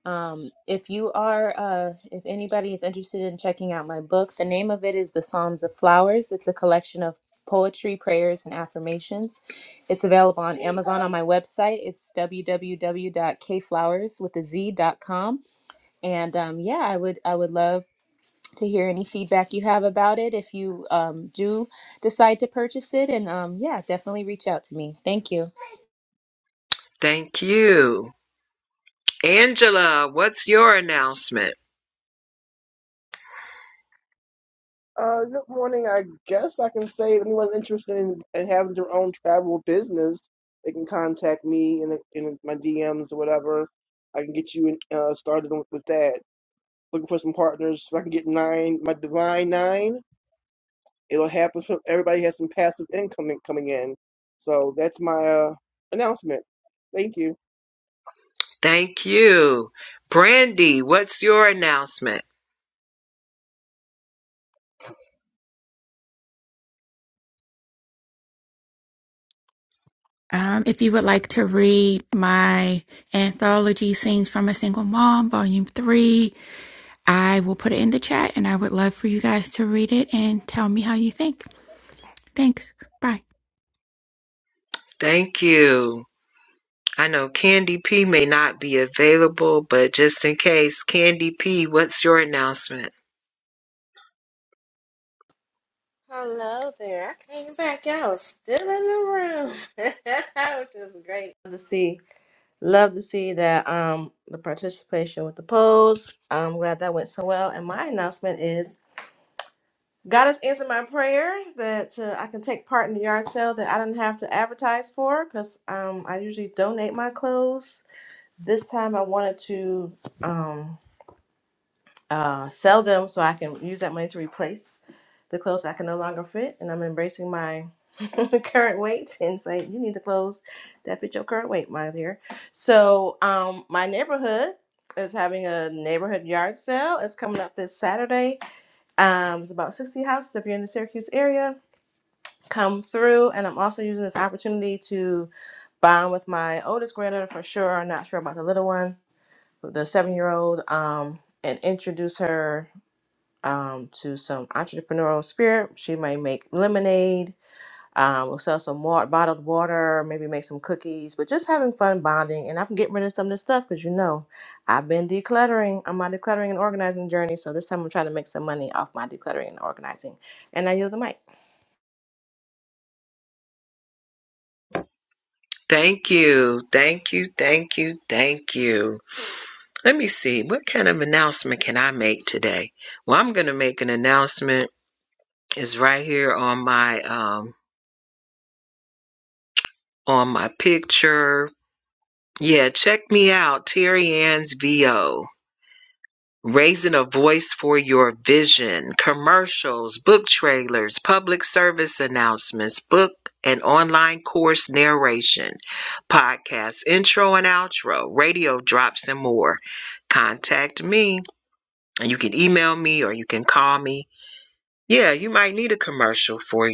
S7: Um, if you are, uh, if anybody is interested in checking out my book, the name of it is The Psalms of Flowers. It's a collection of poetry, prayers, and affirmations. It's available on Amazon on my website. It's www.kflowers with a Z dot com. And um, yeah, I would I would love to hear any feedback you have about it if you um, do decide to purchase it. And um, yeah, definitely reach out to me. Thank you.
S2: Thank you. Angela, what's your announcement?
S8: Uh, good morning. I guess I can say if anyone's interested in, in having their own travel business, they can contact me in in my DMs or whatever. I can get you in, uh, started with that. Looking for some partners. So I can get nine, my divine nine. it'll happen. So everybody has some passive income coming in. So that's my uh, announcement. Thank you.
S2: Thank you. Brandy, what's your announcement?
S10: Um, if you would like to read my anthology, Scenes from a Single Mom, Volume 3, I will put it in the chat and I would love for you guys to read it and tell me how you think. Thanks. Bye.
S2: Thank you. I know Candy P may not be available, but just in case, Candy P, what's your announcement?
S4: Hello there. I came back. I was still in the room, which is great to see. Love to see that um the participation with the polls. I'm glad that went so well. And my announcement is God has answered my prayer that uh, I can take part in the yard sale that I didn't have to advertise for because um I usually donate my clothes. This time I wanted to um uh, sell them so I can use that money to replace the clothes I can no longer fit. And I'm embracing my current weight and say, you need the clothes that fit your current weight, my dear. So um, my neighborhood is having a neighborhood yard sale. It's coming up this Saturday. Um, it's about 60 houses if you're in the Syracuse area. Come through, and I'm also using this opportunity to bond with my oldest granddaughter for sure. I'm not sure about the little one, the seven year old, um, and introduce her um, to some entrepreneurial spirit. She may make lemonade, um, we'll sell some more bottled water, maybe make some cookies, but just having fun bonding. And i can get rid of some of this stuff because you know I've been decluttering. I'm on my decluttering and organizing journey. So this time I'm trying to make some money off my decluttering and organizing. And I yield the mic.
S2: Thank you. Thank you. Thank you. Thank you. Let me see. What kind of announcement can I make today? Well, I'm going to make an announcement. It's right here on my um on my picture. Yeah, check me out, Terry Ann's VO. raising a voice for your vision, commercials, book trailers, public service announcements, book and online course narration, podcasts, intro and outro, radio drops, and more. Contact me, and you can email me or you can call me. Yeah, you might need a commercial for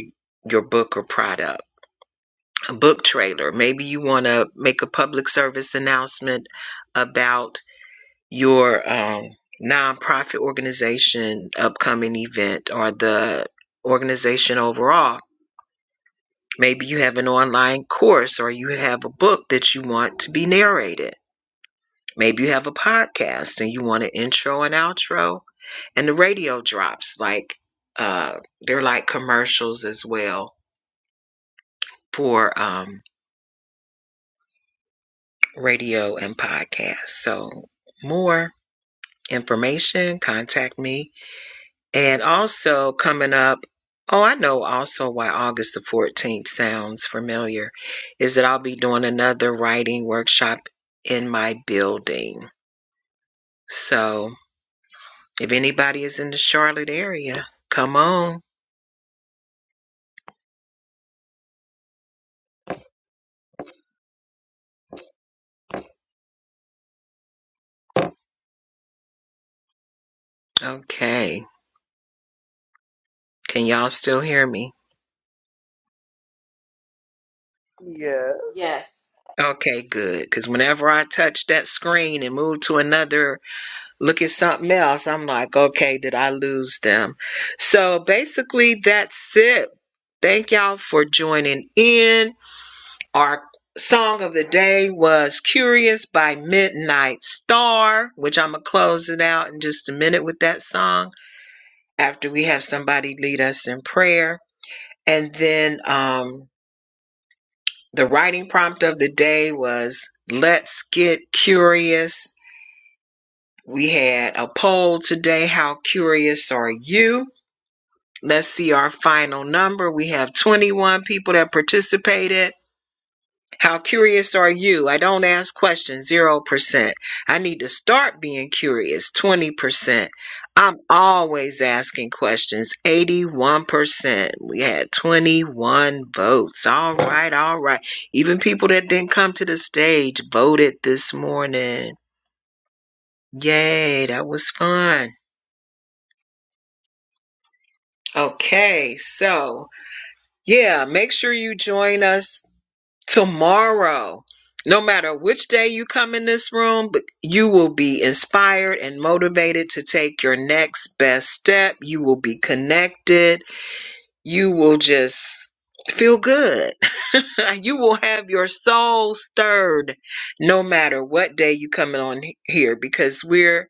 S2: your book or product, a book trailer. Maybe you want to make a public service announcement about your um, nonprofit organization upcoming event or the organization overall. Maybe you have an online course or you have a book that you want to be narrated. Maybe you have a podcast and you want an intro and outro. And the radio drops like uh, they're like commercials as well for um, radio and podcasts. So more information, contact me And also coming up, oh, I know also why August the 14th sounds familiar, is that I'll be doing another writing workshop in my building. So if anybody is in the Charlotte area, come on. Okay. Can y'all still hear me?
S8: Yes.
S4: Yes.
S2: Okay, good. Because whenever I touch that screen and move to another look at something else. I'm like, okay, did I lose them? So basically, that's it. Thank y'all for joining in. Our song of the day was Curious by Midnight Star, which I'm going to close it out in just a minute with that song after we have somebody lead us in prayer. And then um, the writing prompt of the day was Let's Get Curious. We had a poll today. How curious are you? Let's see our final number. We have 21 people that participated. How curious are you? I don't ask questions, 0%. I need to start being curious, 20%. I'm always asking questions, 81%. We had 21 votes. All right, all right. Even people that didn't come to the stage voted this morning. Yay, that was fun. Okay, so yeah, make sure you join us tomorrow. No matter which day you come in this room, but you will be inspired and motivated to take your next best step. You will be connected. You will just feel good. you will have your soul stirred no matter what day you come in on here because we're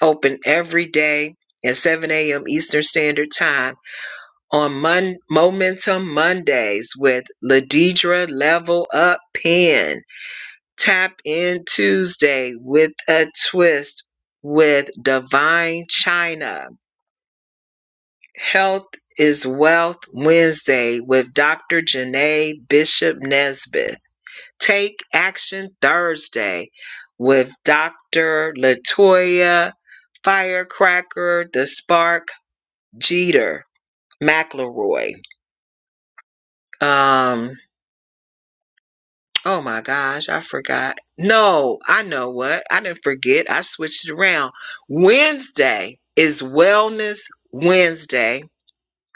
S2: open every day at 7 a.m. Eastern Standard Time on Mon- Momentum Mondays with Ladidra Level Up Pen Tap in Tuesday with a twist with Divine China. Health is Wealth Wednesday with Dr. Janae Bishop Nesbitt. Take Action Thursday with Dr. Latoya Firecracker, The Spark Jeter McElroy. Um, Oh my gosh, I forgot. No, I know what. I didn't forget. I switched it around. Wednesday is Wellness Wednesday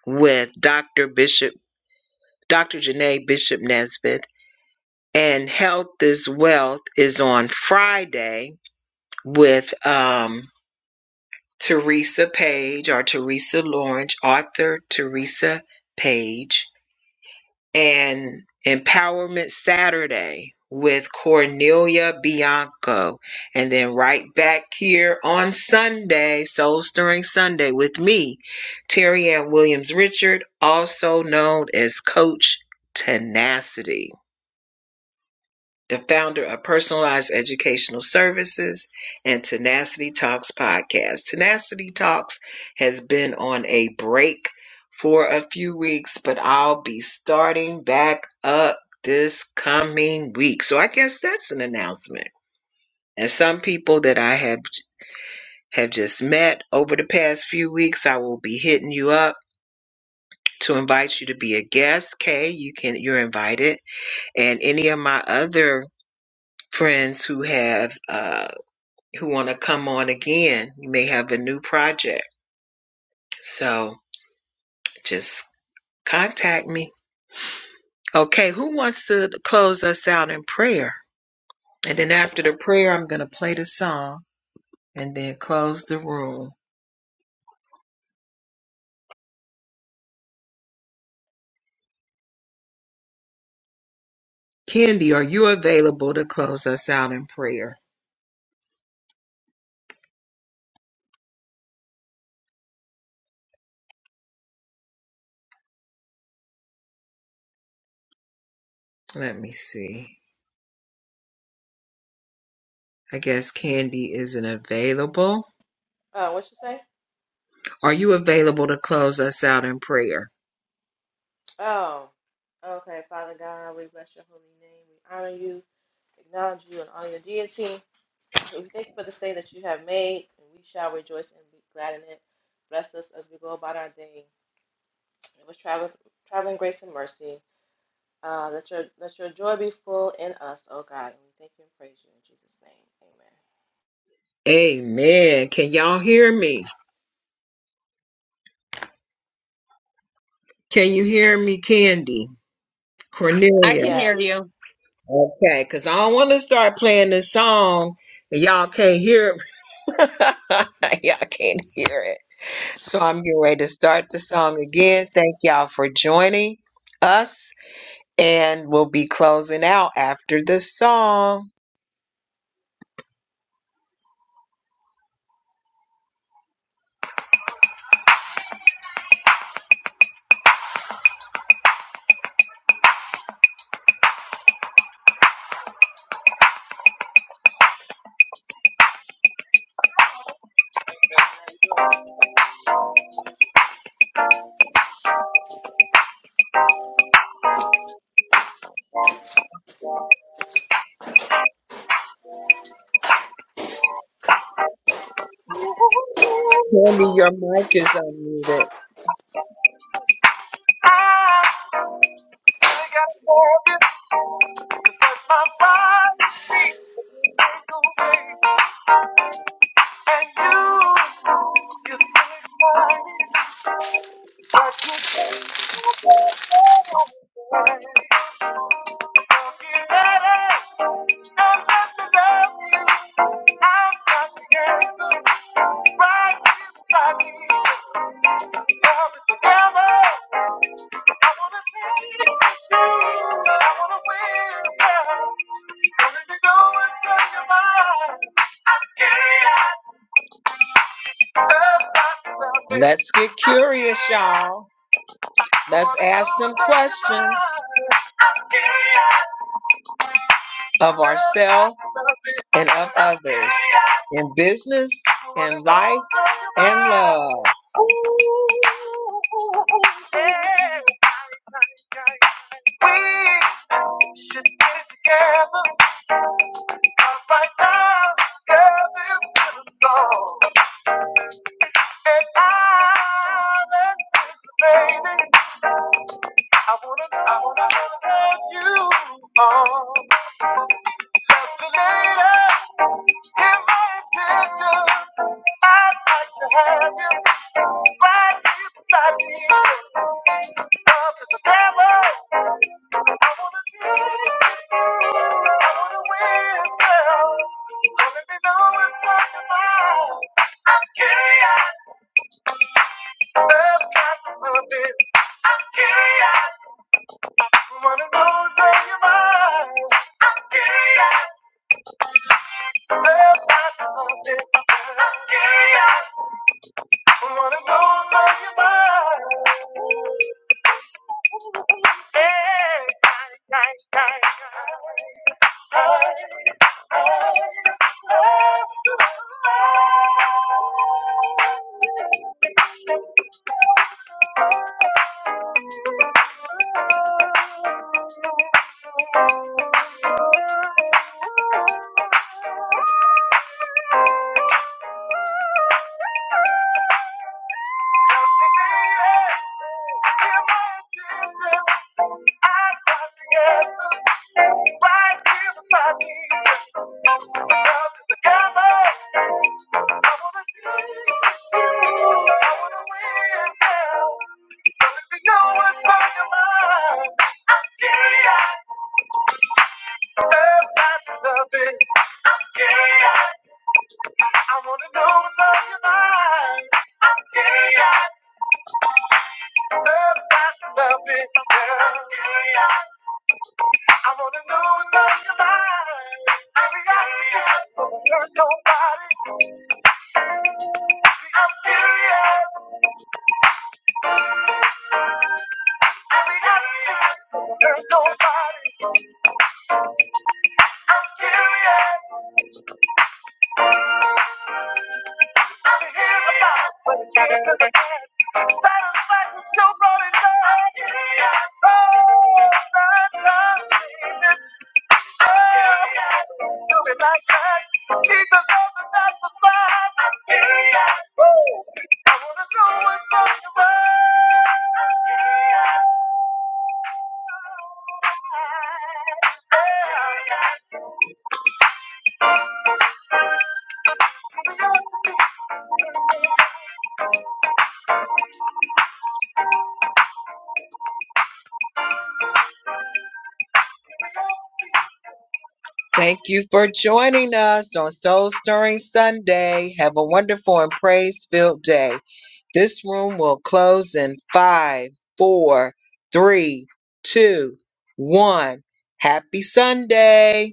S2: with Dr. Bishop, Dr. Janae Bishop Nesbitt, and Health is Wealth is on Friday with um, Teresa Page or Teresa Lawrence, author Teresa Page and Empowerment Saturday with Cornelia Bianco. And then right back here on Sunday, Soul Stirring Sunday, with me, Terry Ann Williams Richard, also known as Coach Tenacity the founder of Personalized Educational Services and Tenacity Talks podcast. Tenacity Talks has been on a break for a few weeks, but I'll be starting back up this coming week. So I guess that's an announcement. And some people that I have have just met over the past few weeks, I will be hitting you up to invite you to be a guest. Kay, you can you're invited. And any of my other friends who have uh, who want to come on again. You may have a new project. So just contact me. Okay, who wants to close us out in prayer? And then after the prayer, I'm going to play the song and then close the room. Candy, are you available to close us out in prayer? Let me see. I guess Candy isn't available.
S4: Uh, what you say?
S2: Are you available to close us out in prayer?
S4: Oh, okay. Father God, we bless your holy name. We honor you, acknowledge you, and all your deity. So We thank you for this day that you have made, and we shall rejoice and be glad in it. Bless us as we go about our day. It was travel, traveling grace and mercy. Uh, let your let your joy be full in us, oh God. And we thank you and praise you in Jesus' name. Amen.
S2: Amen. Can y'all hear me? Can you hear me, Candy?
S1: I
S2: Cornelia.
S1: can hear
S4: Yes.
S1: you.
S2: Okay, because I don't want to start playing this song and y'all can't hear it. y'all can't hear it. So I'm getting ready to start the song again. Thank y'all for joining us, and we'll be closing out after the song. Candy, your mic is unmuted. Let's get curious, y'all. Let's ask them questions. of ourselves and of others in business, in life, and love. We should get together right now, girl, this is the And I, baby, I wanna, I wanna, have you on. Love you later, give my attention. I'd like to have you right beside me. Love is the devil. I wanna dream. I wanna win, girl. So let me know it's not the mind. I'm curious. Love tries to love me. I'm curious. Wanna know where you're mine. I'm curious. Love tries to love me. I'm curious. Wanna know where you're mine. I'm curious about loving. I wanna know what love you like. I'm curious, love about your loving girl. I'm curious. I wanna know what love you like. Curiosity, there's nobody. I'm curious. Curiosity, there's nobody. I'm curious i to hear about what it is to the man. Satisfaction, you brought it down. I'm curious. Oh, that love. you. You'll be my side. Jesus knows that that's the sign. I'm curious. I wanna know what's on your mind. I'm curious. Thank you for joining us on Soul Stirring Sunday. Have a wonderful and praise filled day. This room will close in five, four, three, two, one. Happy Sunday.